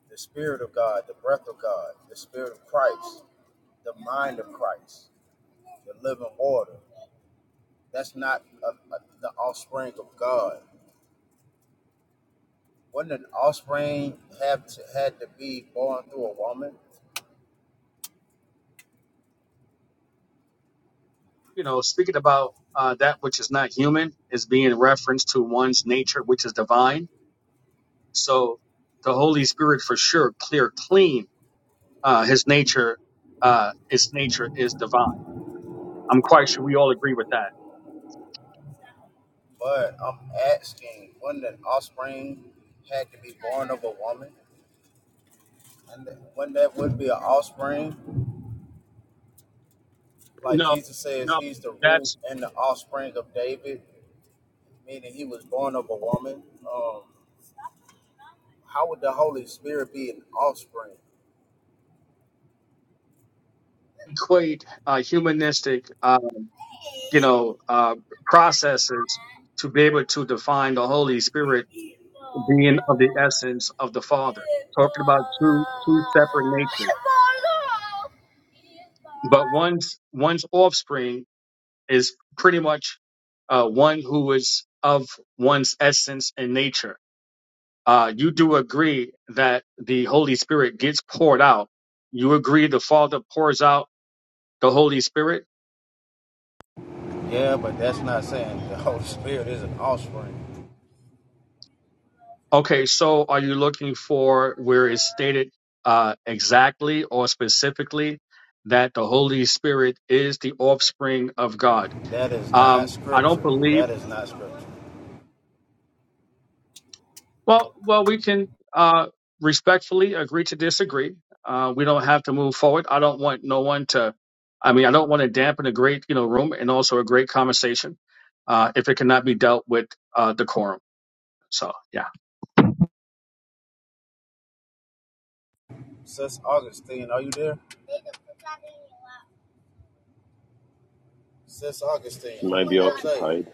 J: The Spirit of God, the breath of God, the Spirit of Christ, the mind of Christ, the living water. That's not a, a, the offspring of God. Wouldn't an offspring have to had to be born through a woman?
G: you know, speaking about uh, that which is not human is being referenced to one's nature, which is divine. So the Holy Spirit, for sure, clear, clean. Uh, his nature, uh, his nature is divine. I'm quite sure we all agree with that.
J: But I'm asking, wouldn't an offspring had to be born of a woman? And th- wouldn't that would be an offspring? Like
G: No,
J: Jesus says,
G: no,
J: he's the root
G: that's
J: and the offspring of David, meaning he was born of a woman. Um, how would the Holy Spirit be an offspring?
G: equate uh, humanistic, uh, you know, uh, processes to be able to define the Holy Spirit being of the essence of the Father. Talking about two two separate natures. but one's one's offspring is pretty much uh, one who is of one's essence and nature. Uh, you do agree that the Holy Spirit gets poured out. You agree the Father pours out the Holy Spirit.
J: Yeah, but that's not saying the Holy Spirit is an offspring.
G: Okay, so are you looking for where it's stated uh, exactly or specifically that the Holy Spirit is the offspring of God?
J: That is not
G: Um, I don't
J: scripture.
G: believe.
J: That is not scripture.
G: Well, well, we can uh, respectfully agree to disagree. Uh, we don't have to move forward. I don't want no one to. I mean, I don't want to dampen a great, you know, room and also a great conversation uh, if it cannot be dealt with uh, decorum. So, yeah.
J: Sis Augustine, are you there? Sis Augustine,
F: she might be
J: Jose,
F: occupied.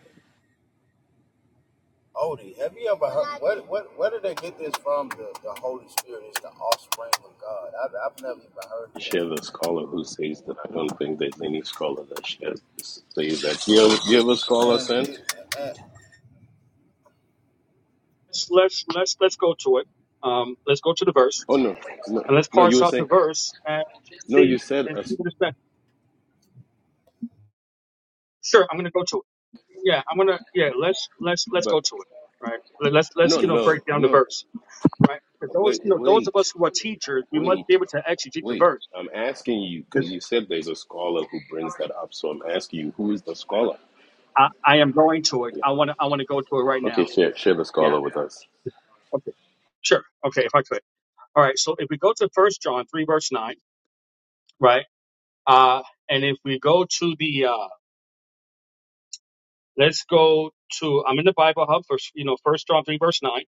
J: Odie, have you ever heard? Where, where, where did they get this from? The, the Holy Spirit is the offspring of God. I've, I've never even heard of
F: Share the scholar who says that I don't think there's any scholar that shares this. Says that. Do you have, do you have a
J: that.
F: scholar,
J: And,
F: Sen?
J: it, and
G: Let's let's let's, let's go to it. Um, let's go to the verse
F: Oh no, no,
G: and let's
F: no. You
G: parse
F: were
G: out the
F: saying
G: verse and
F: no.
G: see
F: You said
G: and see
F: us,
G: what it's meant. Sure, I'm gonna go to it. Yeah, I'm gonna. Yeah, let's let's let's go
F: but
G: to it. Right. Let- Let's let's
F: no,
G: you know break
F: no,
G: down the
F: no.
G: verse. right? Because those,
F: Wait,
G: you know, those
F: wait,
G: of us who are teachers, we must
F: wait.
G: be able to exegete the
F: Wait,
G: verse.
F: I'm asking you because you said there's a scholar who brings that up. So I'm asking you, who is the scholar?
G: I, I am going to it.
F: Yeah.
G: I want to. I want to go to it right
F: Okay,
G: now.
F: share share the
G: Yeah.
F: scholar with us.
G: Okay. Sure. Okay. If I could. All right. So if we go to First John three verse nine, right? Uh, and if we go to the, uh, let's go to. I'm in the Bible Hub for you know First John three verse nine,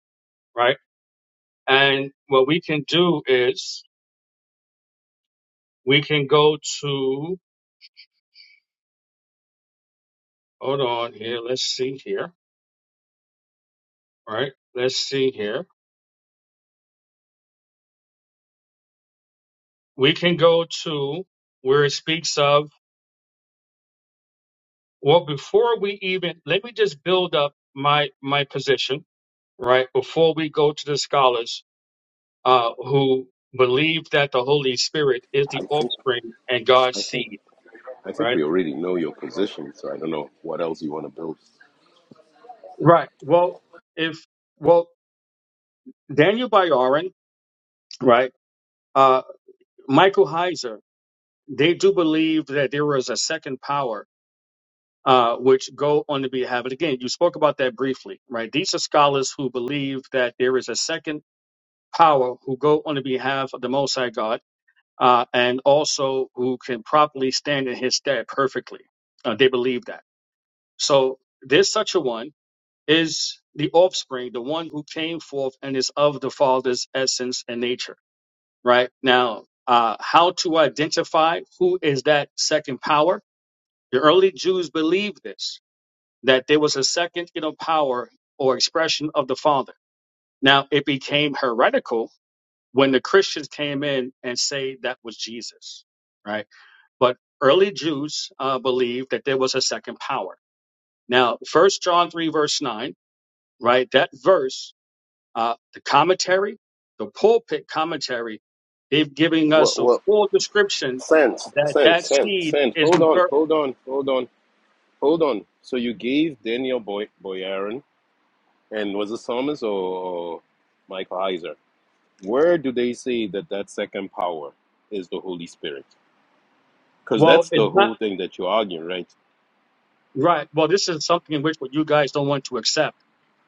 G: right? And what we can do is we can go to. Hold on here. Let's see here. All right. Let's see here. we can go to where it speaks of well before we even let me just build up my my position right before we go to the scholars uh who believe that the holy spirit is the
F: I think
G: offspring and god's
F: I think
G: seed
F: I think
G: right
F: we already know your position. So I don't know what else you want to build.
G: right well if well daniel bayarin right uh michael heiser they do believe that there was a second power uh, which go on to be inhabited. Again, you spoke about that briefly, right? These are scholars who believe that there is a second power who go on to behalf of the Most High God, uh, and also who can properly stand in His stead perfectly. Uh, they believe that. So there's such a one is the offspring, the one who came forth and is of the Father's essence and nature, right? Now, uh, how to identify who is that second power? The early Jews believed this that there was a second, you know, power or expression of the Father. Now it became heretical when the Christians came in and say that was Jesus, right? But early Jews uh, believed that there was a second power. Now, First John three verse nine, right? That verse, uh, the commentary, the pulpit commentary, they've giving
F: What
G: us a
F: what?
G: full description
F: Sense,
G: that
F: sense,
G: that
F: sense,
G: seed
F: sense.
G: is
F: Hold on,
G: referred.
F: hold on, hold on, hold on. So you gave Daniel Boy Boyarin and was it Thomas or Michael Heiser? Where do they say that that second power is the Holy Spirit? because
G: Well,
F: that's
G: it's
F: the
G: not.
F: whole thing that you're arguing, right?
G: Right. Well, this is something in which what you guys don't want to accept.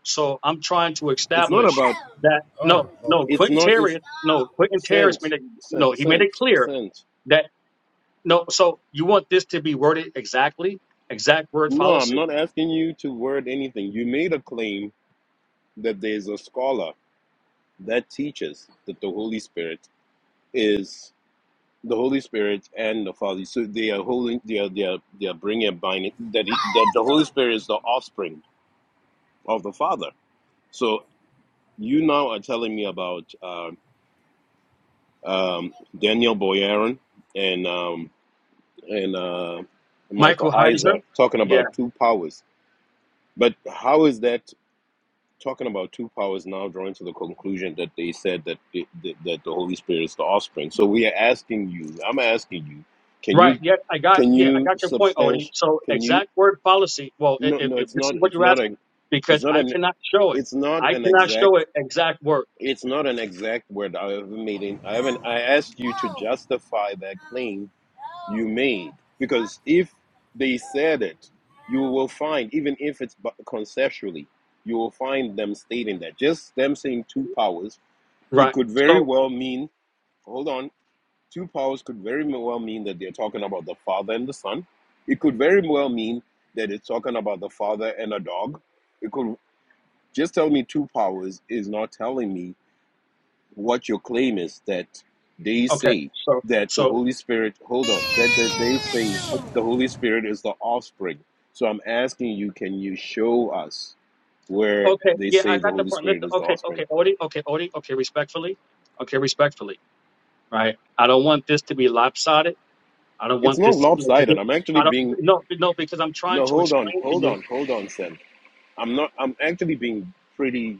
G: So I'm trying to
F: It's not
G: establish
F: about.
G: that
J: oh
G: no,
J: Lord
G: no,
F: It's
G: Quentin
F: not.
J: Jesus.
F: It's
G: Terry, no, Quentin Terry
F: sense,
G: made it no,
F: sense,
G: he made it
F: sense,
G: clear
F: sense.
G: that no. So you want this to be worded exactly, exact word
F: No, I'm
G: policy.
F: not asking you to word anything. You made a claim that there's a scholar that teaches that the Holy Spirit is the Holy Spirit and the Father. So they are holding. They are. They are. They are bringing a binding that he, that the Holy Spirit is the offspring of the Father. So you now are telling me about um um, Daniel Boyarin and. um, and uh, Michael
G: Michael Heiser.
F: Heiser talking
G: Yeah.
F: about two powers. But how is that talking about two powers now drawing to the conclusion that they said that the, the, that the Holy Spirit is the offspring? So we are asking you. I'm asking you. Can
G: Right.
F: you
G: Yeah. I got.
F: can
G: Yeah. I
F: you
G: got your point, Odie.
F: substantiate?
G: So
F: Can you
G: exact word policy. Well, if,
F: no
G: if
F: no?
G: if
F: It's
G: this
F: not.
G: is what
F: It's
G: you're
F: not
G: asking,
F: a. It's
G: because
F: not
G: I
F: an.
G: cannot show it,
F: It's not
G: I
F: an
G: cannot show
F: exact.
G: it exact word.
F: It's not an exact word I haven't made. In, I haven't. I asked you to
J: No, no,
F: justify that claim you
J: no,
F: made.
J: stop
F: Because if
J: touching
F: they
J: my
F: said it, you
J: stuff.
F: will find, even if it's bu- conceptually, you will find them stating that. Just them saying two powers, it
G: Right.
F: could very
G: So
F: well mean, hold on, two powers could very well mean that they're talking about the father and the son. It could very well mean that it's talking about the father and a dog. It could just tell me two powers is not telling me what your claim is that they
G: okay.
F: say
G: So
F: that the
G: so.
F: Holy Spirit, hold on, that, that they say the Holy Spirit is the offspring. So I'm asking you, can you show us where
G: Okay,
F: they
G: yeah,
F: say
G: I
F: the
G: got the
F: Holy
G: point.
F: Spirit
G: Listen,
F: is the
G: okay,
F: offspring?
G: okay, Odie, okay, Odie, okay, respectfully, okay, respectfully, right? I don't want this to be lopsided. I don't
F: It's
G: want
F: not
G: this to
F: lopsided.
G: get.
F: I'm actually
G: I don't
F: being,
G: no no because I'm trying
F: no,
G: to
F: hold on,
G: explain to
F: hold
G: you,
F: on, hold on, Sam. I'm not, I'm actually being pretty,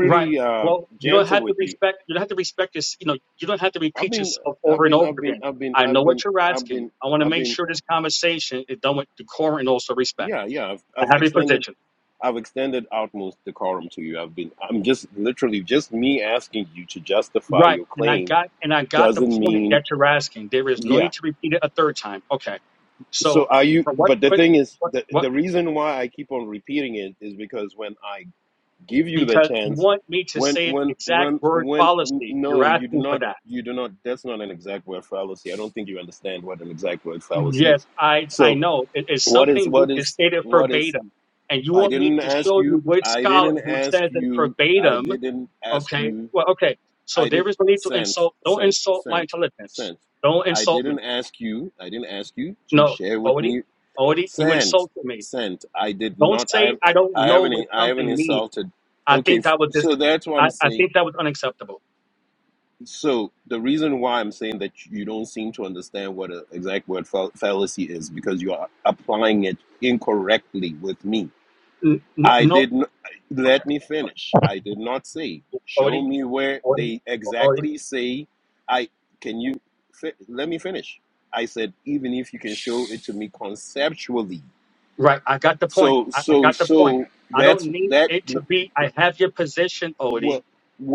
G: right?
F: uh,
G: Well, you don't
F: gentle
G: have to
F: with you.
G: respect. You don't have to respect this. You know, you don't have to
F: I've
G: repeat
F: been,
G: yourself
F: I've
G: over and
F: been,
G: over
F: I've been,
G: again.
F: I've been,
G: I know
F: I've been,
G: what you're
F: I've
G: asking.
F: been,
G: I want to
F: I've
G: make
F: been,
G: sure this conversation is done with decorum and also respect.
F: yeah, yeah, I've,
G: I
F: I've
G: have your
F: extended
G: position.
F: I've extended utmost decorum to you. I've been, I'm just literally just me asking you to justify
G: Right.
F: your
G: And I
F: claim
G: got and I got the
F: doesn't
G: point
F: mean,
G: that you're asking. There is no
F: yeah.
G: need to repeat it a third time. Okay.
F: So
G: So
F: are you,
G: for what
F: but the
G: put
F: thing is,
G: what
F: the,
G: what
F: the reason why I keep on repeating it is because when I give you the
G: because you
F: chance,
G: want me to
F: when,
G: say it
F: when,
G: exact
F: when,
G: word
F: when,
G: policy. You're
F: no, you do
G: asking for
F: not,
G: that.
F: you do not, that's not an exact word fallacy. I don't think you understand what an exact word fallacy
G: Yes,
F: is.
G: I I
F: So
G: know. It is
F: what is,
G: something
F: what
G: which is
F: is,
G: stated
F: what is?
G: verbatim. And you
F: I
G: want me
F: didn't
G: to
F: ask
G: show
F: you.
G: you which
F: I
G: scholar
F: didn't
G: who
F: ask
G: says it
F: you. I
G: verbatim.
F: didn't ask
G: Okay.
F: you.
G: Well, okay. So
F: I did
G: there is no need to
F: sent,
G: insult don't
F: sent,
G: insult my
F: sent,
G: intelligence.
F: sent.
G: Don't
F: I
G: insult me.
F: didn't ask you. I didn't ask you to
G: No.
F: share with
G: Odie,
F: me.
G: Odie, you
F: Sent,
G: insulted me.
F: sent. I did
G: Don't
F: not. I
G: say
F: have.
G: I don't
F: I
G: know what
F: haven't. I haven't
G: something means.
F: insulted.
G: I
F: Okay.
G: think
F: f-
G: that was
F: So
G: just
F: that's what
G: I,
F: I'm
G: I
F: saying.
G: think that was unacceptable.
F: So the reason why I'm saying that you don't seem to understand what an exact word fal- fallacy is because you are applying it incorrectly with me
G: N- n-
F: I
G: no,
F: didn't let me finish. I did not say. Show
G: Odie,
F: me where
G: Odie,
F: they
G: Odie.
F: exactly say. I can you fi- let me finish. I said even if you can show it to me conceptually.
G: Right, I got the point.
F: So
G: I, I
F: so
G: got the point.
F: so
G: I don't
F: that's
G: need
F: that.
G: it to be. I have your position,
F: Well
G: Odie.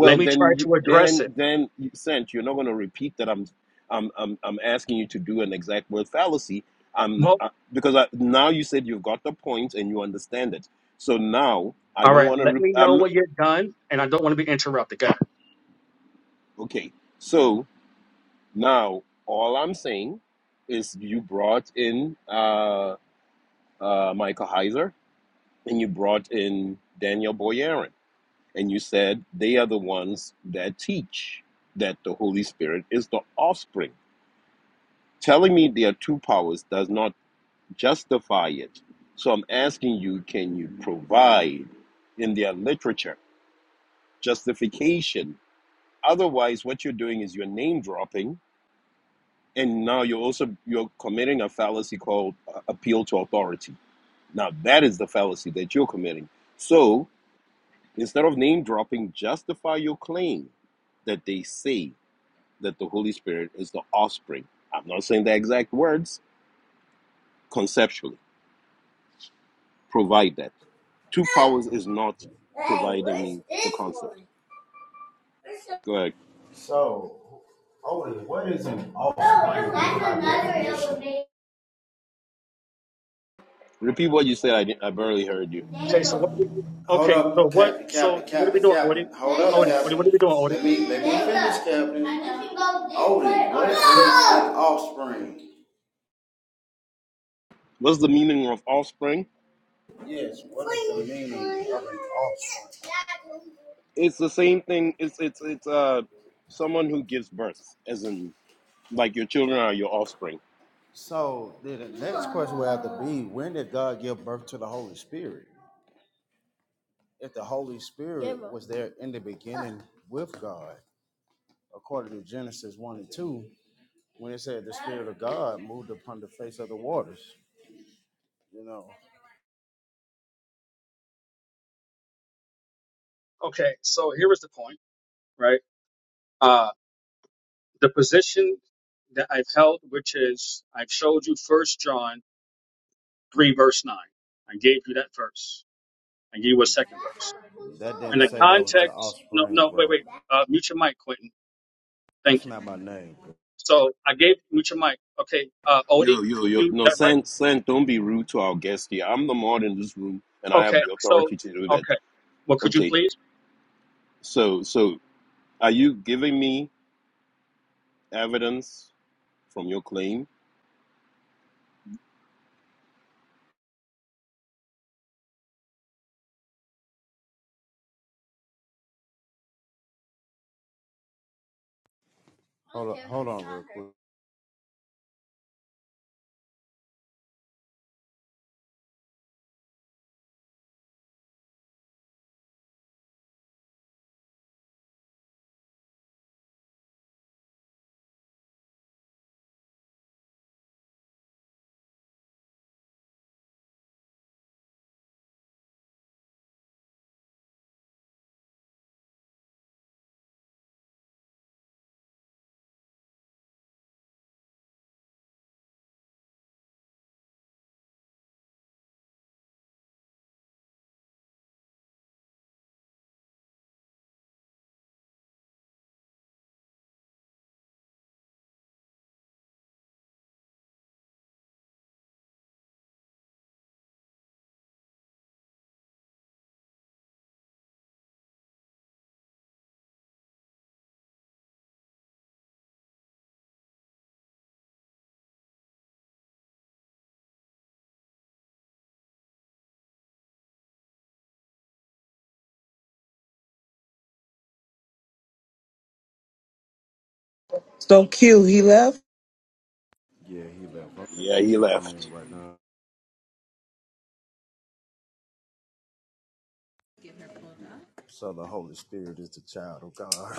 G: Let me
F: then
G: try
F: you
G: to address
F: then
G: it.
F: then you sent. You're not going to repeat that. I'm I'm I'm I'm asking you to do an exact word fallacy. Um,
G: Well,
F: uh, because I, now you said you've got the point and you understand it. So now I
G: all
F: don't
G: right.
F: want to.
G: Let
F: Re-
G: me
F: I'm,
G: know when you're done, and I don't want to be interrupted, guys.
F: Okay, so now all I'm saying is you brought in uh, uh, Michael Heiser and you brought in Daniel Boyarin, and you said they are the ones that teach that the Holy Spirit is the offspring. Telling me there are two powers does not justify it. So I'm asking you, can you provide in their literature justification? Otherwise, what you're doing is you're name dropping and now you're also you're committing a fallacy called uh, appeal to authority now that is the fallacy that you're committing so instead of name dropping justify your claim that they say that the holy spirit is the offspring i'm not saying the exact words conceptually provide that two powers is not
J: Hey, where's
F: providing me the
J: this
F: concept
J: one? Where's the-
F: go ahead
J: So, Otis, what is an off? oh, no, offspring that's another elevator.
F: repeat what you said i, didn't- I barely heard you
G: Okay, so what? Are we doing?
J: Hold
G: Okay, so
J: up,
G: what?
J: Captain,
G: So
J: Captain,
G: what are we
J: Captain,
G: doing, Odie?
J: Captain. Hold up,
G: Odie, Odie, what
J: Captain.
G: are we doing, Odie?
J: Let me let me finish, Captain. I what is
G: Well,
J: Oh, an offspring?
F: what's the meaning of offspring
J: Yes, what is the meaning of an offspring? no!
F: it's the same thing. It's it's it's uh someone who gives birth, as in like your children are your offspring.
J: So the next question would have to be when did God give birth to the Holy Spirit? If the Holy Spirit was there in the beginning with God, according to Genesis 1 and 2, when it said the Spirit of God moved upon the face of the waters. You know,
G: Okay, so here is the point, right? Uh, The position that I've held, which is I've showed you First John three verse nine. I gave you that verse. I gave you a second verse.
J: that
G: And
J: didn't
G: the
J: say that was the
G: context. No,
J: offspring,
G: no, wait,
J: bro.
G: wait. Uh, mute your mic, Quentin.
J: That's
G: Thank you.
J: not my name. Bro.
G: So I gave mute your mic. Okay, uh, Odie,
F: Yo yo
G: could
F: yo.
G: you
F: No,
G: direct?
F: San San, don't be rude to our guest here. I'm the mod in this room, and I have
G: Okay,
F: the
G: so
F: authority to do that.
G: okay. Well, could you
F: Okay.
G: please?
F: So so are you giving me evidence from your claim?
J: Hold on, hold on, real quick.
C: So Q, he left?
J: Yeah, he left. I'm taking
F: Yeah,
J: my
F: he
J: children's
F: left.
J: name right now. So the Holy Spirit is the child of God.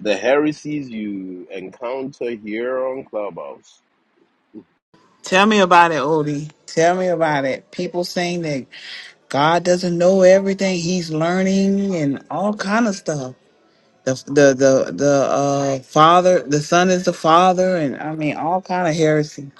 F: The heresies you encounter here on Clubhouse
C: Tell me about it, Odie. Tell me about it. People saying that God doesn't know everything. He's learning and all kind of stuff. The the the the uh, father, the son is the father, and I mean all kind of heresy.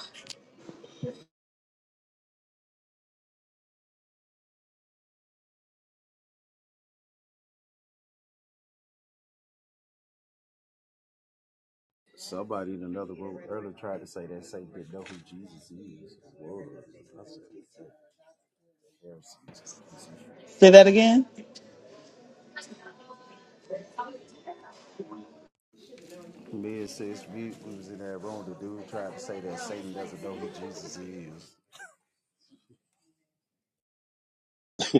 J: Somebody in another room earlier tried to say that Satan didn't know who Jesus is. Whoa. that's "Heresy is crazy."
C: Say that again.
J: Me and sis, we, we was in that room. The dude tried to say that Satan doesn't know who Jesus is.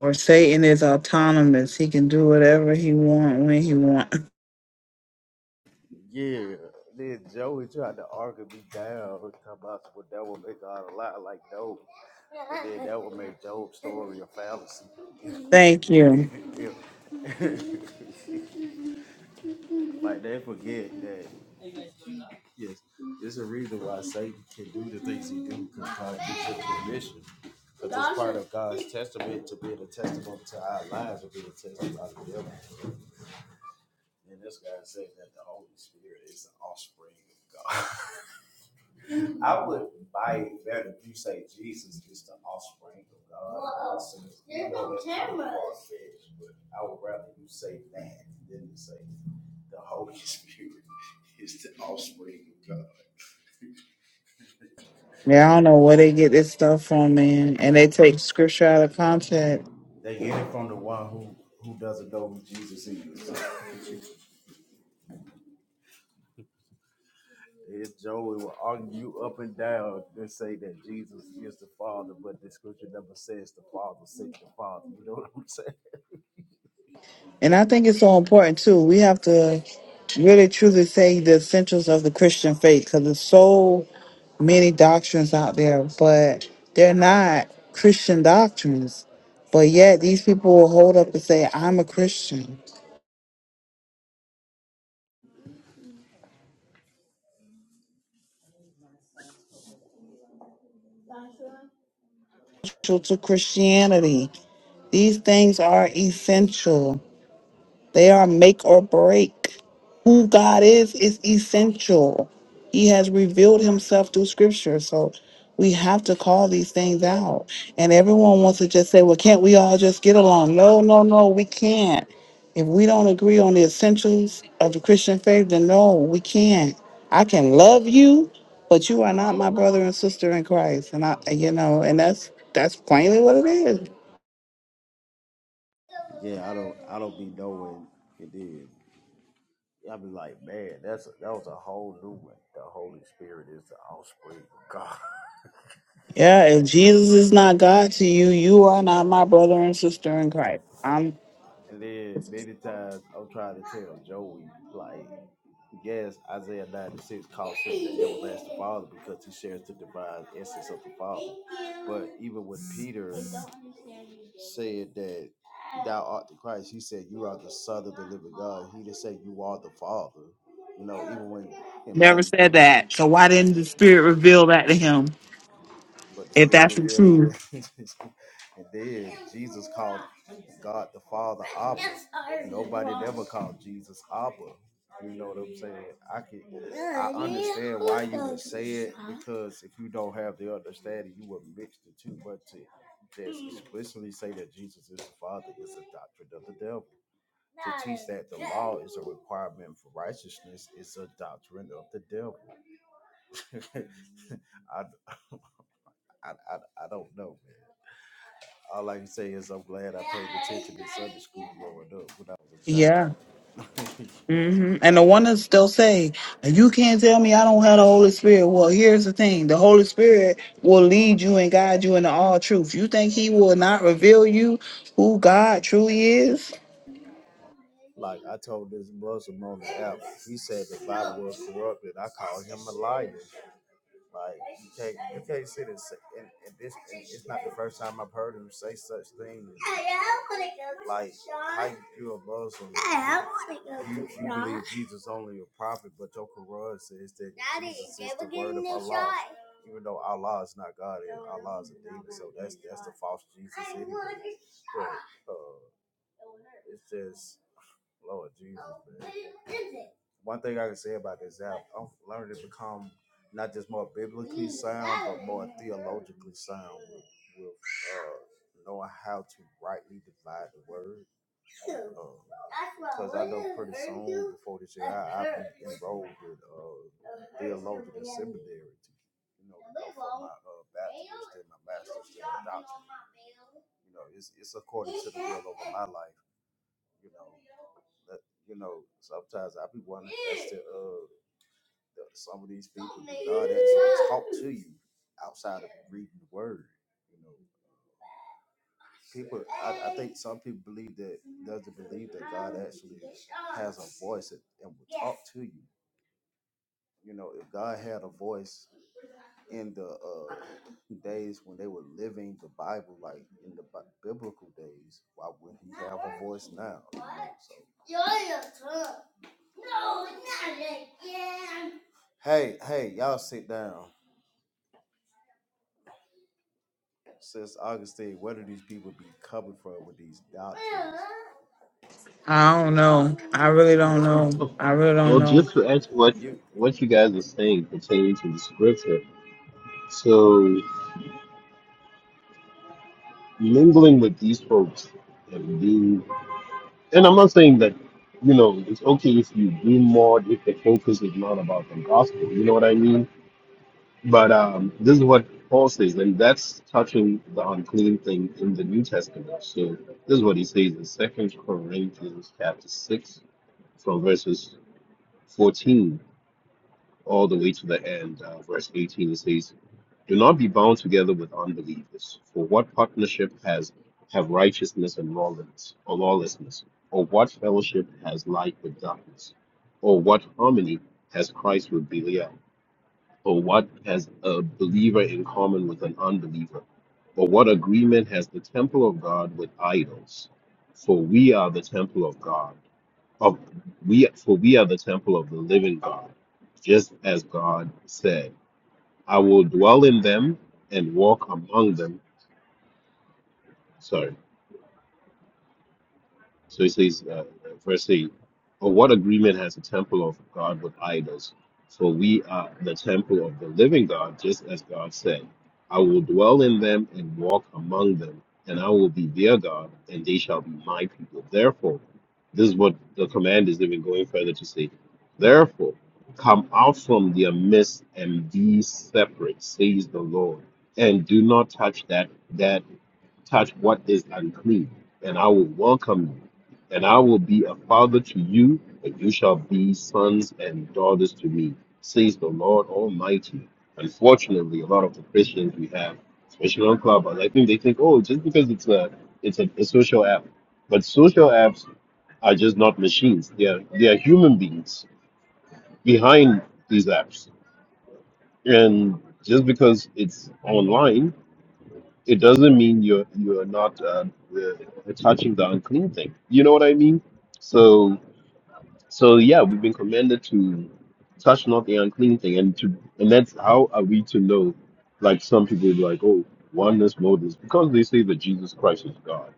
C: Or Satan is autonomous. He can do whatever he want when he want.
J: Yeah. Then Joey tried to argue me down. Talking about what that would make God a lie. Like, no. And then that would make Job's story a fallacy.
C: Thank you.
J: Yeah. Like, they forget that. Yes. There's a reason why Satan can do the things he do because God gives him permission. Because it's part of God's testament to be a testament to our lives to be a testament to the devil. And this guy said that the Holy Spirit is the offspring of God. I would buy it better if you say Jesus is the offspring of God. Whoa. Also, There's know no that's but I would rather you say that than to say the Holy Spirit is the offspring of God.
C: Yeah, I don't know where they get this stuff from, man. And they take scripture out of context.
J: They get it from the one who, who doesn't know who Jesus is. If Joey will argue up and down and say that Jesus is the Father, but the scripture never says the Father sent the Father. You know what I'm saying?
C: And I think it's so important too. We have to really truly say the essentials of the Christian faith because there's so many doctrines out there, but they're not Christian doctrines. But yet these people will hold up and say, I'm a Christian. Essential to Christianity. These things are essential. They are make or break. Who God is is essential. He has revealed himself through scripture. So we have to call these things out. And everyone wants to just say, well, can't we all just get along? No, no, no, we can't. If we don't agree on the essentials of the Christian faith, then no, we can't. I can love you, but you are not my brother and sister in Christ. And I, you know, and that's that's plainly what it is.
J: Yeah, I don't I don't be knowing it. Did is. be like, man, that's a, that was a whole new one. The Holy Spirit is the offspring of God.
C: Yeah, if Jesus is not God to you, you are not my brother and sister in Christ. I'm
J: And then many times I'm trying to tell Joey, like, yes, Isaiah 96 calls him the everlasting Father because he shares the divine essence of the Father. But even with Peter, said that thou art the Christ. He said you are the Son of the living God. He didn't say you are the Father. You know, even when in
C: never
J: Matthew
C: said
J: three,
C: that. So why didn't the Spirit reveal that to him?
J: but the
C: If
J: Spirit
C: that's the
J: revealed,
C: truth.
J: and then Jesus called God the Father Abba. Nobody never called Jesus Abba. You know what I'm saying? I can, I understand why you would say it because if you don't have the understanding, you would mix the two. But to just explicitly say that Jesus is the Father is a doctrine of the devil. to teach that the law is a requirement for righteousness is a doctrine of the devil. I, I, I, I don't know, man. All I can say is I'm glad I paid attention in Sunday school growing up when I was a child.
C: Yeah. hmm And the one that still say, "You can't tell me I don't have the Holy Spirit." Well, here's the thing: the Holy Spirit will lead you and guide you into all truth. You think He will not reveal you who God truly is?
J: Like I told this Muslim on the app, he said the Bible was corrupted. I called him a liar. Like you can't you can't sit and say and, and this and it's not the first time I've heard him say such things. Like how you a Muslim, you, you believe Jesus only a prophet, but your Quran says that Jesus is the word of Allah. Even though Allah is not God, and Allah is a demon, so that's that's the false Jesus. Anyway. But, uh, it's just Lord Jesus, man. One thing I can say about this app, I'm learning to become not just more biblically sound, but more theologically sound with, with uh, knowing how to rightly divide the word. Because I know pretty soon before this year, I, I be enrolled with uh, theological seminary to, you know, go for my uh, bachelor's, then my master's, then my doctorate. You know, it's, it's according to the will over my life. You know, that, you know, sometimes I be wondering as to uh, the, some of these people that God actually talk to you outside of reading the Word. You know, people. I, I think some people believe that doesn't believe that God actually has a voice and, and will talk to you. You know, if God had a voice in the uh, days when they were living the Bible, like in the bi- biblical days, why wouldn't He have a voice now? You know, so No, not again. Hey, hey, y'all sit down. Since Augustine, where do these people be coming from with these doctrines?
C: I don't know. I really don't know.
F: well,
C: I really don't know.
F: just to answer what
J: You,
F: what you guys are saying pertaining to the scripture. So mingling with these folks that do, and I'm not saying that you know it's okay if you do more if the focus is not about the gospel. You know what I mean? But um, this is what Paul says, and that's touching the unclean thing in the New Testament. So this is what he says in Second Corinthians chapter six, from verses fourteen all the way to the end, uh, verse eighteen. It says, "Do not be bound together with unbelievers. For what partnership has have righteousness and lawlessness, or lawlessness? Or what fellowship has light with darkness? Or what harmony has Christ with Belial?" Or what has a believer in common with an unbeliever? Or what agreement has the temple of God with idols? For we are the temple of God. Of we for we are the temple of the living God, just as God said, I will dwell in them and walk among them. Sorry. So he says, uh, verse 8, Or what agreement has the temple of God with idols? For we are the temple of the living God, just as God said, I will dwell in them and walk among them, and I will be their God, and they shall be my people. Therefore, this is what the command is even going further to say. Therefore, come out from their midst and be separate, says the Lord, and do not touch that that touch what is unclean, and I will welcome you, and I will be a father to you, and you shall be sons and daughters to me, says the Lord Almighty. Unfortunately, a lot of the Christians we have, especially on Clubhouse, I think they think, oh, just because it's a it's a, a social app, but social apps are just not machines. They are they are human beings behind these apps, and just because it's online it doesn't mean you're you're not uh, uh, touching the unclean thing. You know what I mean? So so yeah, we've been commanded to touch not the unclean thing, and to and that's how are we to know? Like some people be like, oh, oneness, modus, because they say that Jesus Christ is God.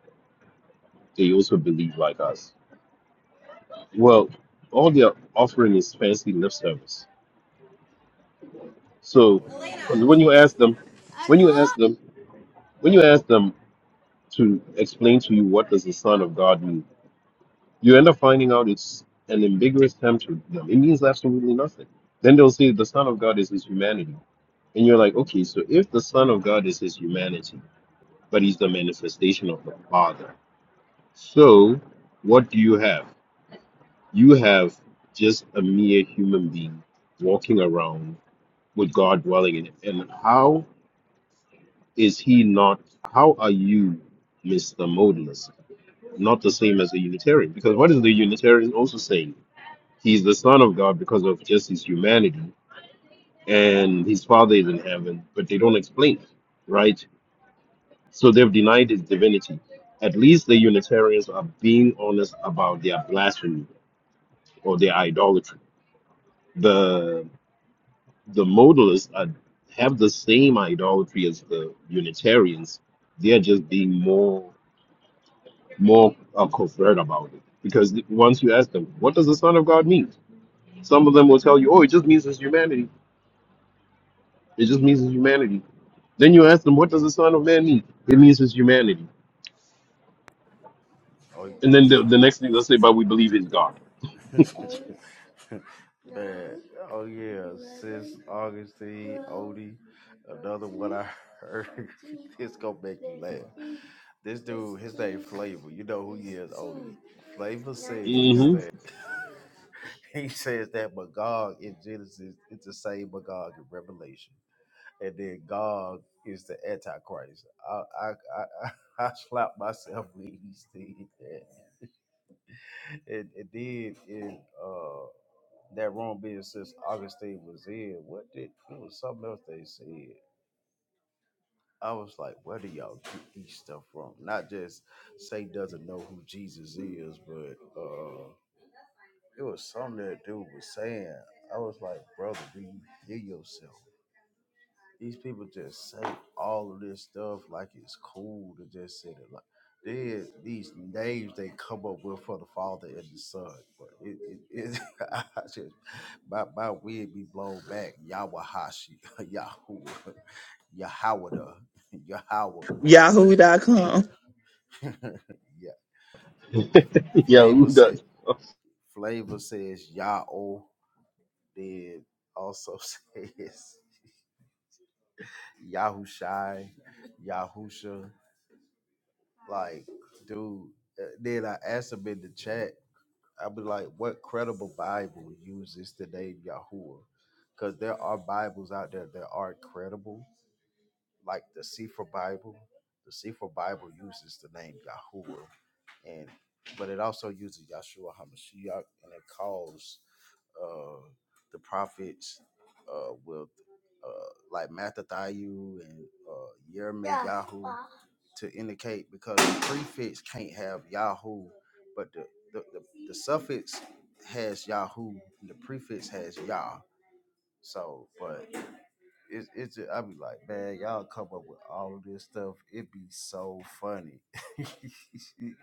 F: They also believe like us. Well, all they're offering is fancy lip service. So
J: Elena.
F: because when you ask them,
J: I
F: when you ask
J: call.
F: them, when you ask them to explain to you what does the Son of God mean You end up finding out it's an ambiguous term to them. It means absolutely nothing. Then they'll say the Son of God is his humanity. And you're like, okay, so if the Son of God is his humanity, but he's the manifestation of the Father, so what do you have? You have just a mere human being walking around with God dwelling in him. And how is he not, how are you, Mr. Modalist, not the same as a Unitarian? Because what is the Unitarian also saying? he's the son of God because of just his humanity, and his father is in heaven, but they don't explain it, right? So they've denied his divinity. At least the Unitarians are being honest about their blasphemy or their idolatry. The the modalists are, have the same idolatry as the Unitarians. They're just being more more uh, covert about it because once you ask them, what does the Son of God mean? Some of them will tell you, oh, it just means his humanity. It just means his humanity Then you ask them, what does the Son of Man mean? It means his humanity. And then the, the next thing they'll say, but we believe he's God.
J: oh, man, oh yeah, sis Augustine, Odie, another one I heard. it's gonna make you laugh. This dude, his name Flavor. You know who he is, Odie. Flavor says
F: hmm
J: that. He says that Magog in Genesis it's the same Magog in Revelation, and then Gog is the Antichrist. I I I, I, I slapped myself when he said that. And, and then in uh, that wrong being since Augustine was in, what did it was something else they said. I was like, where do y'all get these stuff from? Not just say doesn't know who Jesus is, but uh, it was something that dude was saying. I was like, brother, do you hear yourself? These people just say all of this stuff like it's cool to just say it. Like there is these names they come up with for the father and the son, but it, it, it I just my my wig be blown back. Yawahashi, Yahoo, Yahawada, Yahweh.
C: Yahoo.com.
J: yeah, Fl-
F: Yeah, who
J: Flavor said
F: does?
J: Flavor says Yao. Then also says Yahushai, Yahusha. Like, dude. uh, Then I asked him in the chat. I be like, what credible Bible uses the name Yahuwah? Because there are Bibles out there that are credible, like the Sefer Bible. The Sefer Bible uses the name Yahuwah, and but it also uses Yahshua Hamashiach, and it calls uh, the prophets uh, with uh, like Mattathiu and uh, Yermeh to indicate because the prefix can't have Yahoo, but the, the, the, the suffix has Yahoo and the prefix has Yah. So, but it's, it's just, I be like, man, y'all come up with all of this stuff. It be so funny.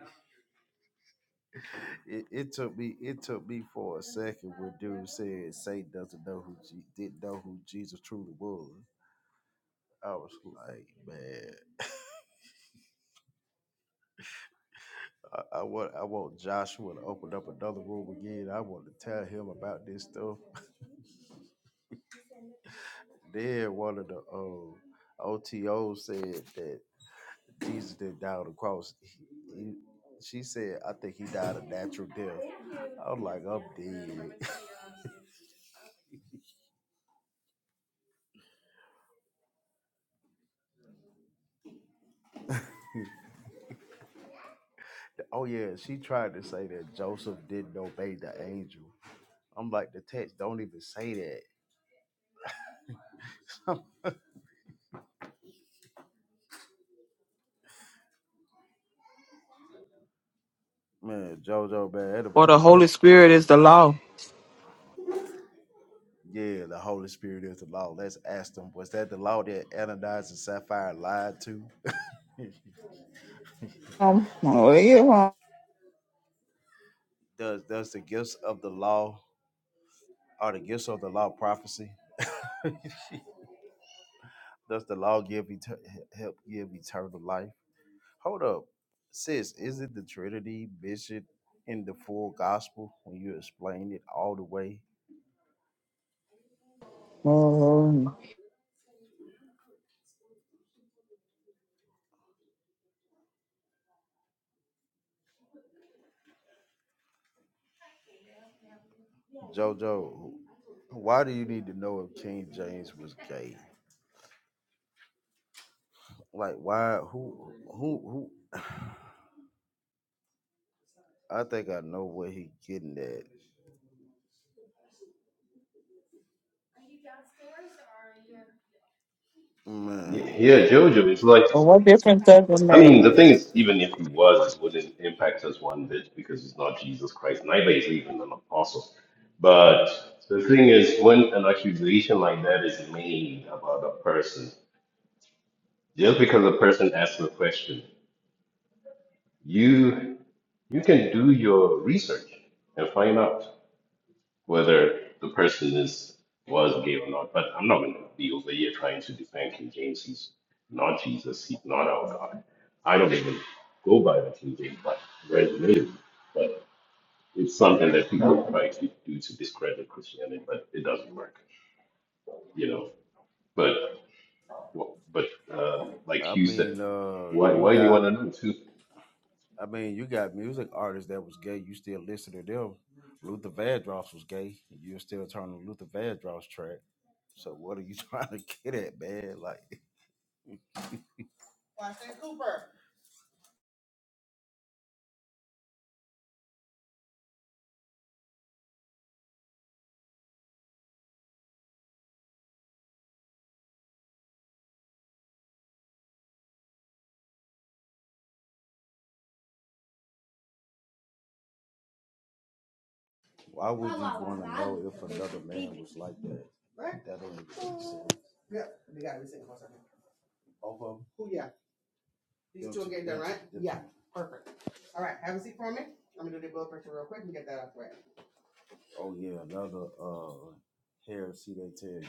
J: It, it took me. It took me for a second when dude said Satan doesn't know who Je- didn't know who Jesus truly was. I was like, man, I, I want I want Joshua to open up another room again. I want to tell him about this stuff. Then one of the uh, OTO said that Jesus didn't die on the cross. He, he, she said, I think he died a natural death. I was like, I'm dead. oh yeah, she tried to say that Joseph didn't obey the angel I'm like, the text don't even say that. man, JoJo, man,
C: Or
J: everybody,
C: the
J: don't
C: Holy
J: know.
C: Spirit is the law.
J: Yeah, the Holy Spirit is the law. Let's ask them, was that the law that Ananias and Sapphira lied to?
C: Um, oh, yeah, well,
J: does does the gifts of the law, are the gifts of the law prophecy? Does the law give eter- help give eternal life? Hold up, sis, is it the Trinity mentioned in the full gospel when you explain it all the way?
C: well,
J: JoJo, why do you need to know if King James was gay? Like why? Who? Who? Who? I think I know where he getting at. Man.
F: Yeah, Jojo. It's like,
C: well, what difference does it
F: I mean,
C: make?
F: the thing is, even if he was, it wouldn't impact us one bit because he's not Jesus Christ. Neither is he even an apostle. But the thing is, when an accusation like that is made about a person, just because a person asks a question, you you can do your research and find out. whether the person is was gay or not. But I'm not going to be over here trying to defend King James. He's not Jesus. He's not our God. I don't even go by the King James, but resonated. But it's something that people try to do to discredit Christianity, but it doesn't work, you know. But but uh, like
J: I
F: you said,
J: mean, uh,
F: why
J: you
F: why do you
J: got.
F: want to know too?
J: I mean, you got music artists that was gay. You still listen to them. Luther Vandross was gay. You're still turning Luther Vandross track. So what are you trying to get at, man? Like Cooper. Why would you want to know if another man was like that? Right. That don't make sense. Yeah, they gotta single for Both of them. Who, yeah, these two are getting done, right? Yeah, perfect. All right, have a seat for me. I'm gonna do the blood pressure real quick and get that out the way. Oh yeah, another uh hair. See, they tell you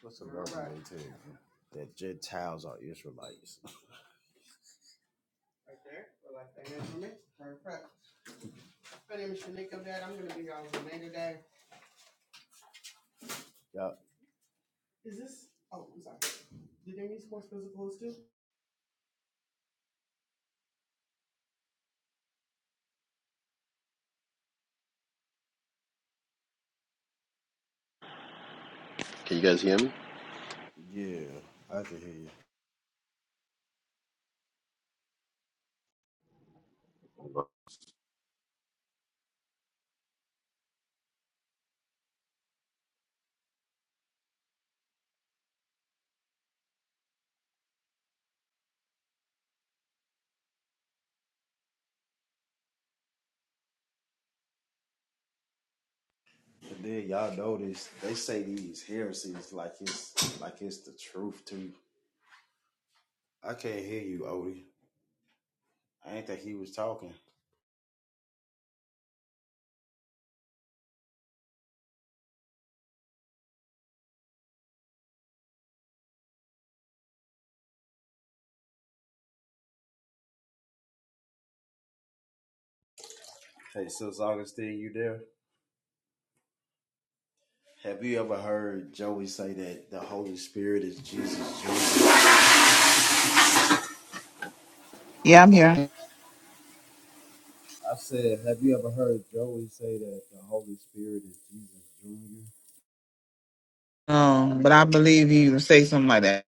J: what's All another right, they tell you that Gentiles are Israelites. right there. Well, I think that's for me. Perfect. My name is Shanika Dad. I'm gonna be y'all's remain today. Yep. Is this, oh, I'm sorry. Did they need sports physicals too?
F: Can you guys hear me?
J: Yeah, I can hear you. And then y'all notice they say these heresies like it's like it's the truth too. I can't hear you, Odie. I ain't that he was talking. Hey, Sis Augustine, you there? Have you ever heard Joey say that the Holy Spirit is Jesus Jr.?
C: Yeah, I'm here.
J: I said, have you ever heard Joey say that the Holy Spirit is Jesus Jr.?
C: Um, but I believe you say something like that.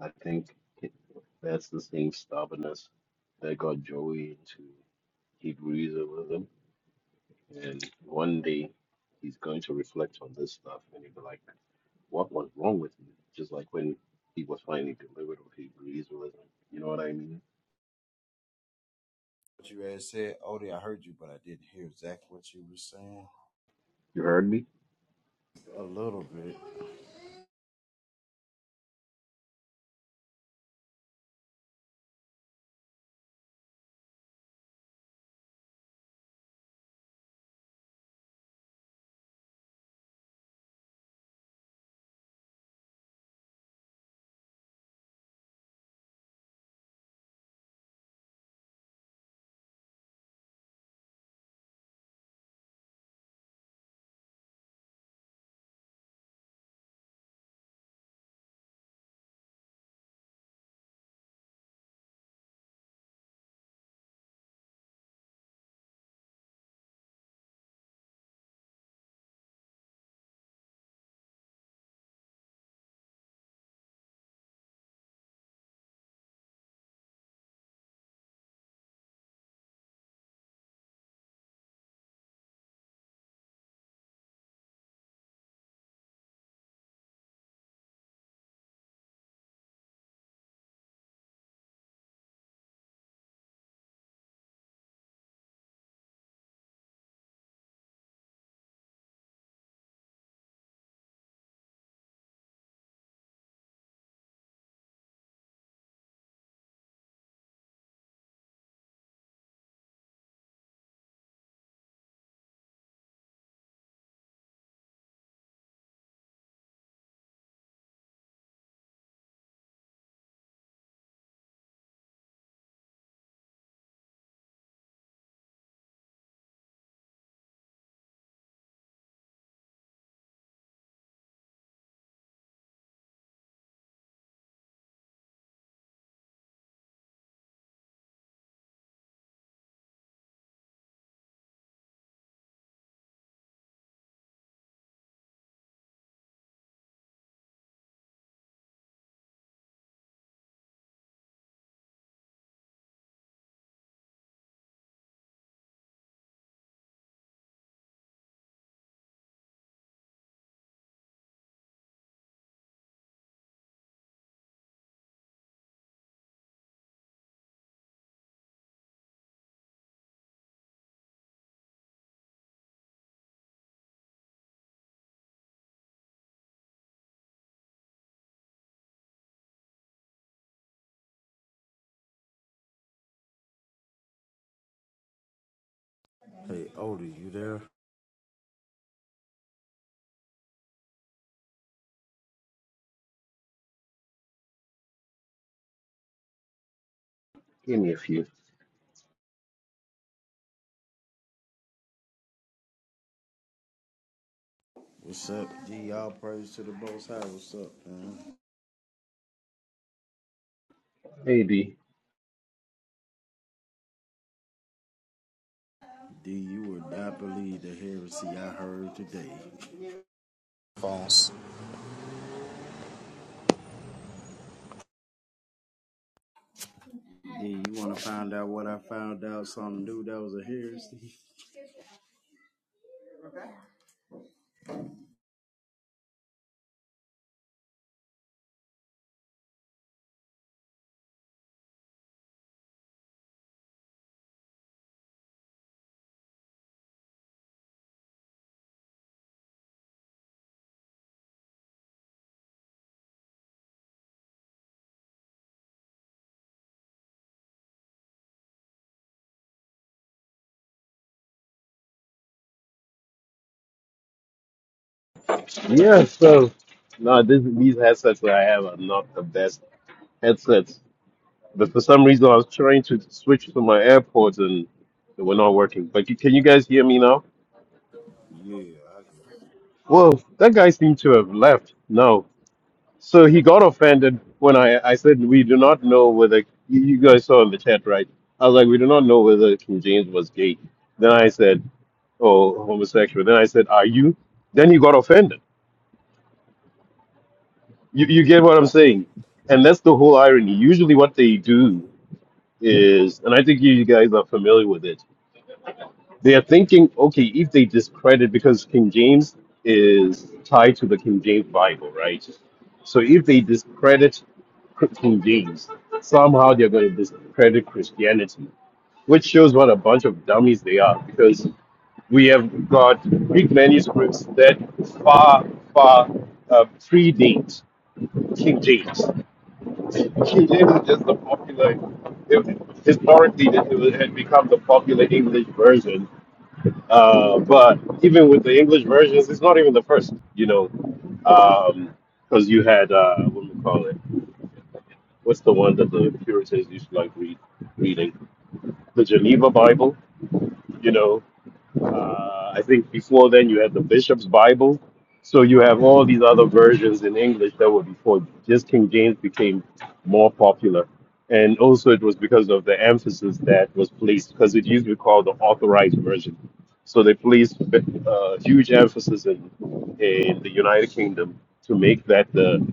F: I think that's the same stubbornness that got Joey into Hebrewism And one day he's going to reflect on this stuff and he'll be like, what was wrong with me? Just like when he was finally delivered of Hebrewism. You know what I mean?
J: What you had said, Odie, I heard you, but I didn't hear exactly what you were saying.
F: You heard me?
J: A little bit. Hey, Odie, you there?
F: Give me a few.
J: What's up, G? Y'all praise to the Most High. What's up, man?
F: Maybe.
J: D, you would not believe the heresy I heard today.
K: phones
J: D, you want to find out what I found out? Something new that was a heresy? Okay.
F: Yeah, so no, this, these headsets that I have are not the best headsets. But for some reason I was trying to switch to my AirPods and they were not working. But you, can you guys hear me now?
J: Yeah, I
F: Whoa, that guy seemed to have left. No. So he got offended when I, I said, We do not know whether you you guys saw in the chat, right? I was like, We do not know whether King James was gay. Then I said, Oh, homosexual. Then I said, Are you? Then he got offended. You, you get what I'm saying? And that's the whole irony. Usually, what they do is, and I think you guys are familiar with it, they are thinking, okay, if they discredit, because King James is tied to the King James Bible, right? So if they discredit King James. Somehow they're going to discredit Christianity, which shows what a bunch of dummies they are because we have got Greek manuscripts that far, far uh, predate King James. King James is just the popular, it- historically, it had become the popular English version. Uh, but even with the English versions, it's not even the first, you know. Um, because you had uh, what do we call it What's the one that the Puritans used to like read? Reading the Geneva Bible. You know, uh, I think before then you had the Bishop's Bible. So you have all these other versions in English that were before. Just King James became more popular, and also it was because of the emphasis that was placed because it used to be called the Authorized Version. So they placed uh, huge emphasis in in the United Kingdom to make that the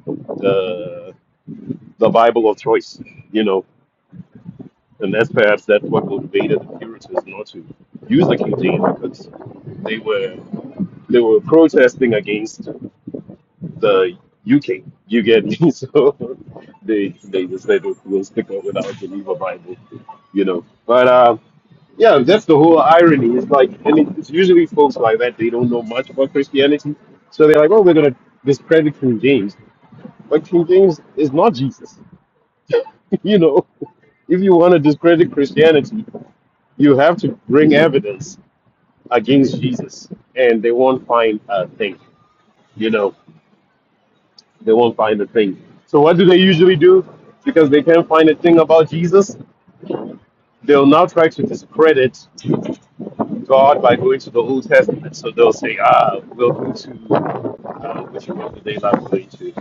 F: the the Bible of choice. You know, And that's perhaps that's what motivated the Puritans not to use the King James because they were they were protesting against the UK. You get me? So they they just said we'll stick up with our Geneva Bible, you know. But uh, yeah, that's the whole irony. It's like and it- it's usually folks like that they don't know much about Christianity, so they're like, oh, we're gonna discredit King James, but King James is not Jesus, you know. If you want to discredit Christianity, You have to bring evidence against Jesus, and they won't find a thing. You know, they won't find a thing. So what do they usually do? Because they can't find a thing about Jesus, they'll now try to discredit God by going to the Old Testament. So they'll say, ah, we'll go to uh, which one did they not going to?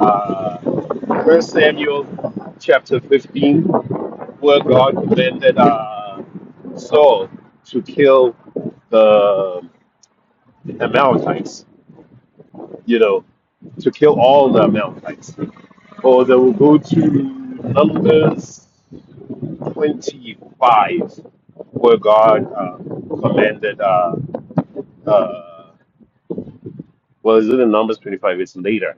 F: Uh, 1 Samuel chapter 15, where God commanded uh, Saul to kill the Amalekites, you know, to kill all the Amalekites. Or they will go to Numbers 25, where God uh, commanded, uh, uh, well, is it in Numbers 25? It's later.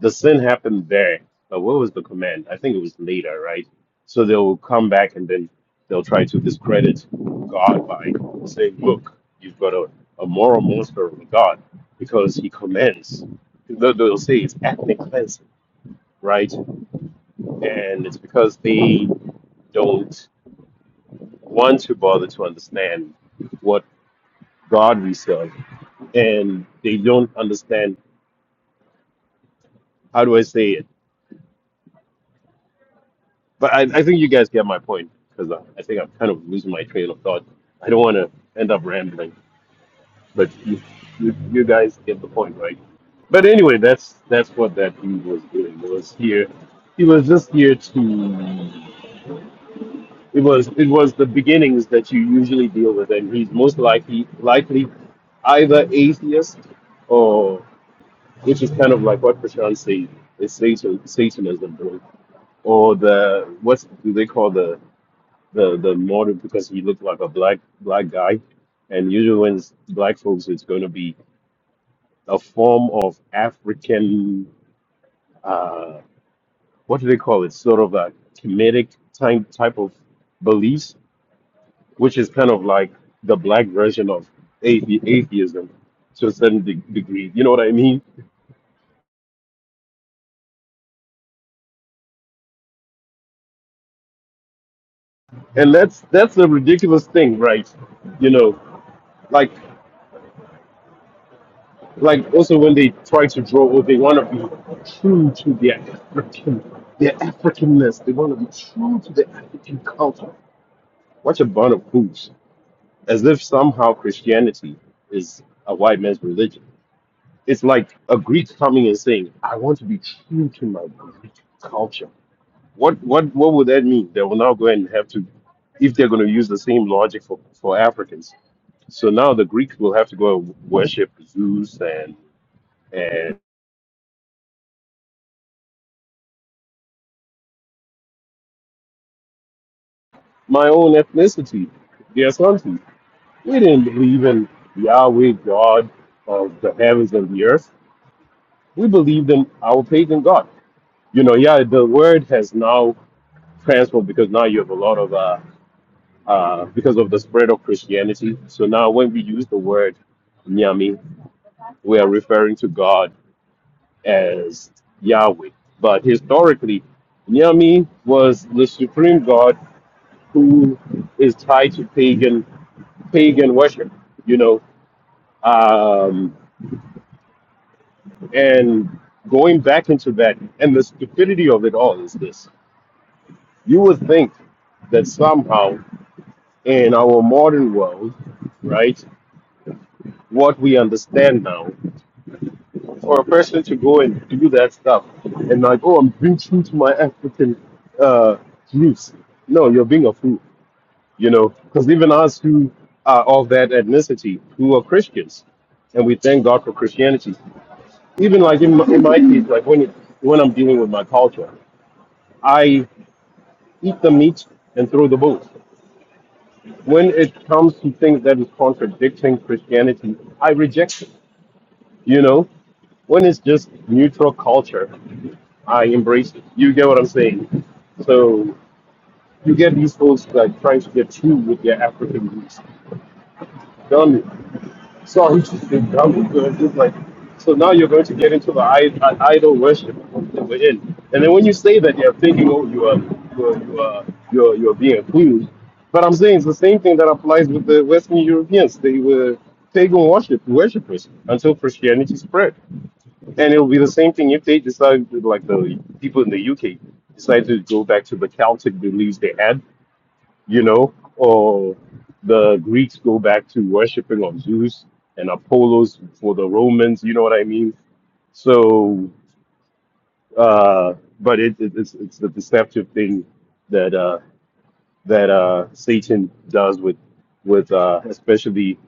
F: the sin happened there. But what was the command? I think it was later, right? So they'll come back and then they'll try to discredit God by saying, look, you've got a, a moral monster of a God because he commands. They'll they'll say it's ethnic cleansing, right? And it's because they don't want to bother to understand what God we serve. And they don't understand, how do I say it? But I, I think you guys get my point because I, I think I'm kind of losing my train of thought. I don't want to end up rambling, but you, you, you guys get the point, right? But anyway, that's that's what that dude was doing. It was here. He was just here to. It was it was the beginnings that you usually deal with, and he's most likely likely either atheist or which is kind of like what Prashant says is Satan, Satanism, bro, or the what's do they call the the the model because he looked like a black black guy, and usually when it's black folks, it's going to be a form of African uh, what do they call it? Sort of a comedic type type of beliefs, which is kind of like the black version of athe- atheism to a certain de- degree. You know what I mean? And that's that's a ridiculous thing, right? You know, like. Like also when they try to draw, or they want to be true to their African, their Africanness. They want to be true to the African culture. Watch a bunch of fools, as if somehow Christianity is a white man's religion. It's like a Greek coming and saying, "I want to be true to my Greek culture." What what what would that mean? They will now go and have to, if they're going to use the same logic for for Africans. So now the Greeks will have to go and worship Zeus and my own ethnicity, their country. We didn't believe in Yahweh, God of the heavens and the earth. We believed in our pagan God. You know, yeah, the word has now transformed because now you have a lot of, uh, uh, because of the spread of Christianity. So now when we use the word Nyami, we are referring to God as Yahweh. But historically, Nyami was the supreme god who is tied to pagan pagan worship. You know, Um, and going back into that, and the stupidity of it all is this you would think that somehow in our modern world, right, what we understand now, for a person to go and do that stuff and like, oh, I'm being true to my African uh, roots. No, you're being a fool, you know, because even us who are of that ethnicity, who are Christians, and we thank God for Christianity. even like in my, in my case, like when it, when I'm dealing with my culture, I eat the meat and throw the bones. When it comes to things that is contradicting Christianity, I reject it. You know, when it's just neutral culture, I embrace it. You get what I'm saying? So you get these folks like trying to get true with their African roots. Done So he just did that just like, so now you're going to get into the id- an idol worship that we're in. And then when you say that, you're thinking, oh, you are, you are, you are, you are, you are being accused. But I'm saying it's the same thing that applies with the Western Europeans. They were pagan worship worshippers until Christianity spread. And it'll be the same thing if they decide, like the people in the UK, decide to go back to the Celtic beliefs they had you know, or the Greeks go back to worshiping of Zeus and Apollos for the Romans, you know what I mean? So, uh, but it, it, it's, it's the deceptive thing that uh, that uh, Satan does with with uh, especially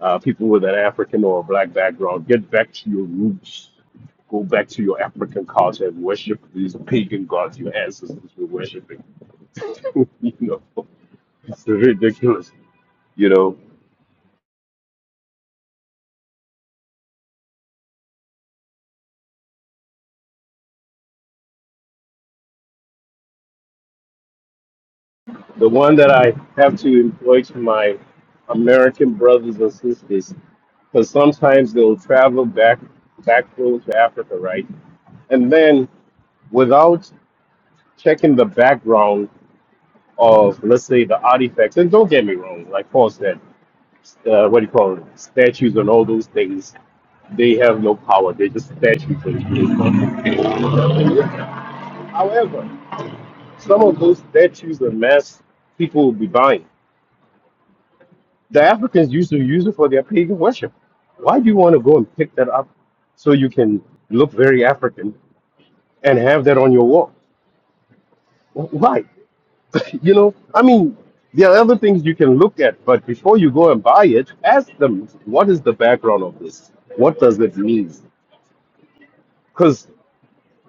F: uh, people with an African or a black background. Get back to your roots. Go back to your African culture and worship these pagan gods your ancestors were worshiping. you know, it's ridiculous. You know, the one that I have to employ to my American brothers and sisters, because sometimes they'll travel back back road to Africa, right? And then without checking the background of, let's say, the artifacts, and don't get me wrong, like Paul said, uh, what do you call it, statues and all those things, they have no power. They're just statues. However, some of those statues and masks people will be buying. The Africans used to use it for their pagan worship. Why do you want to go and pick that up so you can look very African and have that on your wall? Wh- Why? You know, I mean, there are other things you can look at, but before you go and buy it, ask them what is the background of this? What does it mean? Because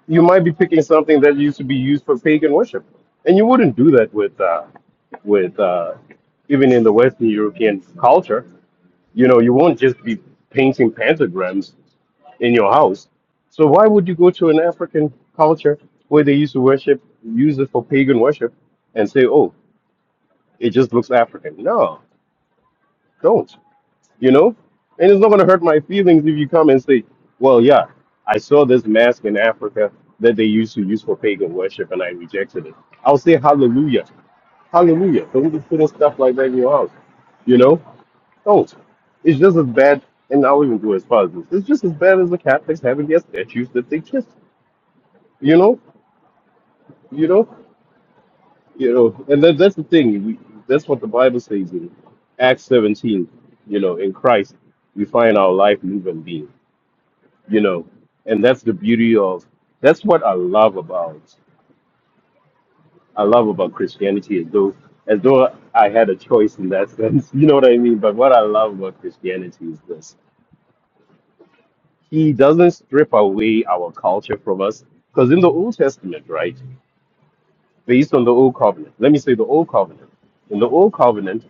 F: you might be picking something that used to be used for pagan worship, and you wouldn't do that with uh, with uh, even in the Western European culture. You know, you won't just be painting pentagrams in your house. So why would you go to an African culture where they used to worship, use it for pagan worship, and say, oh, it just looks African? No, don't. You know, and it's not going to hurt my feelings if you come and say, well, yeah, I saw this mask in Africa that they used to use for pagan worship, and I rejected it. I'll say hallelujah, hallelujah. Don't be putting stuff like that in your house. You know, don't. It's just as bad, and I'll even go as far as this. It's just as bad as the Catholics having their statues that they kiss You know, you know, you know, and that, that's the thing. We, that's what the Bible says in Acts 17. You know, in Christ, we find our life, move, and being. You know, and that's the beauty of. That's what I love about. I love about Christianity, as though as though I had a choice in that sense. You know what I mean? But what I love about Christianity is this: He doesn't strip away our culture from us, because in the Old Testament, right, based on the Old Covenant. Let me say the Old Covenant. In the Old Covenant.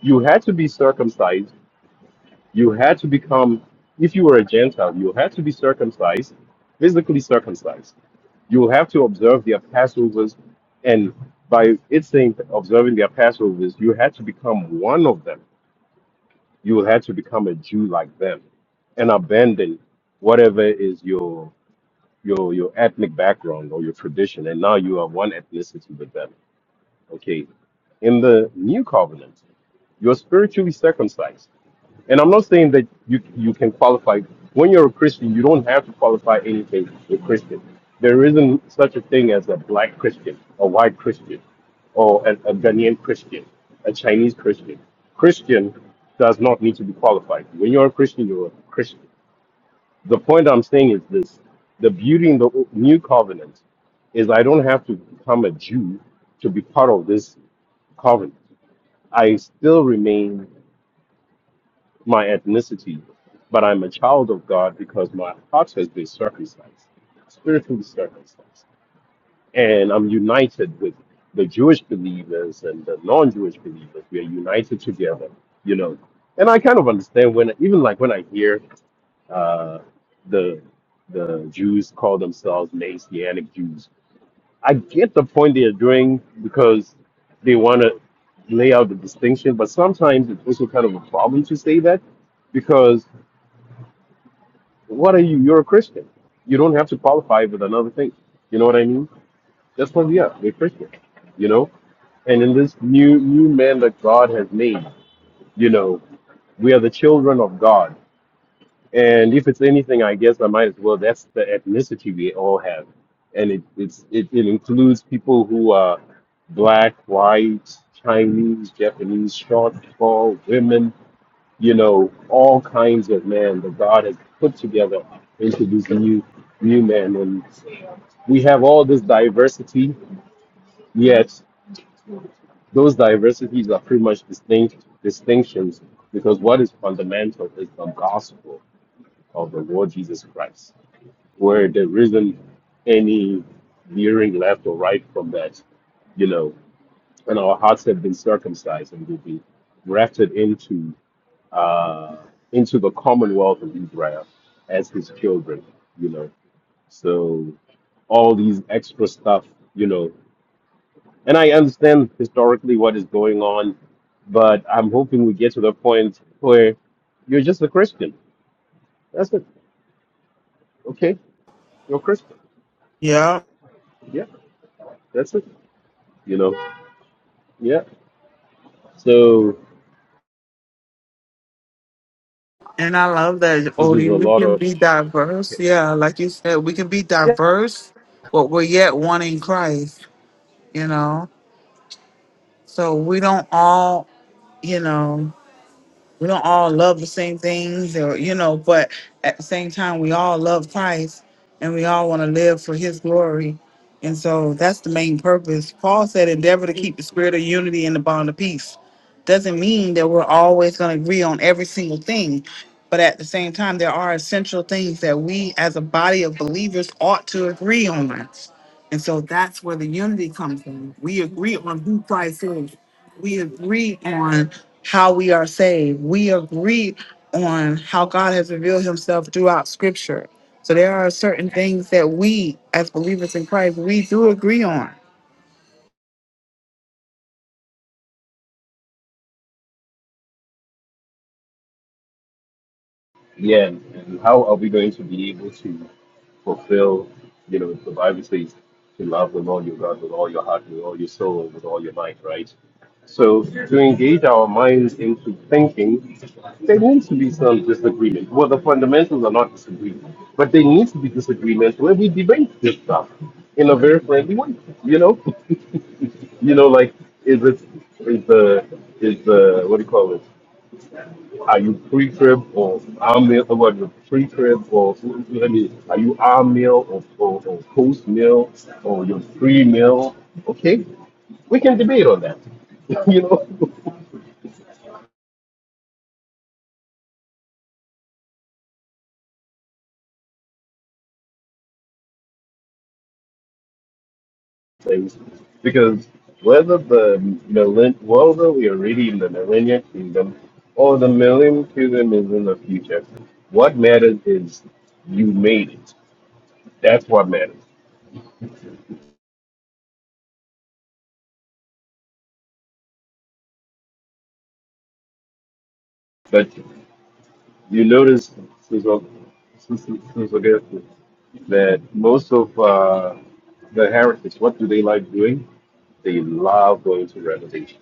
F: you had to be circumcised. You had to become, if you were a Gentile, you had to be circumcised, physically circumcised. You have to observe their Passovers. And by it saying observing their Passovers, you had to become one of them. You had to become a Jew like them and abandon whatever is your your your ethnic background or your tradition. And now you are one ethnicity with them. Okay. In the new covenant, you're spiritually circumcised And I'm not saying that you you can qualify. When you're a Christian, you don't have to qualify anything with Christian. There isn't such a thing as a black Christian, a white Christian, or a, a Ghanaian Christian, a Chinese Christian. Christian does not need to be qualified. When you're a Christian, you're a Christian. The point I'm saying is this the beauty in the o- new covenant is I don't have to become a Jew to be part of this covenant. I still remain my ethnicity, but I'm a child of God because my heart has been circumcised, spiritually circumcised. And I'm united with the Jewish believers and the non Jewish believers. We are united together, you know. And I kind of understand when, even like when I hear uh, the the Jews call themselves Messianic Jews I get the point they are doing because they want to lay out the distinction, but sometimes it's also kind of a problem to say that because what are you? You're a Christian. You don't have to qualify with another thing. You know what I mean? That's what we are. We're Christian. You know, and in this new new man that God has made, you know, we are the children of God. And if it's anything, I guess I might as well. That's the ethnicity we all have, and it it's, it, it includes people who are black, white, Chinese, Japanese, short, tall, women. You know, all kinds of men that God has put together into this new new man, and we have all this diversity. Yet those diversities are pretty much distinct distinctions because what is fundamental is the gospel of the Lord Jesus Christ where there isn't any veering left or right from that, you know, and our hearts have been circumcised and will be grafted into uh, into the commonwealth of Israel as his children, you know. So all these extra stuff, you know, and I understand historically what is going on, but I'm hoping we get to the point where you're just a Christian. That's it. Okay, you're a Christian.
C: Yeah.
F: Yeah, that's it. You know, yeah. So
C: And I love that,
F: causes a
C: Odie. We
F: lot
C: can
F: of
C: be diverse. Yeah. Like you said, we can be
F: yeah.
C: diverse, but we're yet one in Christ, you know? So we don't all, you know. we don't all love the same things or you know but at the same time we all love christ and we all want to live for his glory and so that's the main purpose paul said endeavor to keep the spirit of unity and the bond of peace doesn't mean that we're always going to agree on every single thing but at the same time there are essential things that we as a body of believers ought to agree on and so that's where the unity comes in we agree on who christ is we agree on how we are saved. We agree on how God has revealed himself throughout scripture. So there are certain things that we as believers in Christ, we do agree on.
F: yeah. And how are we going to be able to fulfill, you know, the Bible says to love the Lord your God with all your heart, with all your soul, with all your might, right? So to engage our minds into thinking, there needs to be some disagreement. Well, the fundamentals are not disagreement, but there needs to be disagreement where we debate this stuff in a very friendly way. You know, you know, like is it is the is the what do you call it? Are you pre-trib or arm meal? Or what? you Pre-trib or let me. Are you arm meal or, or, or post meal or your pre meal? Okay, we can debate on that. you know, things because whether the millen whether we are really in the millennial kingdom or the millennium kingdom is in the future, what matters is you made it. That's what matters. But you notice, Sister- Sister- Sister Guest, that most of uh, the heretics, what do they like doing? They love going to Revelation,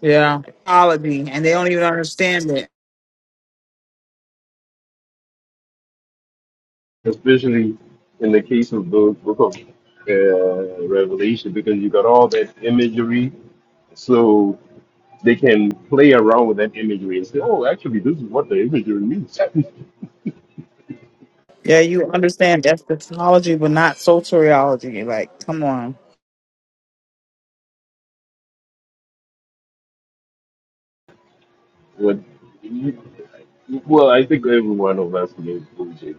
C: Yeah. Theology, and they don't even understand it.
F: especially in the case of the book of uh, Revelation, because you got all that imagery. So they can play around with that imagery and say, oh, actually, this is what the imagery means.
C: Yeah, you understand eschatology, but not soteriology. Like, come on.
F: what, you- well, I think every one of us knows OJ.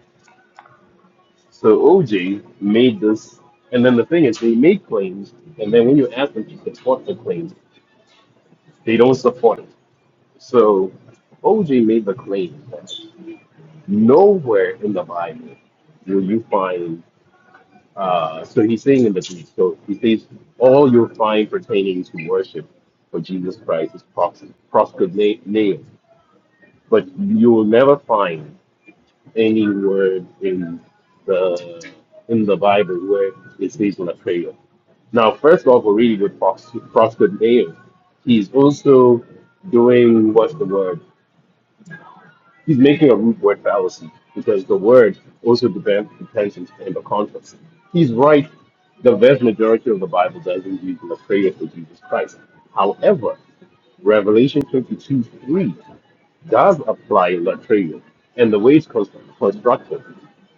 F: So OJ made this, and then the thing is, they make claims, and then when you ask them to support the claims, They don't support it. So OG made the claim that nowhere in the Bible will you find. Uh, so he's saying in the Greek, so he says all you'll find pertaining to worship for Jesus Christ is pros- proskuneo, but you will never find any word in the in the Bible where it says Latreia. Now, first off, we're reading with pros- proskuneo. He's also doing what's the word? He's making a root word fallacy because the word also depends depends in in the context. He's right. The vast majority of the Bible does indeed in the prayer for Jesus Christ. However, Revelation 22 3 does apply latreia, and the way it's constru- constructed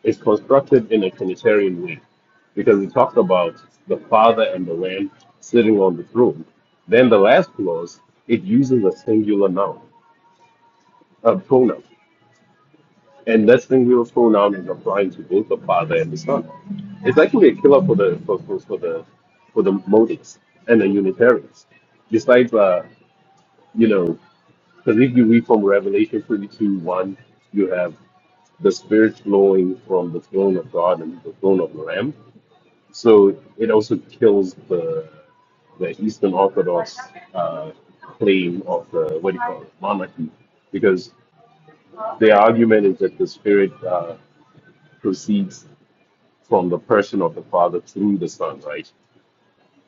F: is constructed in a Trinitarian way because it talks about the Father and the Lamb sitting on the throne. Then the last clause, it uses a singular noun, a pronoun. And that's when we were thrown out and applying to both the father and the son. It's actually a killer for the for, for, for the for the motives and the Unitarians. Besides, uh, you know, because if you read from Revelation 32, 1, you have the Spirit flowing from the throne of God and the throne of the Lamb. So it also kills the the Eastern Orthodox uh, claim of the what do you call it monarchy, because their argument is that the Spirit uh, proceeds. from the person of the Father through the Son, right?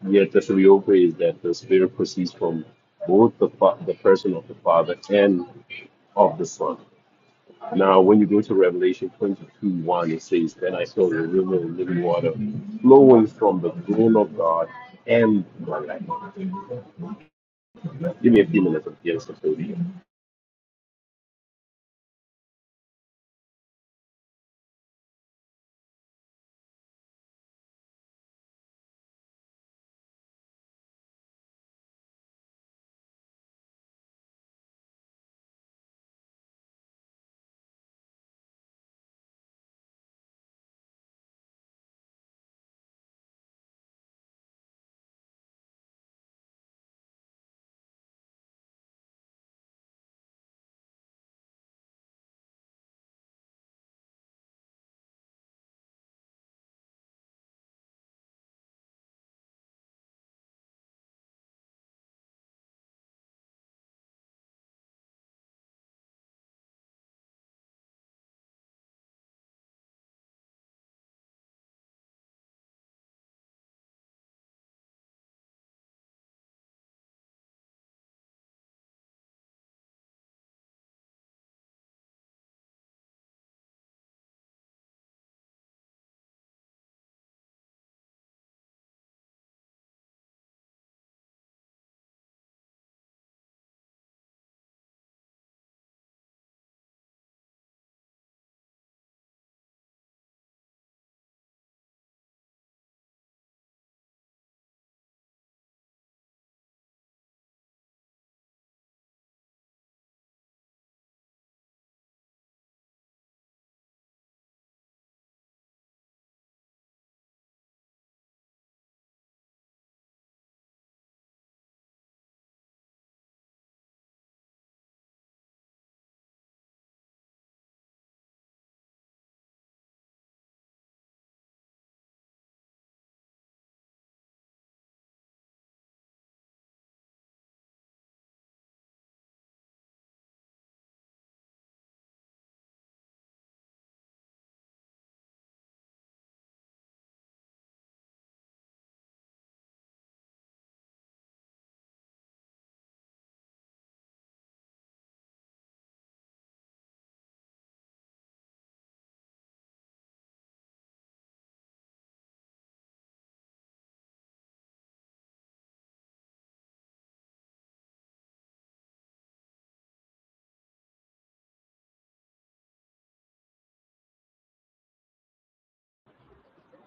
F: Yet the Triopa is that the Spirit proceeds from both the, fa- the person of the Father and of the Son. Now, when you go to Revelation 22 1, it says, Then I saw the river of living water flowing from the throne of God and the Lamb. Give me a few minutes of yes, I'm still here.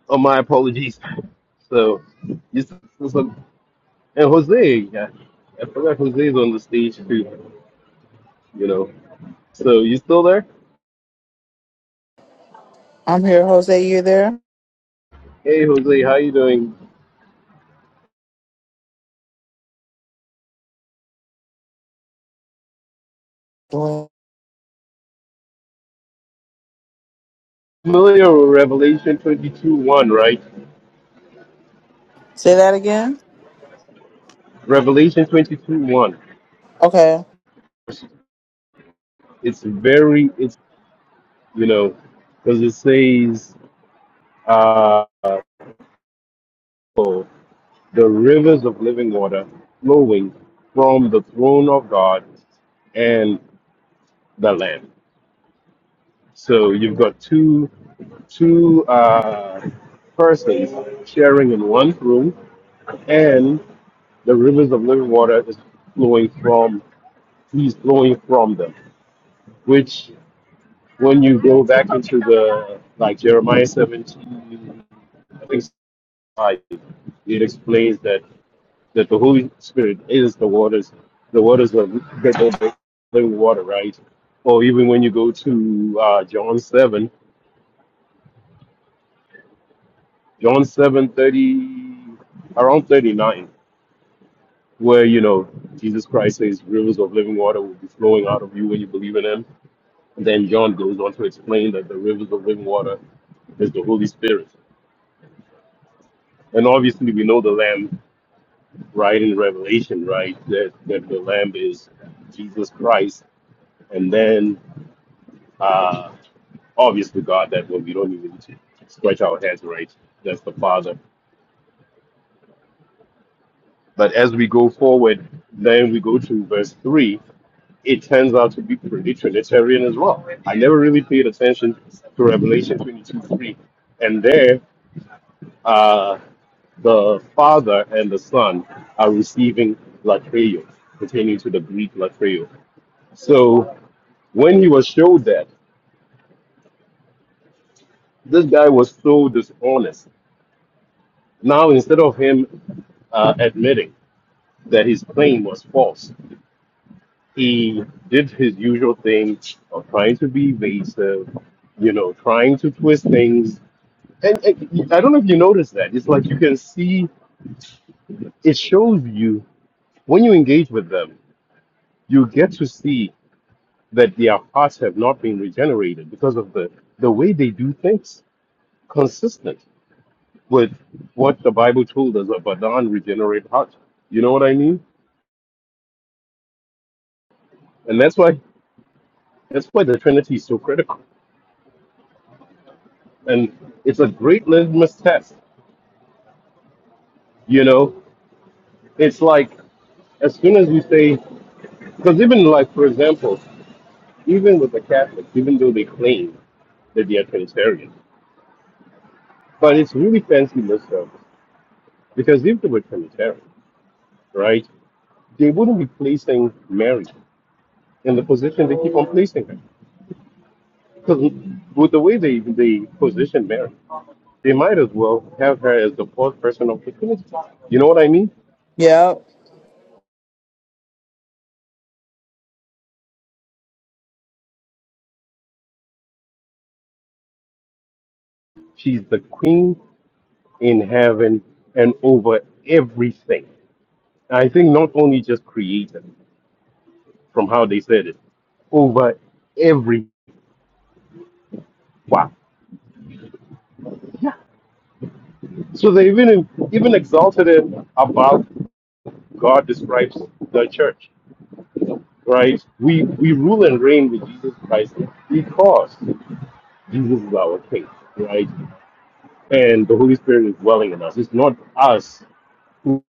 F: Oh, my apologies. So, this is and Jose, yeah, I forgot Jose's on the stage too, you know. So, you still there?
C: I'm here, Jose. You there?
F: Hey, Jose, how you doing?
C: Nope.
F: familiar with Revelation 22 1, right?
C: Say that again.
F: Revelation 22 1.
C: Okay.
F: It's very, it's, you know, because it says, uh, oh, the rivers of living water flowing from the throne of God and the Lamb. So you've got two, two, uh, persons sharing in one room and the rivers of living water is flowing from, he's flowing from them, which when you go back into the like Jeremiah 17, I think it's five, it explains that that the Holy Spirit is the waters, the waters of the living water, right? Or even when you go to uh, John seven, John seven thirty, around thirty nine, where you know Jesus Christ says rivers of living water will be flowing out of you when you believe in Him. And then John goes on to explain that the rivers of living water is the Holy Spirit, and obviously we know the Lamb right in Revelation, right, that, that the Lamb is Jesus Christ, and then uh, obviously God, that one we don't even stretch our heads, right? That's the Father. But as we go forward, then we go to verse three. It turns out to be pretty Trinitarian as well. I never really paid attention to Revelation 22 3. And there, uh, the Father and the Son are receiving Latreo, pertaining to the Greek Latreo. So when he was showed that, this guy was so dishonest. Now, instead of him uh, admitting that his claim was false, he did his usual thing of trying to be evasive, you know, trying to twist things. And, and I don't know if you noticed that. It's like you can see, it shows you when you engage with them, you get to see that their hearts have not been regenerated because of the, the way they do things consistent. with what the Bible told us about a non-regenerate heart. You know what I mean? And that's why that's why the Trinity is so critical. And it's a great litmus test. You know, it's like as soon as you say, because even like for example, even with the Catholics, even though they claim that they are Trinitarian, but it's really fancy lip service because if they were Trinitarian, right, they wouldn't be placing Mary in the position they keep on placing her. Because with the way they they position Mary. They might as well have her as the fourth person of the Trinity. You know what I mean?
C: Yep.
F: She's the queen in heaven and over everything. I think not only just created from how they said it, over every wow. So they even even exalted it above God describes the church, right? We we rule and reign with Jesus Christ because Jesus is our King, right? And the Holy Spirit is dwelling in us. It's not us who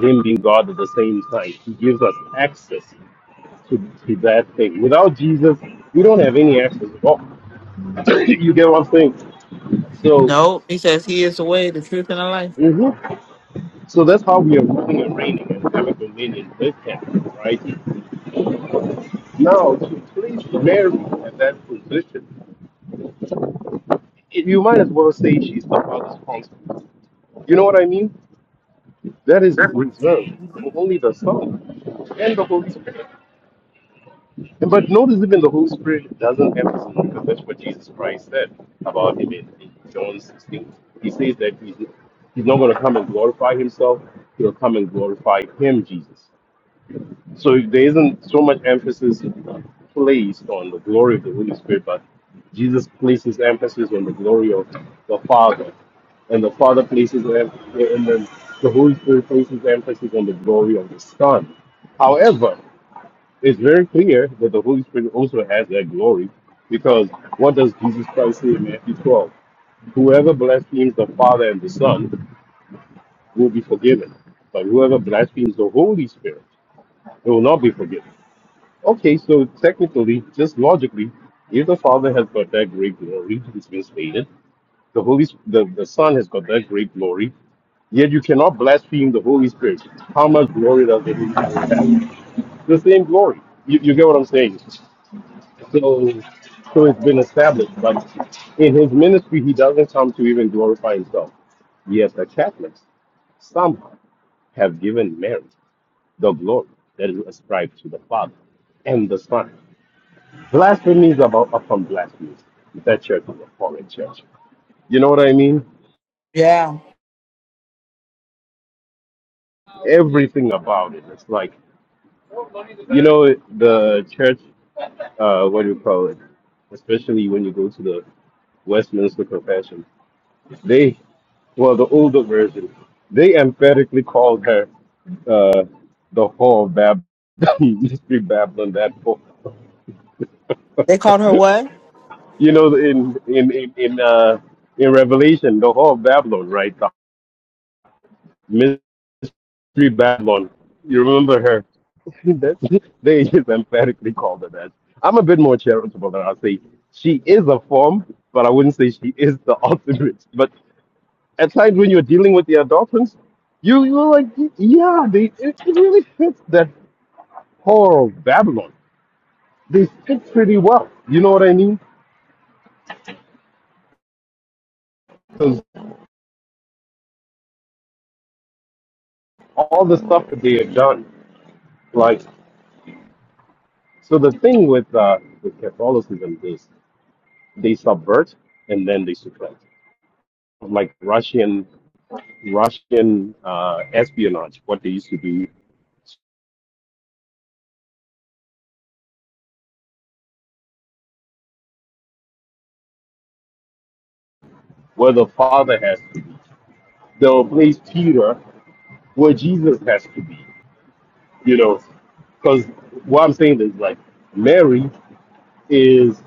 F: Him being God at the same time. He gives us access to, to that thing. Without Jesus, we don't have any access. at all. you get what I'm saying? So,
C: No, He says he is the way, the truth, and the life.
F: mhm. so that's how we are ruling and reigning and having dominion with Him, right? Now, to place Mary at that position, it, you might as well say she's the Father's consort. You know what I mean? That is reserved for only the Son and the Holy Spirit. And But notice even the Holy Spirit doesn't have his own because that's what Jesus Christ said about him in, in John 16. He says that he's, he's not going to come and glorify himself, he'll come and glorify him, Jesus. So if there isn't so much emphasis placed on the glory of the Holy Spirit, but Jesus places emphasis on the glory of the Father. And the Father places, em- and then the Holy Spirit places emphasis on the glory of the Son. However, it's very clear that the Holy Spirit also has that glory because what does Jesus Christ say in Matthew 12? Whoever blasphemes the Father and the Son will be forgiven, but whoever blasphemes the Holy Spirit it will not be forgiven. Okay, so technically, just logically, if the Father has got that great glory, it's been stated, the Holy, the, the Son has got that great glory, yet you cannot blaspheme the Holy Spirit. How much glory does the Holy Spirit have? The same glory. You, you get what I'm saying? So, so it's been established. But in his ministry, he doesn't come to even glorify himself. Yet the Catholics somehow have given Mary the glory that is ascribed to the Father and the Son. Blasphemies about upon blasphemies. That church is a foreign church. You know what I mean?
C: Yeah.
F: Everything about it. It's like, you know, the church. Uh, what do you call it? Especially when you go to the Westminster Confession, well, the older version, they emphatically called her uh, the whore of Bab, mystery Babylon. That whore.
C: They called her what?
F: you know, in in in in, uh, in Revelation, the whore of Babylon, right? The mystery Babylon. You remember her? That- they just emphatically called her that. I'm a bit more charitable than I'll say she is a form, but I wouldn't say she is the ultimate. But at times when you're dealing with the adolescents, you you're like, yeah, they it really fits that whore of Babylon, they fit pretty well. You know what I mean? Because all the stuff that they have done, like, so the thing with, uh, with Catholicism is they subvert and then they supplant. Like Russian, Russian uh, espionage, what they used to do, where the Father has to be. They'll place Peter where Jesus has to be. You know, because what I'm saying is like Mary is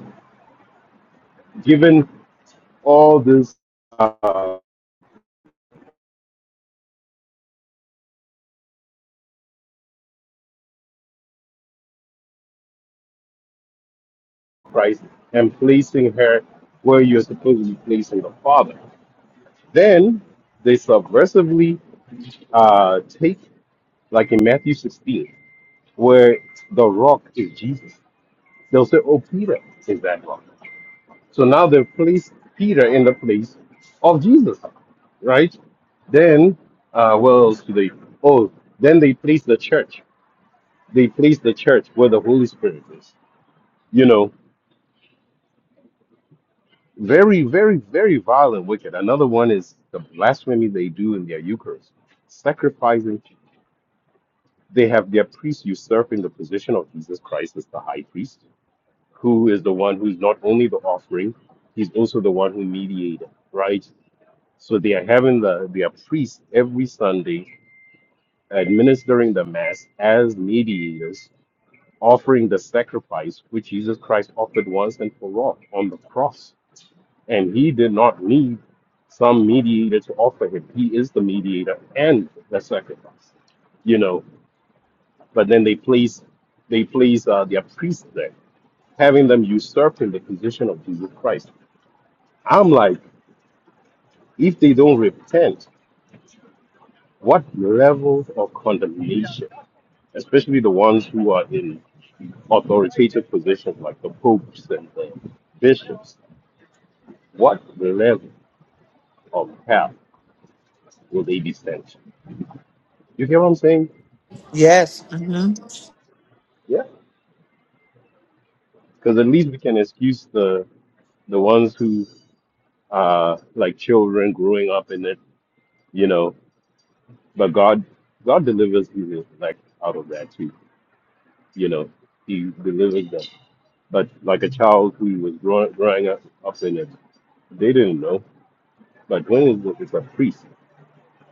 F: given all this Uh, Christ and placing her where you're supposed to be placing the Father. Then they subversively uh, take, like in Matthew 16, where the rock is Jesus. They'll say, oh, Peter is that rock. So now they've placed Peter in the place of Jesus, right? Then, uh, what else do they? Oh, then they place the church. They place the church where the Holy Spirit is. You know, Very, very, very violent. wicked. Another one is the blasphemy they do in their Eucharist, sacrificing. They have their priest usurping the position of Jesus Christ as the high priest, who is the one who's not only the offering, he's also the one who mediated, right? So they are having the their priest every Sunday administering the mass as mediators, offering the sacrifice which Jesus Christ offered once and for all on the cross And he did not need some mediator to offer him. He is the mediator and the sacrifice, you know. But then they place they place uh, their priest there, having them usurping the position of Jesus Christ. I'm like, if they don't repent, what level of condemnation, especially the ones who are in authoritative positions like the popes and the bishops, what level of hell will they be sent? to? You hear what I'm saying?
C: Yes. hmm
F: because at least we can excuse the the ones who uh like children growing up in it you know but god god delivers you like out of that too you know he delivers them but like a child who was growing, growing up, up in it they didn't know but when it's, it's a priest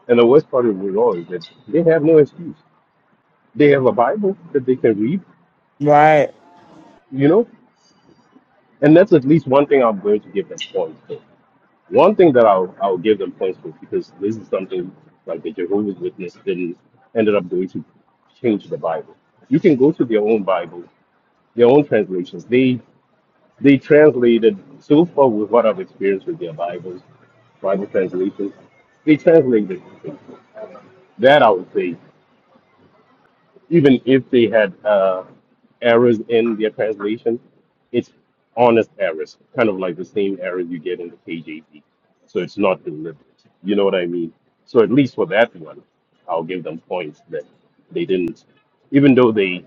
F: and the worst part of it all is that they have no excuse they have a bible that they can read
C: Right.
F: you know and that's at least one thing i'm going to give them points for One thing that I'll I'll give them points for because this is something like the Jehovah's Witness didn't ended up doing to change the Bible. You can go to their own Bible, their own translations. They they translated so far with what I've experienced with their Bibles, Bible translations. They translated that I would say even if they had uh, errors in their translation, it's honest errors, kind of like the same errors you get in the KJV. So it's not deliberate. You know what I mean? So at least for that one, I'll give them points that they didn't, even though they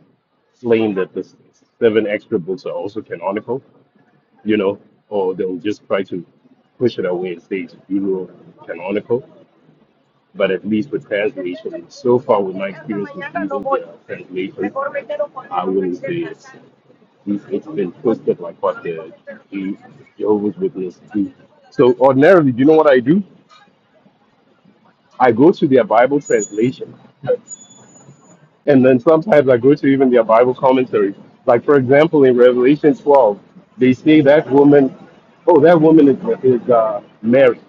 F: claim that the s- seven extra books are also canonical, you know, or they'll just try to push it away and say it's pseudo canonical but at least with translation, and so far with my experience with using the translation, I wouldn't say it's, it's been twisted like what the the Jehovah's Witnesses do. So ordinarily, do you know what I do? I go to their Bible translation, and then sometimes I go to even their Bible commentary. Like for example, in Revelation 12, they say that woman, oh, that woman is, is uh, Mary.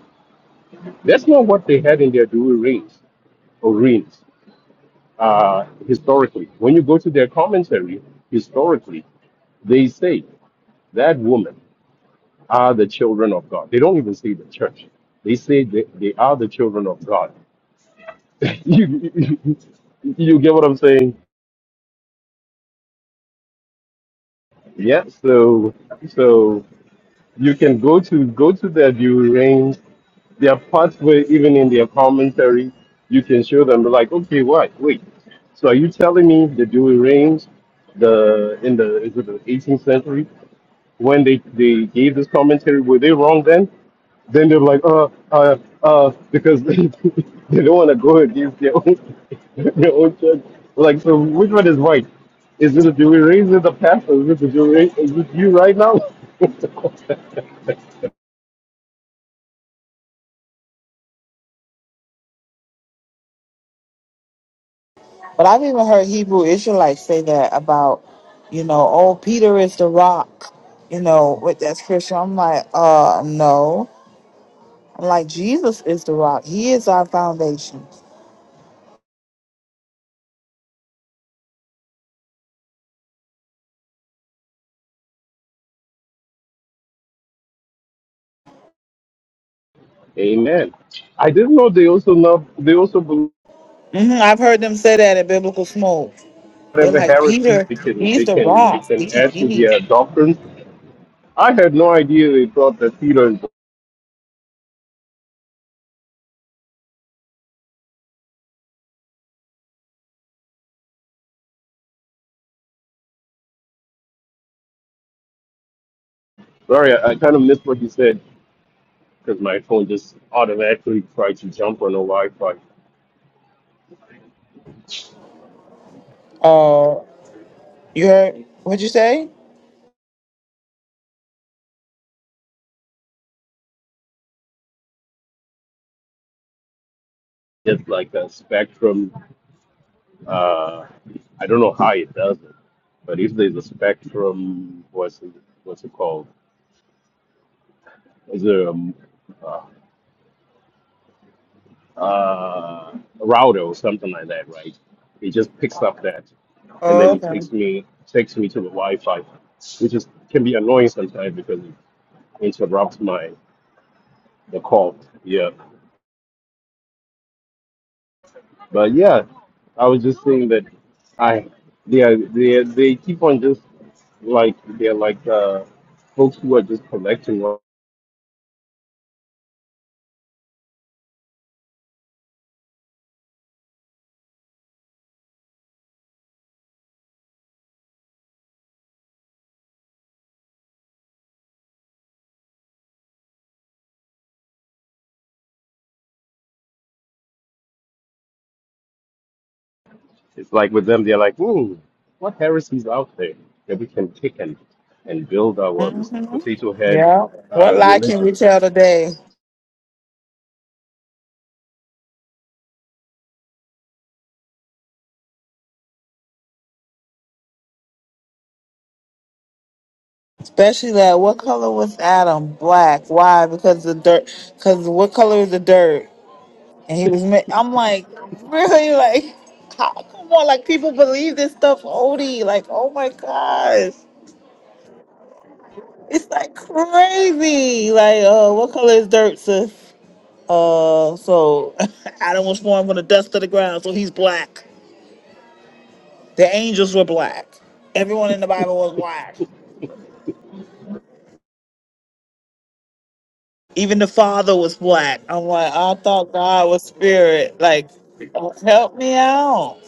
F: That's not what they had in their Douay rings or rings. uh, historically. When you go to their commentary, historically, they say that women are the children of God. They don't even say the church. They say they, they are the children of God. you, you, you get what I'm saying? Yeah. So so you can go to go to their view range. There are parts where even in their commentary, you can show them like, okay, what? Wait. So are you telling me the Dewey range, the in the is it the 18th century? when they, they gave this commentary, were they wrong then? Then they're like, uh, uh, uh, because they, they don't want to go against their own, their own church. Like, so which one is right? Is it the Jewish race? Is it the past? Or Is it the Jewish race? Is it you right now?
C: But I've even heard Hebrew Israelites say that about, you know, oh, Peter is the rock, you know, with that scripture. I'm like, uh, no. I'm like, Jesus is the rock. He is our foundation.
F: Amen. I didn't know they also know they also believe
C: hmm I've heard them say that at Biblical Smoke. They're
F: whatever
C: like,
F: heresy
C: Peter,
F: they can
C: he's
F: they
C: the
F: can they
C: rock. He,
F: can add to
C: he,
F: their doctrines. I had no idea they thought that Peter. And, Sorry, I, I kind of missed what he said. because my phone just automatically tried to jump on the Wi-Fi.
C: uh, you heard, what'd you say?
F: It's like a Spectrum. Uh, I don't know how it does it, but if there's a Spectrum, what's it, what's it called? Is there a, uh, uh, a router or something like that, right? It just picks up that, and then it
C: Okay.
F: takes me takes me to the Wi-Fi, which is can be annoying sometimes because it interrupts my the call. Yeah. But yeah, I was just saying that I they are, they are, they keep on just like they're like uh, folks who are just collecting. what- It's like with them, they're like, hmm, what heresies out there that we can take and and build our Mr.
C: hmm
F: potato head
C: Yeah. What
F: uh,
C: lie can
F: religion,
C: we tell today? Especially that. What color was Adam? Black. Why? Because the dirt. Because what color is the dirt? And he was. ma- I'm like, really? Like, how, come on. Like people believe this stuff, Odie. Like, oh my gosh, it's like crazy. Like, uh, what color is dirt, sis? Uh, so Adam was formed from the dust of the ground, so he's black. The angels were black. Everyone in the Bible was black. Even the father was black. I'm like, I thought God was spirit. Like, help me out.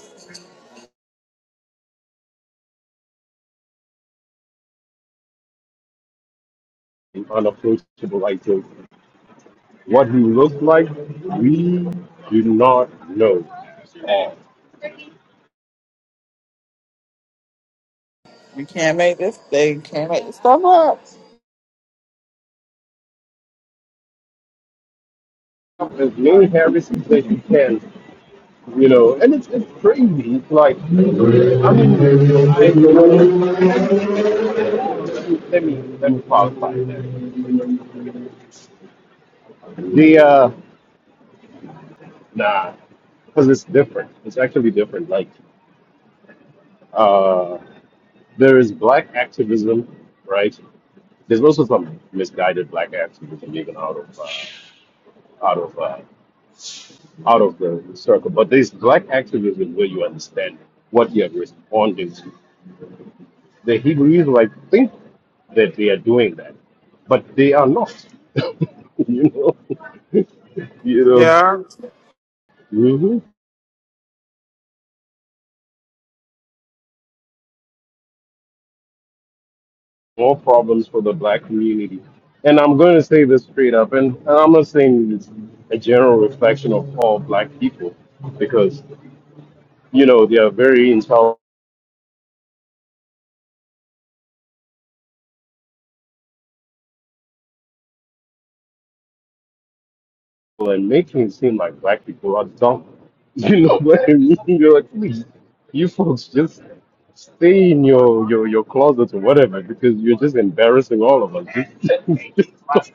F: an unapproachable ideal. What he looks like, we do not know. And
C: You can't make this thing. Can't make this stuff up.
F: as many heresies that you can you know, and it's, it's crazy. It's like, I mean, let, let me let me qualify that. The uh, nah, because it's different. It's actually different. Like, uh, there is black activism, right? There's also some misguided black activism even out of uh, out of uh, out of the circle. But there's black activism where you understand what you're responding to. The Hebrews Israelites think that they are doing that, but they are not. you know, you know,
C: Yeah.
F: hmm more problems for the black community. And I'm going to say this straight up, and and I'm not saying it's a general reflection of all black people, because you know they are very intelligent. and making it seem like black people are dumb. You know what I mean? You're like, please, you folks just stay in your, your, your closet or whatever because you're just embarrassing all of us. Just- just stop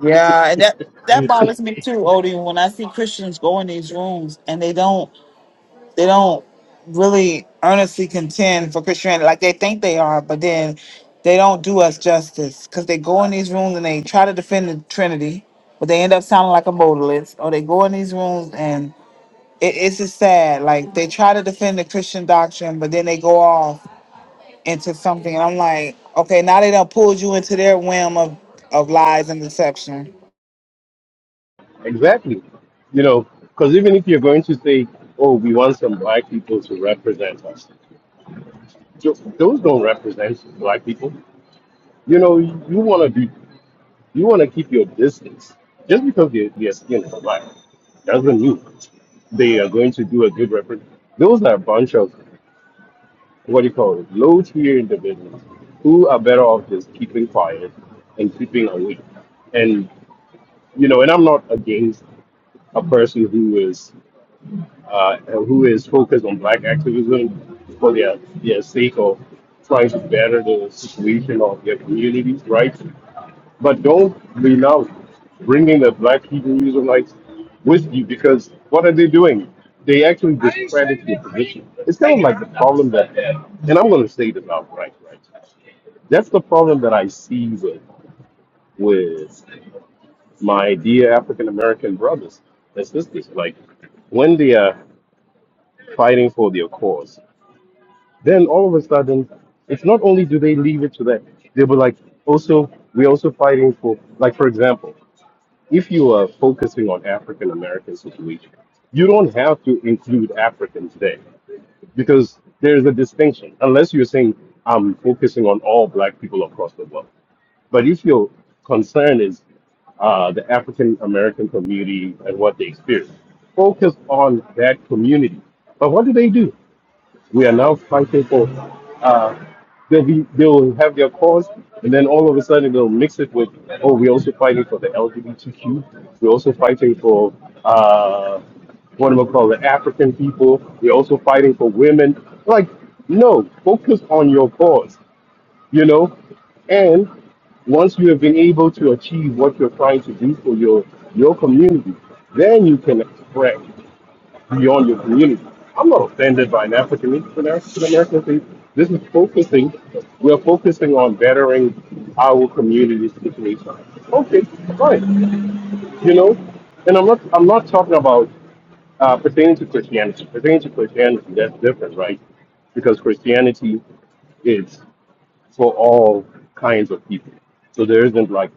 C: Yeah, and that that
F: it.
C: bothers me too, Odie. When I see Christians go in these rooms and they don't they don't really earnestly contend for Christianity like they think they are, but then they don't do us justice because they go in these rooms and they try to defend the Trinity, but they end up sounding like a modalist, or they go in these rooms and it, it's just sad. Like they try to defend the Christian doctrine, but then they go off into something, and I'm like, okay, now they done pulled you into their whim of of lies and deception.
F: exactly. You know, because even if you're going to say, oh, we want some black people to represent us, tho- those don't represent black people. You know, you want to do You want to keep your distance. Just because your, your skin is black doesn't mean they are going to do a good reference. Those are a bunch of, what do you call it, low tier individuals who are better off just keeping quiet and keeping away. And, you know, and I'm not against a person who is uh, who is focused on black activism for their, their sake of trying to better the situation of their communities, right? But don't be now bringing the black Hebrew Israelites with you because what are they doing? They actually discredit your position. It's kind of like the problem that, and I'm going to say this outright, right? right. That's the problem that I see with with my dear African American brothers and sisters. Like when they are fighting for their cause, then all of a sudden, it's not only do they leave it to that, they were like, also, we're also fighting for, like, for example, if you are focusing on African American situation, you don't have to include Africans there because there's a distinction. Unless you're saying I'm focusing on all black people across the world, but if your concern is uh, the African American community and what they experience, focus on that community. But what do they do? We are now fighting for. Uh, they'll be they'll have their cause, and then all of a sudden they'll mix it with, oh, we're also fighting for the LGBTQ. We're also fighting for uh, what do we call it, African people. We're also fighting for women. Like, no, focus on your cause. You know, and once you have been able to achieve what you're trying to do for your your community, then you can spread beyond your community. I'm not offended by an African American African American thing. This is focusing. We're focusing on bettering our communities situation. Okay, fine. You know, and I'm not. I'm not talking about uh, pertaining to Christianity. Pertaining to Christianity, that's different, right? Because Christianity is for all kinds of people. So there isn't like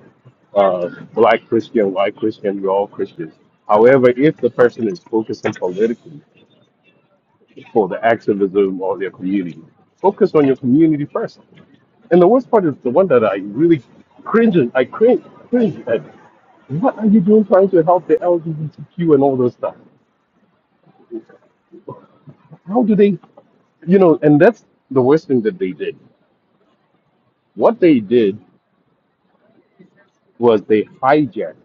F: uh, black Christian, white Christian. We're all Christians. However, if the person is focusing politically for the activism of their community. Focus on your community first. And the worst part is the one that I really cringe. at- I cringe, cringe at. What are you doing trying to help the LGBTQ and all those stuff? How do they, you know? And that's the worst thing that they did. What they did was they hijacked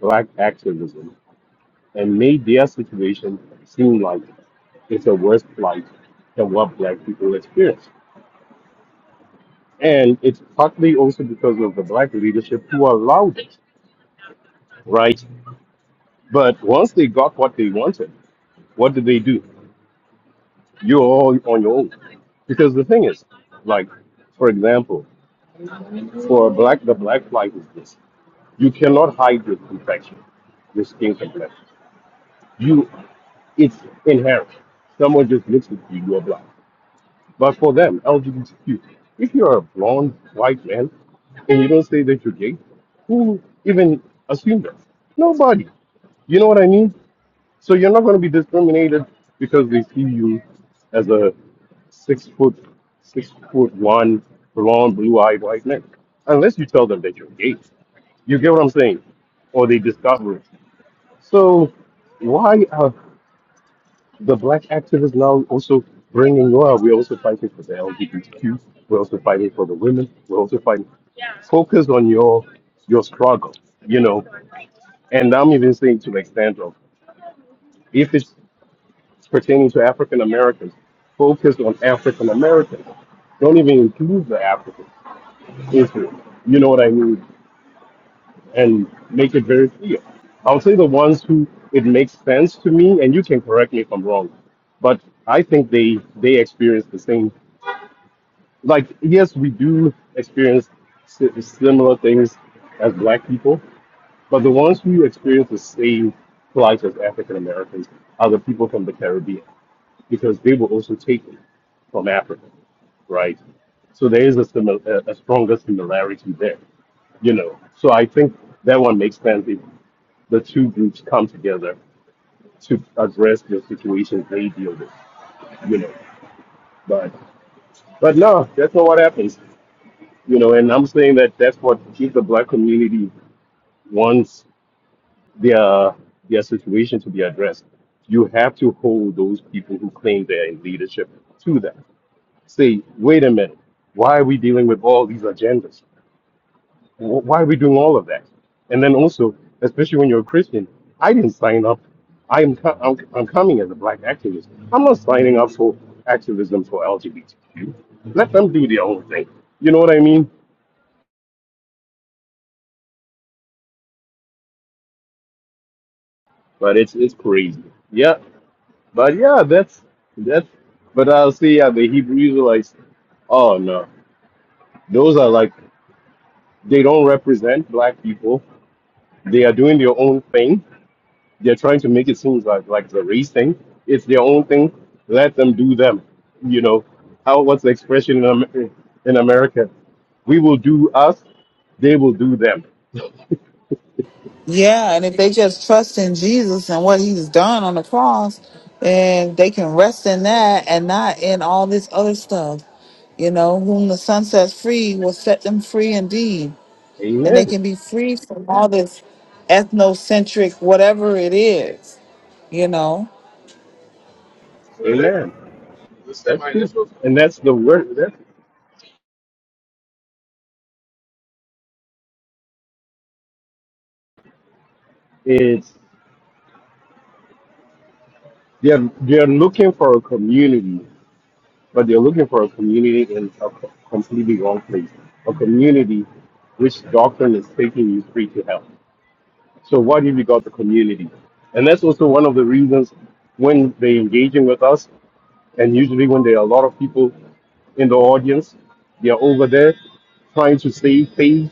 F: black activism and made their situation seem like it's a worse plight than what black people experience. And it's partly also because of the black leadership who allowed it. right? But once they got what they wanted, what did they do? You're all on your own. Because the thing is, like, for example, for a black, the black flag is this. You cannot hide your complexion, your skin complexion. You, it's inherent. Someone just looks at you, you're black. But for them, LGBTQ, if you're a blonde white man and you don't say that you're gay, who even assumed that? Nobody. You know what I mean? So you're not going to be discriminated because they see you as a six foot, six foot one, blonde, blue eyed white man, unless you tell them that you're gay. You get what I'm saying, or they discover it. So why are the black activists now also bringing? Well, we're also fighting for the LGBTQ. We're also fighting for the women. We're also fighting. Focus on your your struggle, you know. And I'm even saying to the extent of if it's pertaining to African Americans, focused on African Americans. Don't even include the Africans, into it? You know what I mean? And make it very clear. I'll say the ones who it makes sense to me, and you can correct me if I'm wrong, but I think they they experience the same. Like yes, we do experience si- similar things as Black people, but the ones who experience the same plight as African Americans are the people from the Caribbean. because they were also taken from Africa, right? So there is a, simil- a, a stronger similarity there, you know. So I think that one makes sense if the two groups come together to address the situations they deal with, you know. But but no, that's not what happens, you know. And I'm saying that that's what if the black community wants their their situation to be addressed, you have to hold those people who claim they're in leadership to that. say, wait a minute, why are we dealing with all these agendas? Wh- Why are we doing all of that? And then also, especially when you're a Christian, I didn't sign up. I am co- I'm, I'm coming as a black activist. I'm not signing up for activism for LGBTQ. Let them do their own thing. You know what I mean? But it's it's crazy. Yeah, but yeah, that's that's. But I'll see. Yeah, the Hebrew Israelites. Oh no, those are like they don't represent black people. They are doing their own thing They're trying to make it seem like like it's a race thing. It's their own thing. Let them do them. You know how what's the expression in Amer- in America? We will do us. They will do them.
C: Yeah, and if they just trust in Jesus and what He's done on the cross, and they can rest in that and not in all this other stuff. You know, whom the Son sets free will set them free indeed, and they
F: Amen.
C: can be free from all this ethnocentric whatever it is. You know.
F: Amen. That's true. And that's the word. That's it's they're they're looking for a community, but they're looking for a community in a co- completely wrong place. A community which doctrine is taking you free to hell. So what have you got the community? And that's also one of the reasons when they're engaging with us, and usually when there are a lot of people in the audience, they're over there trying to save face.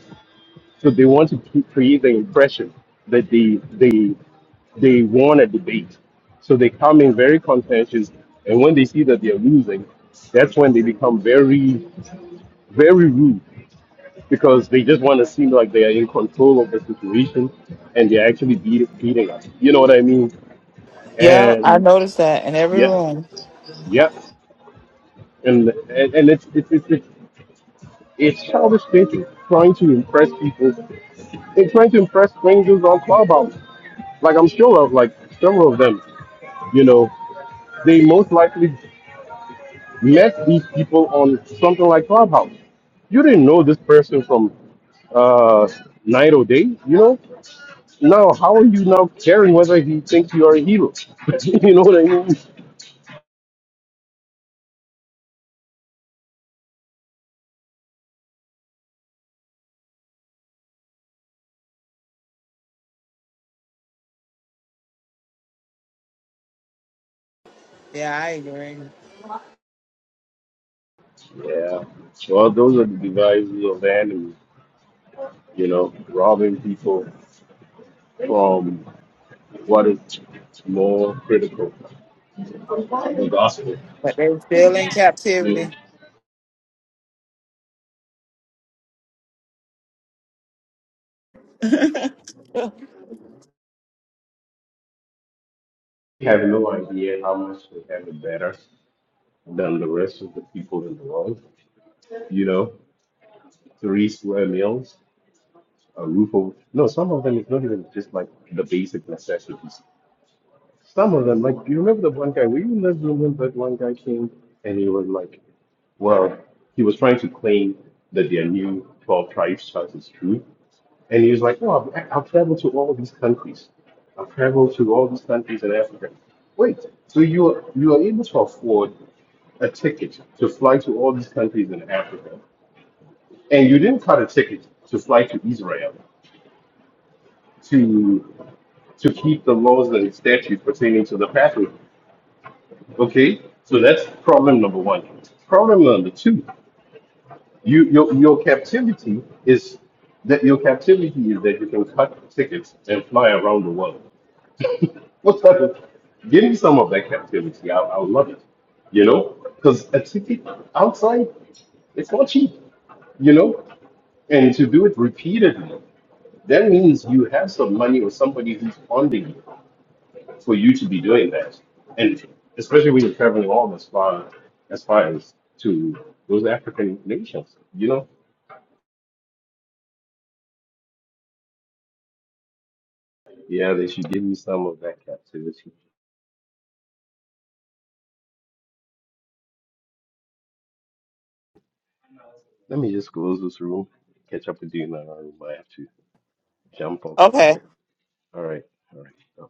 F: So they want to cre- create the impression that they they they won a debate. So they come in very contentious, and when they see that they're losing, that's when they become very, very rude because they just want to seem like they are in control of the situation and they're actually beat, beating us. You know what I mean?
C: Yeah, I
F: And
C: noticed that in every
F: yep,
C: room.
F: yep. And and, and it's, it's it's it's it's childish thinking, trying to impress people, and trying to impress strangers on Clubhouse. Like I'm sure of, like several of them, you know, they most likely met these people on something like Clubhouse. You didn't know this person from uh, night or day, you know. Now, how are you now caring whether he thinks you are a hero? you know what I mean?
C: Yeah, I agree.
F: Yeah. Well, those are the devices of the enemy, you know, robbing people from what is more critical the gospel.
C: But they're still in
F: You
C: captivity.
F: know, we have no idea how much we have it better than the rest of the people in the world. You know, three square meals, a roof over. No, some of them it's not even just like the basic necessities. Some of them, like, do you remember the one guy? Were you in that one guy came and he was like, well, he was trying to claim that there are new 12 tribes as is true And he was like, "Oh, I've, I've traveled to all these countries. I've traveled to all these countries in Africa." Wait, so you are, you are able to afford a ticket to fly to all these countries in Africa, and you didn't cut a ticket to fly to Israel to to keep the laws and statutes pertaining to the pathway. Okay, so that's problem number one. Problem number two: you your your captivity is that your captivity is that you can cut tickets and fly around the world. What's happening? Give me some of that captivity. I, I love it. You know, because a ticket outside, it's not cheap. You know, and to do it repeatedly, that means you have some money or somebody who's funding you for you to be doing that. And especially when you're traveling all this far, as far as to those African nations. You know, yeah, they should give me some of that captivity. Let me just close this room. Catch up with you in another room. I have to jump off
C: okay.
F: something. All right, all right. bye.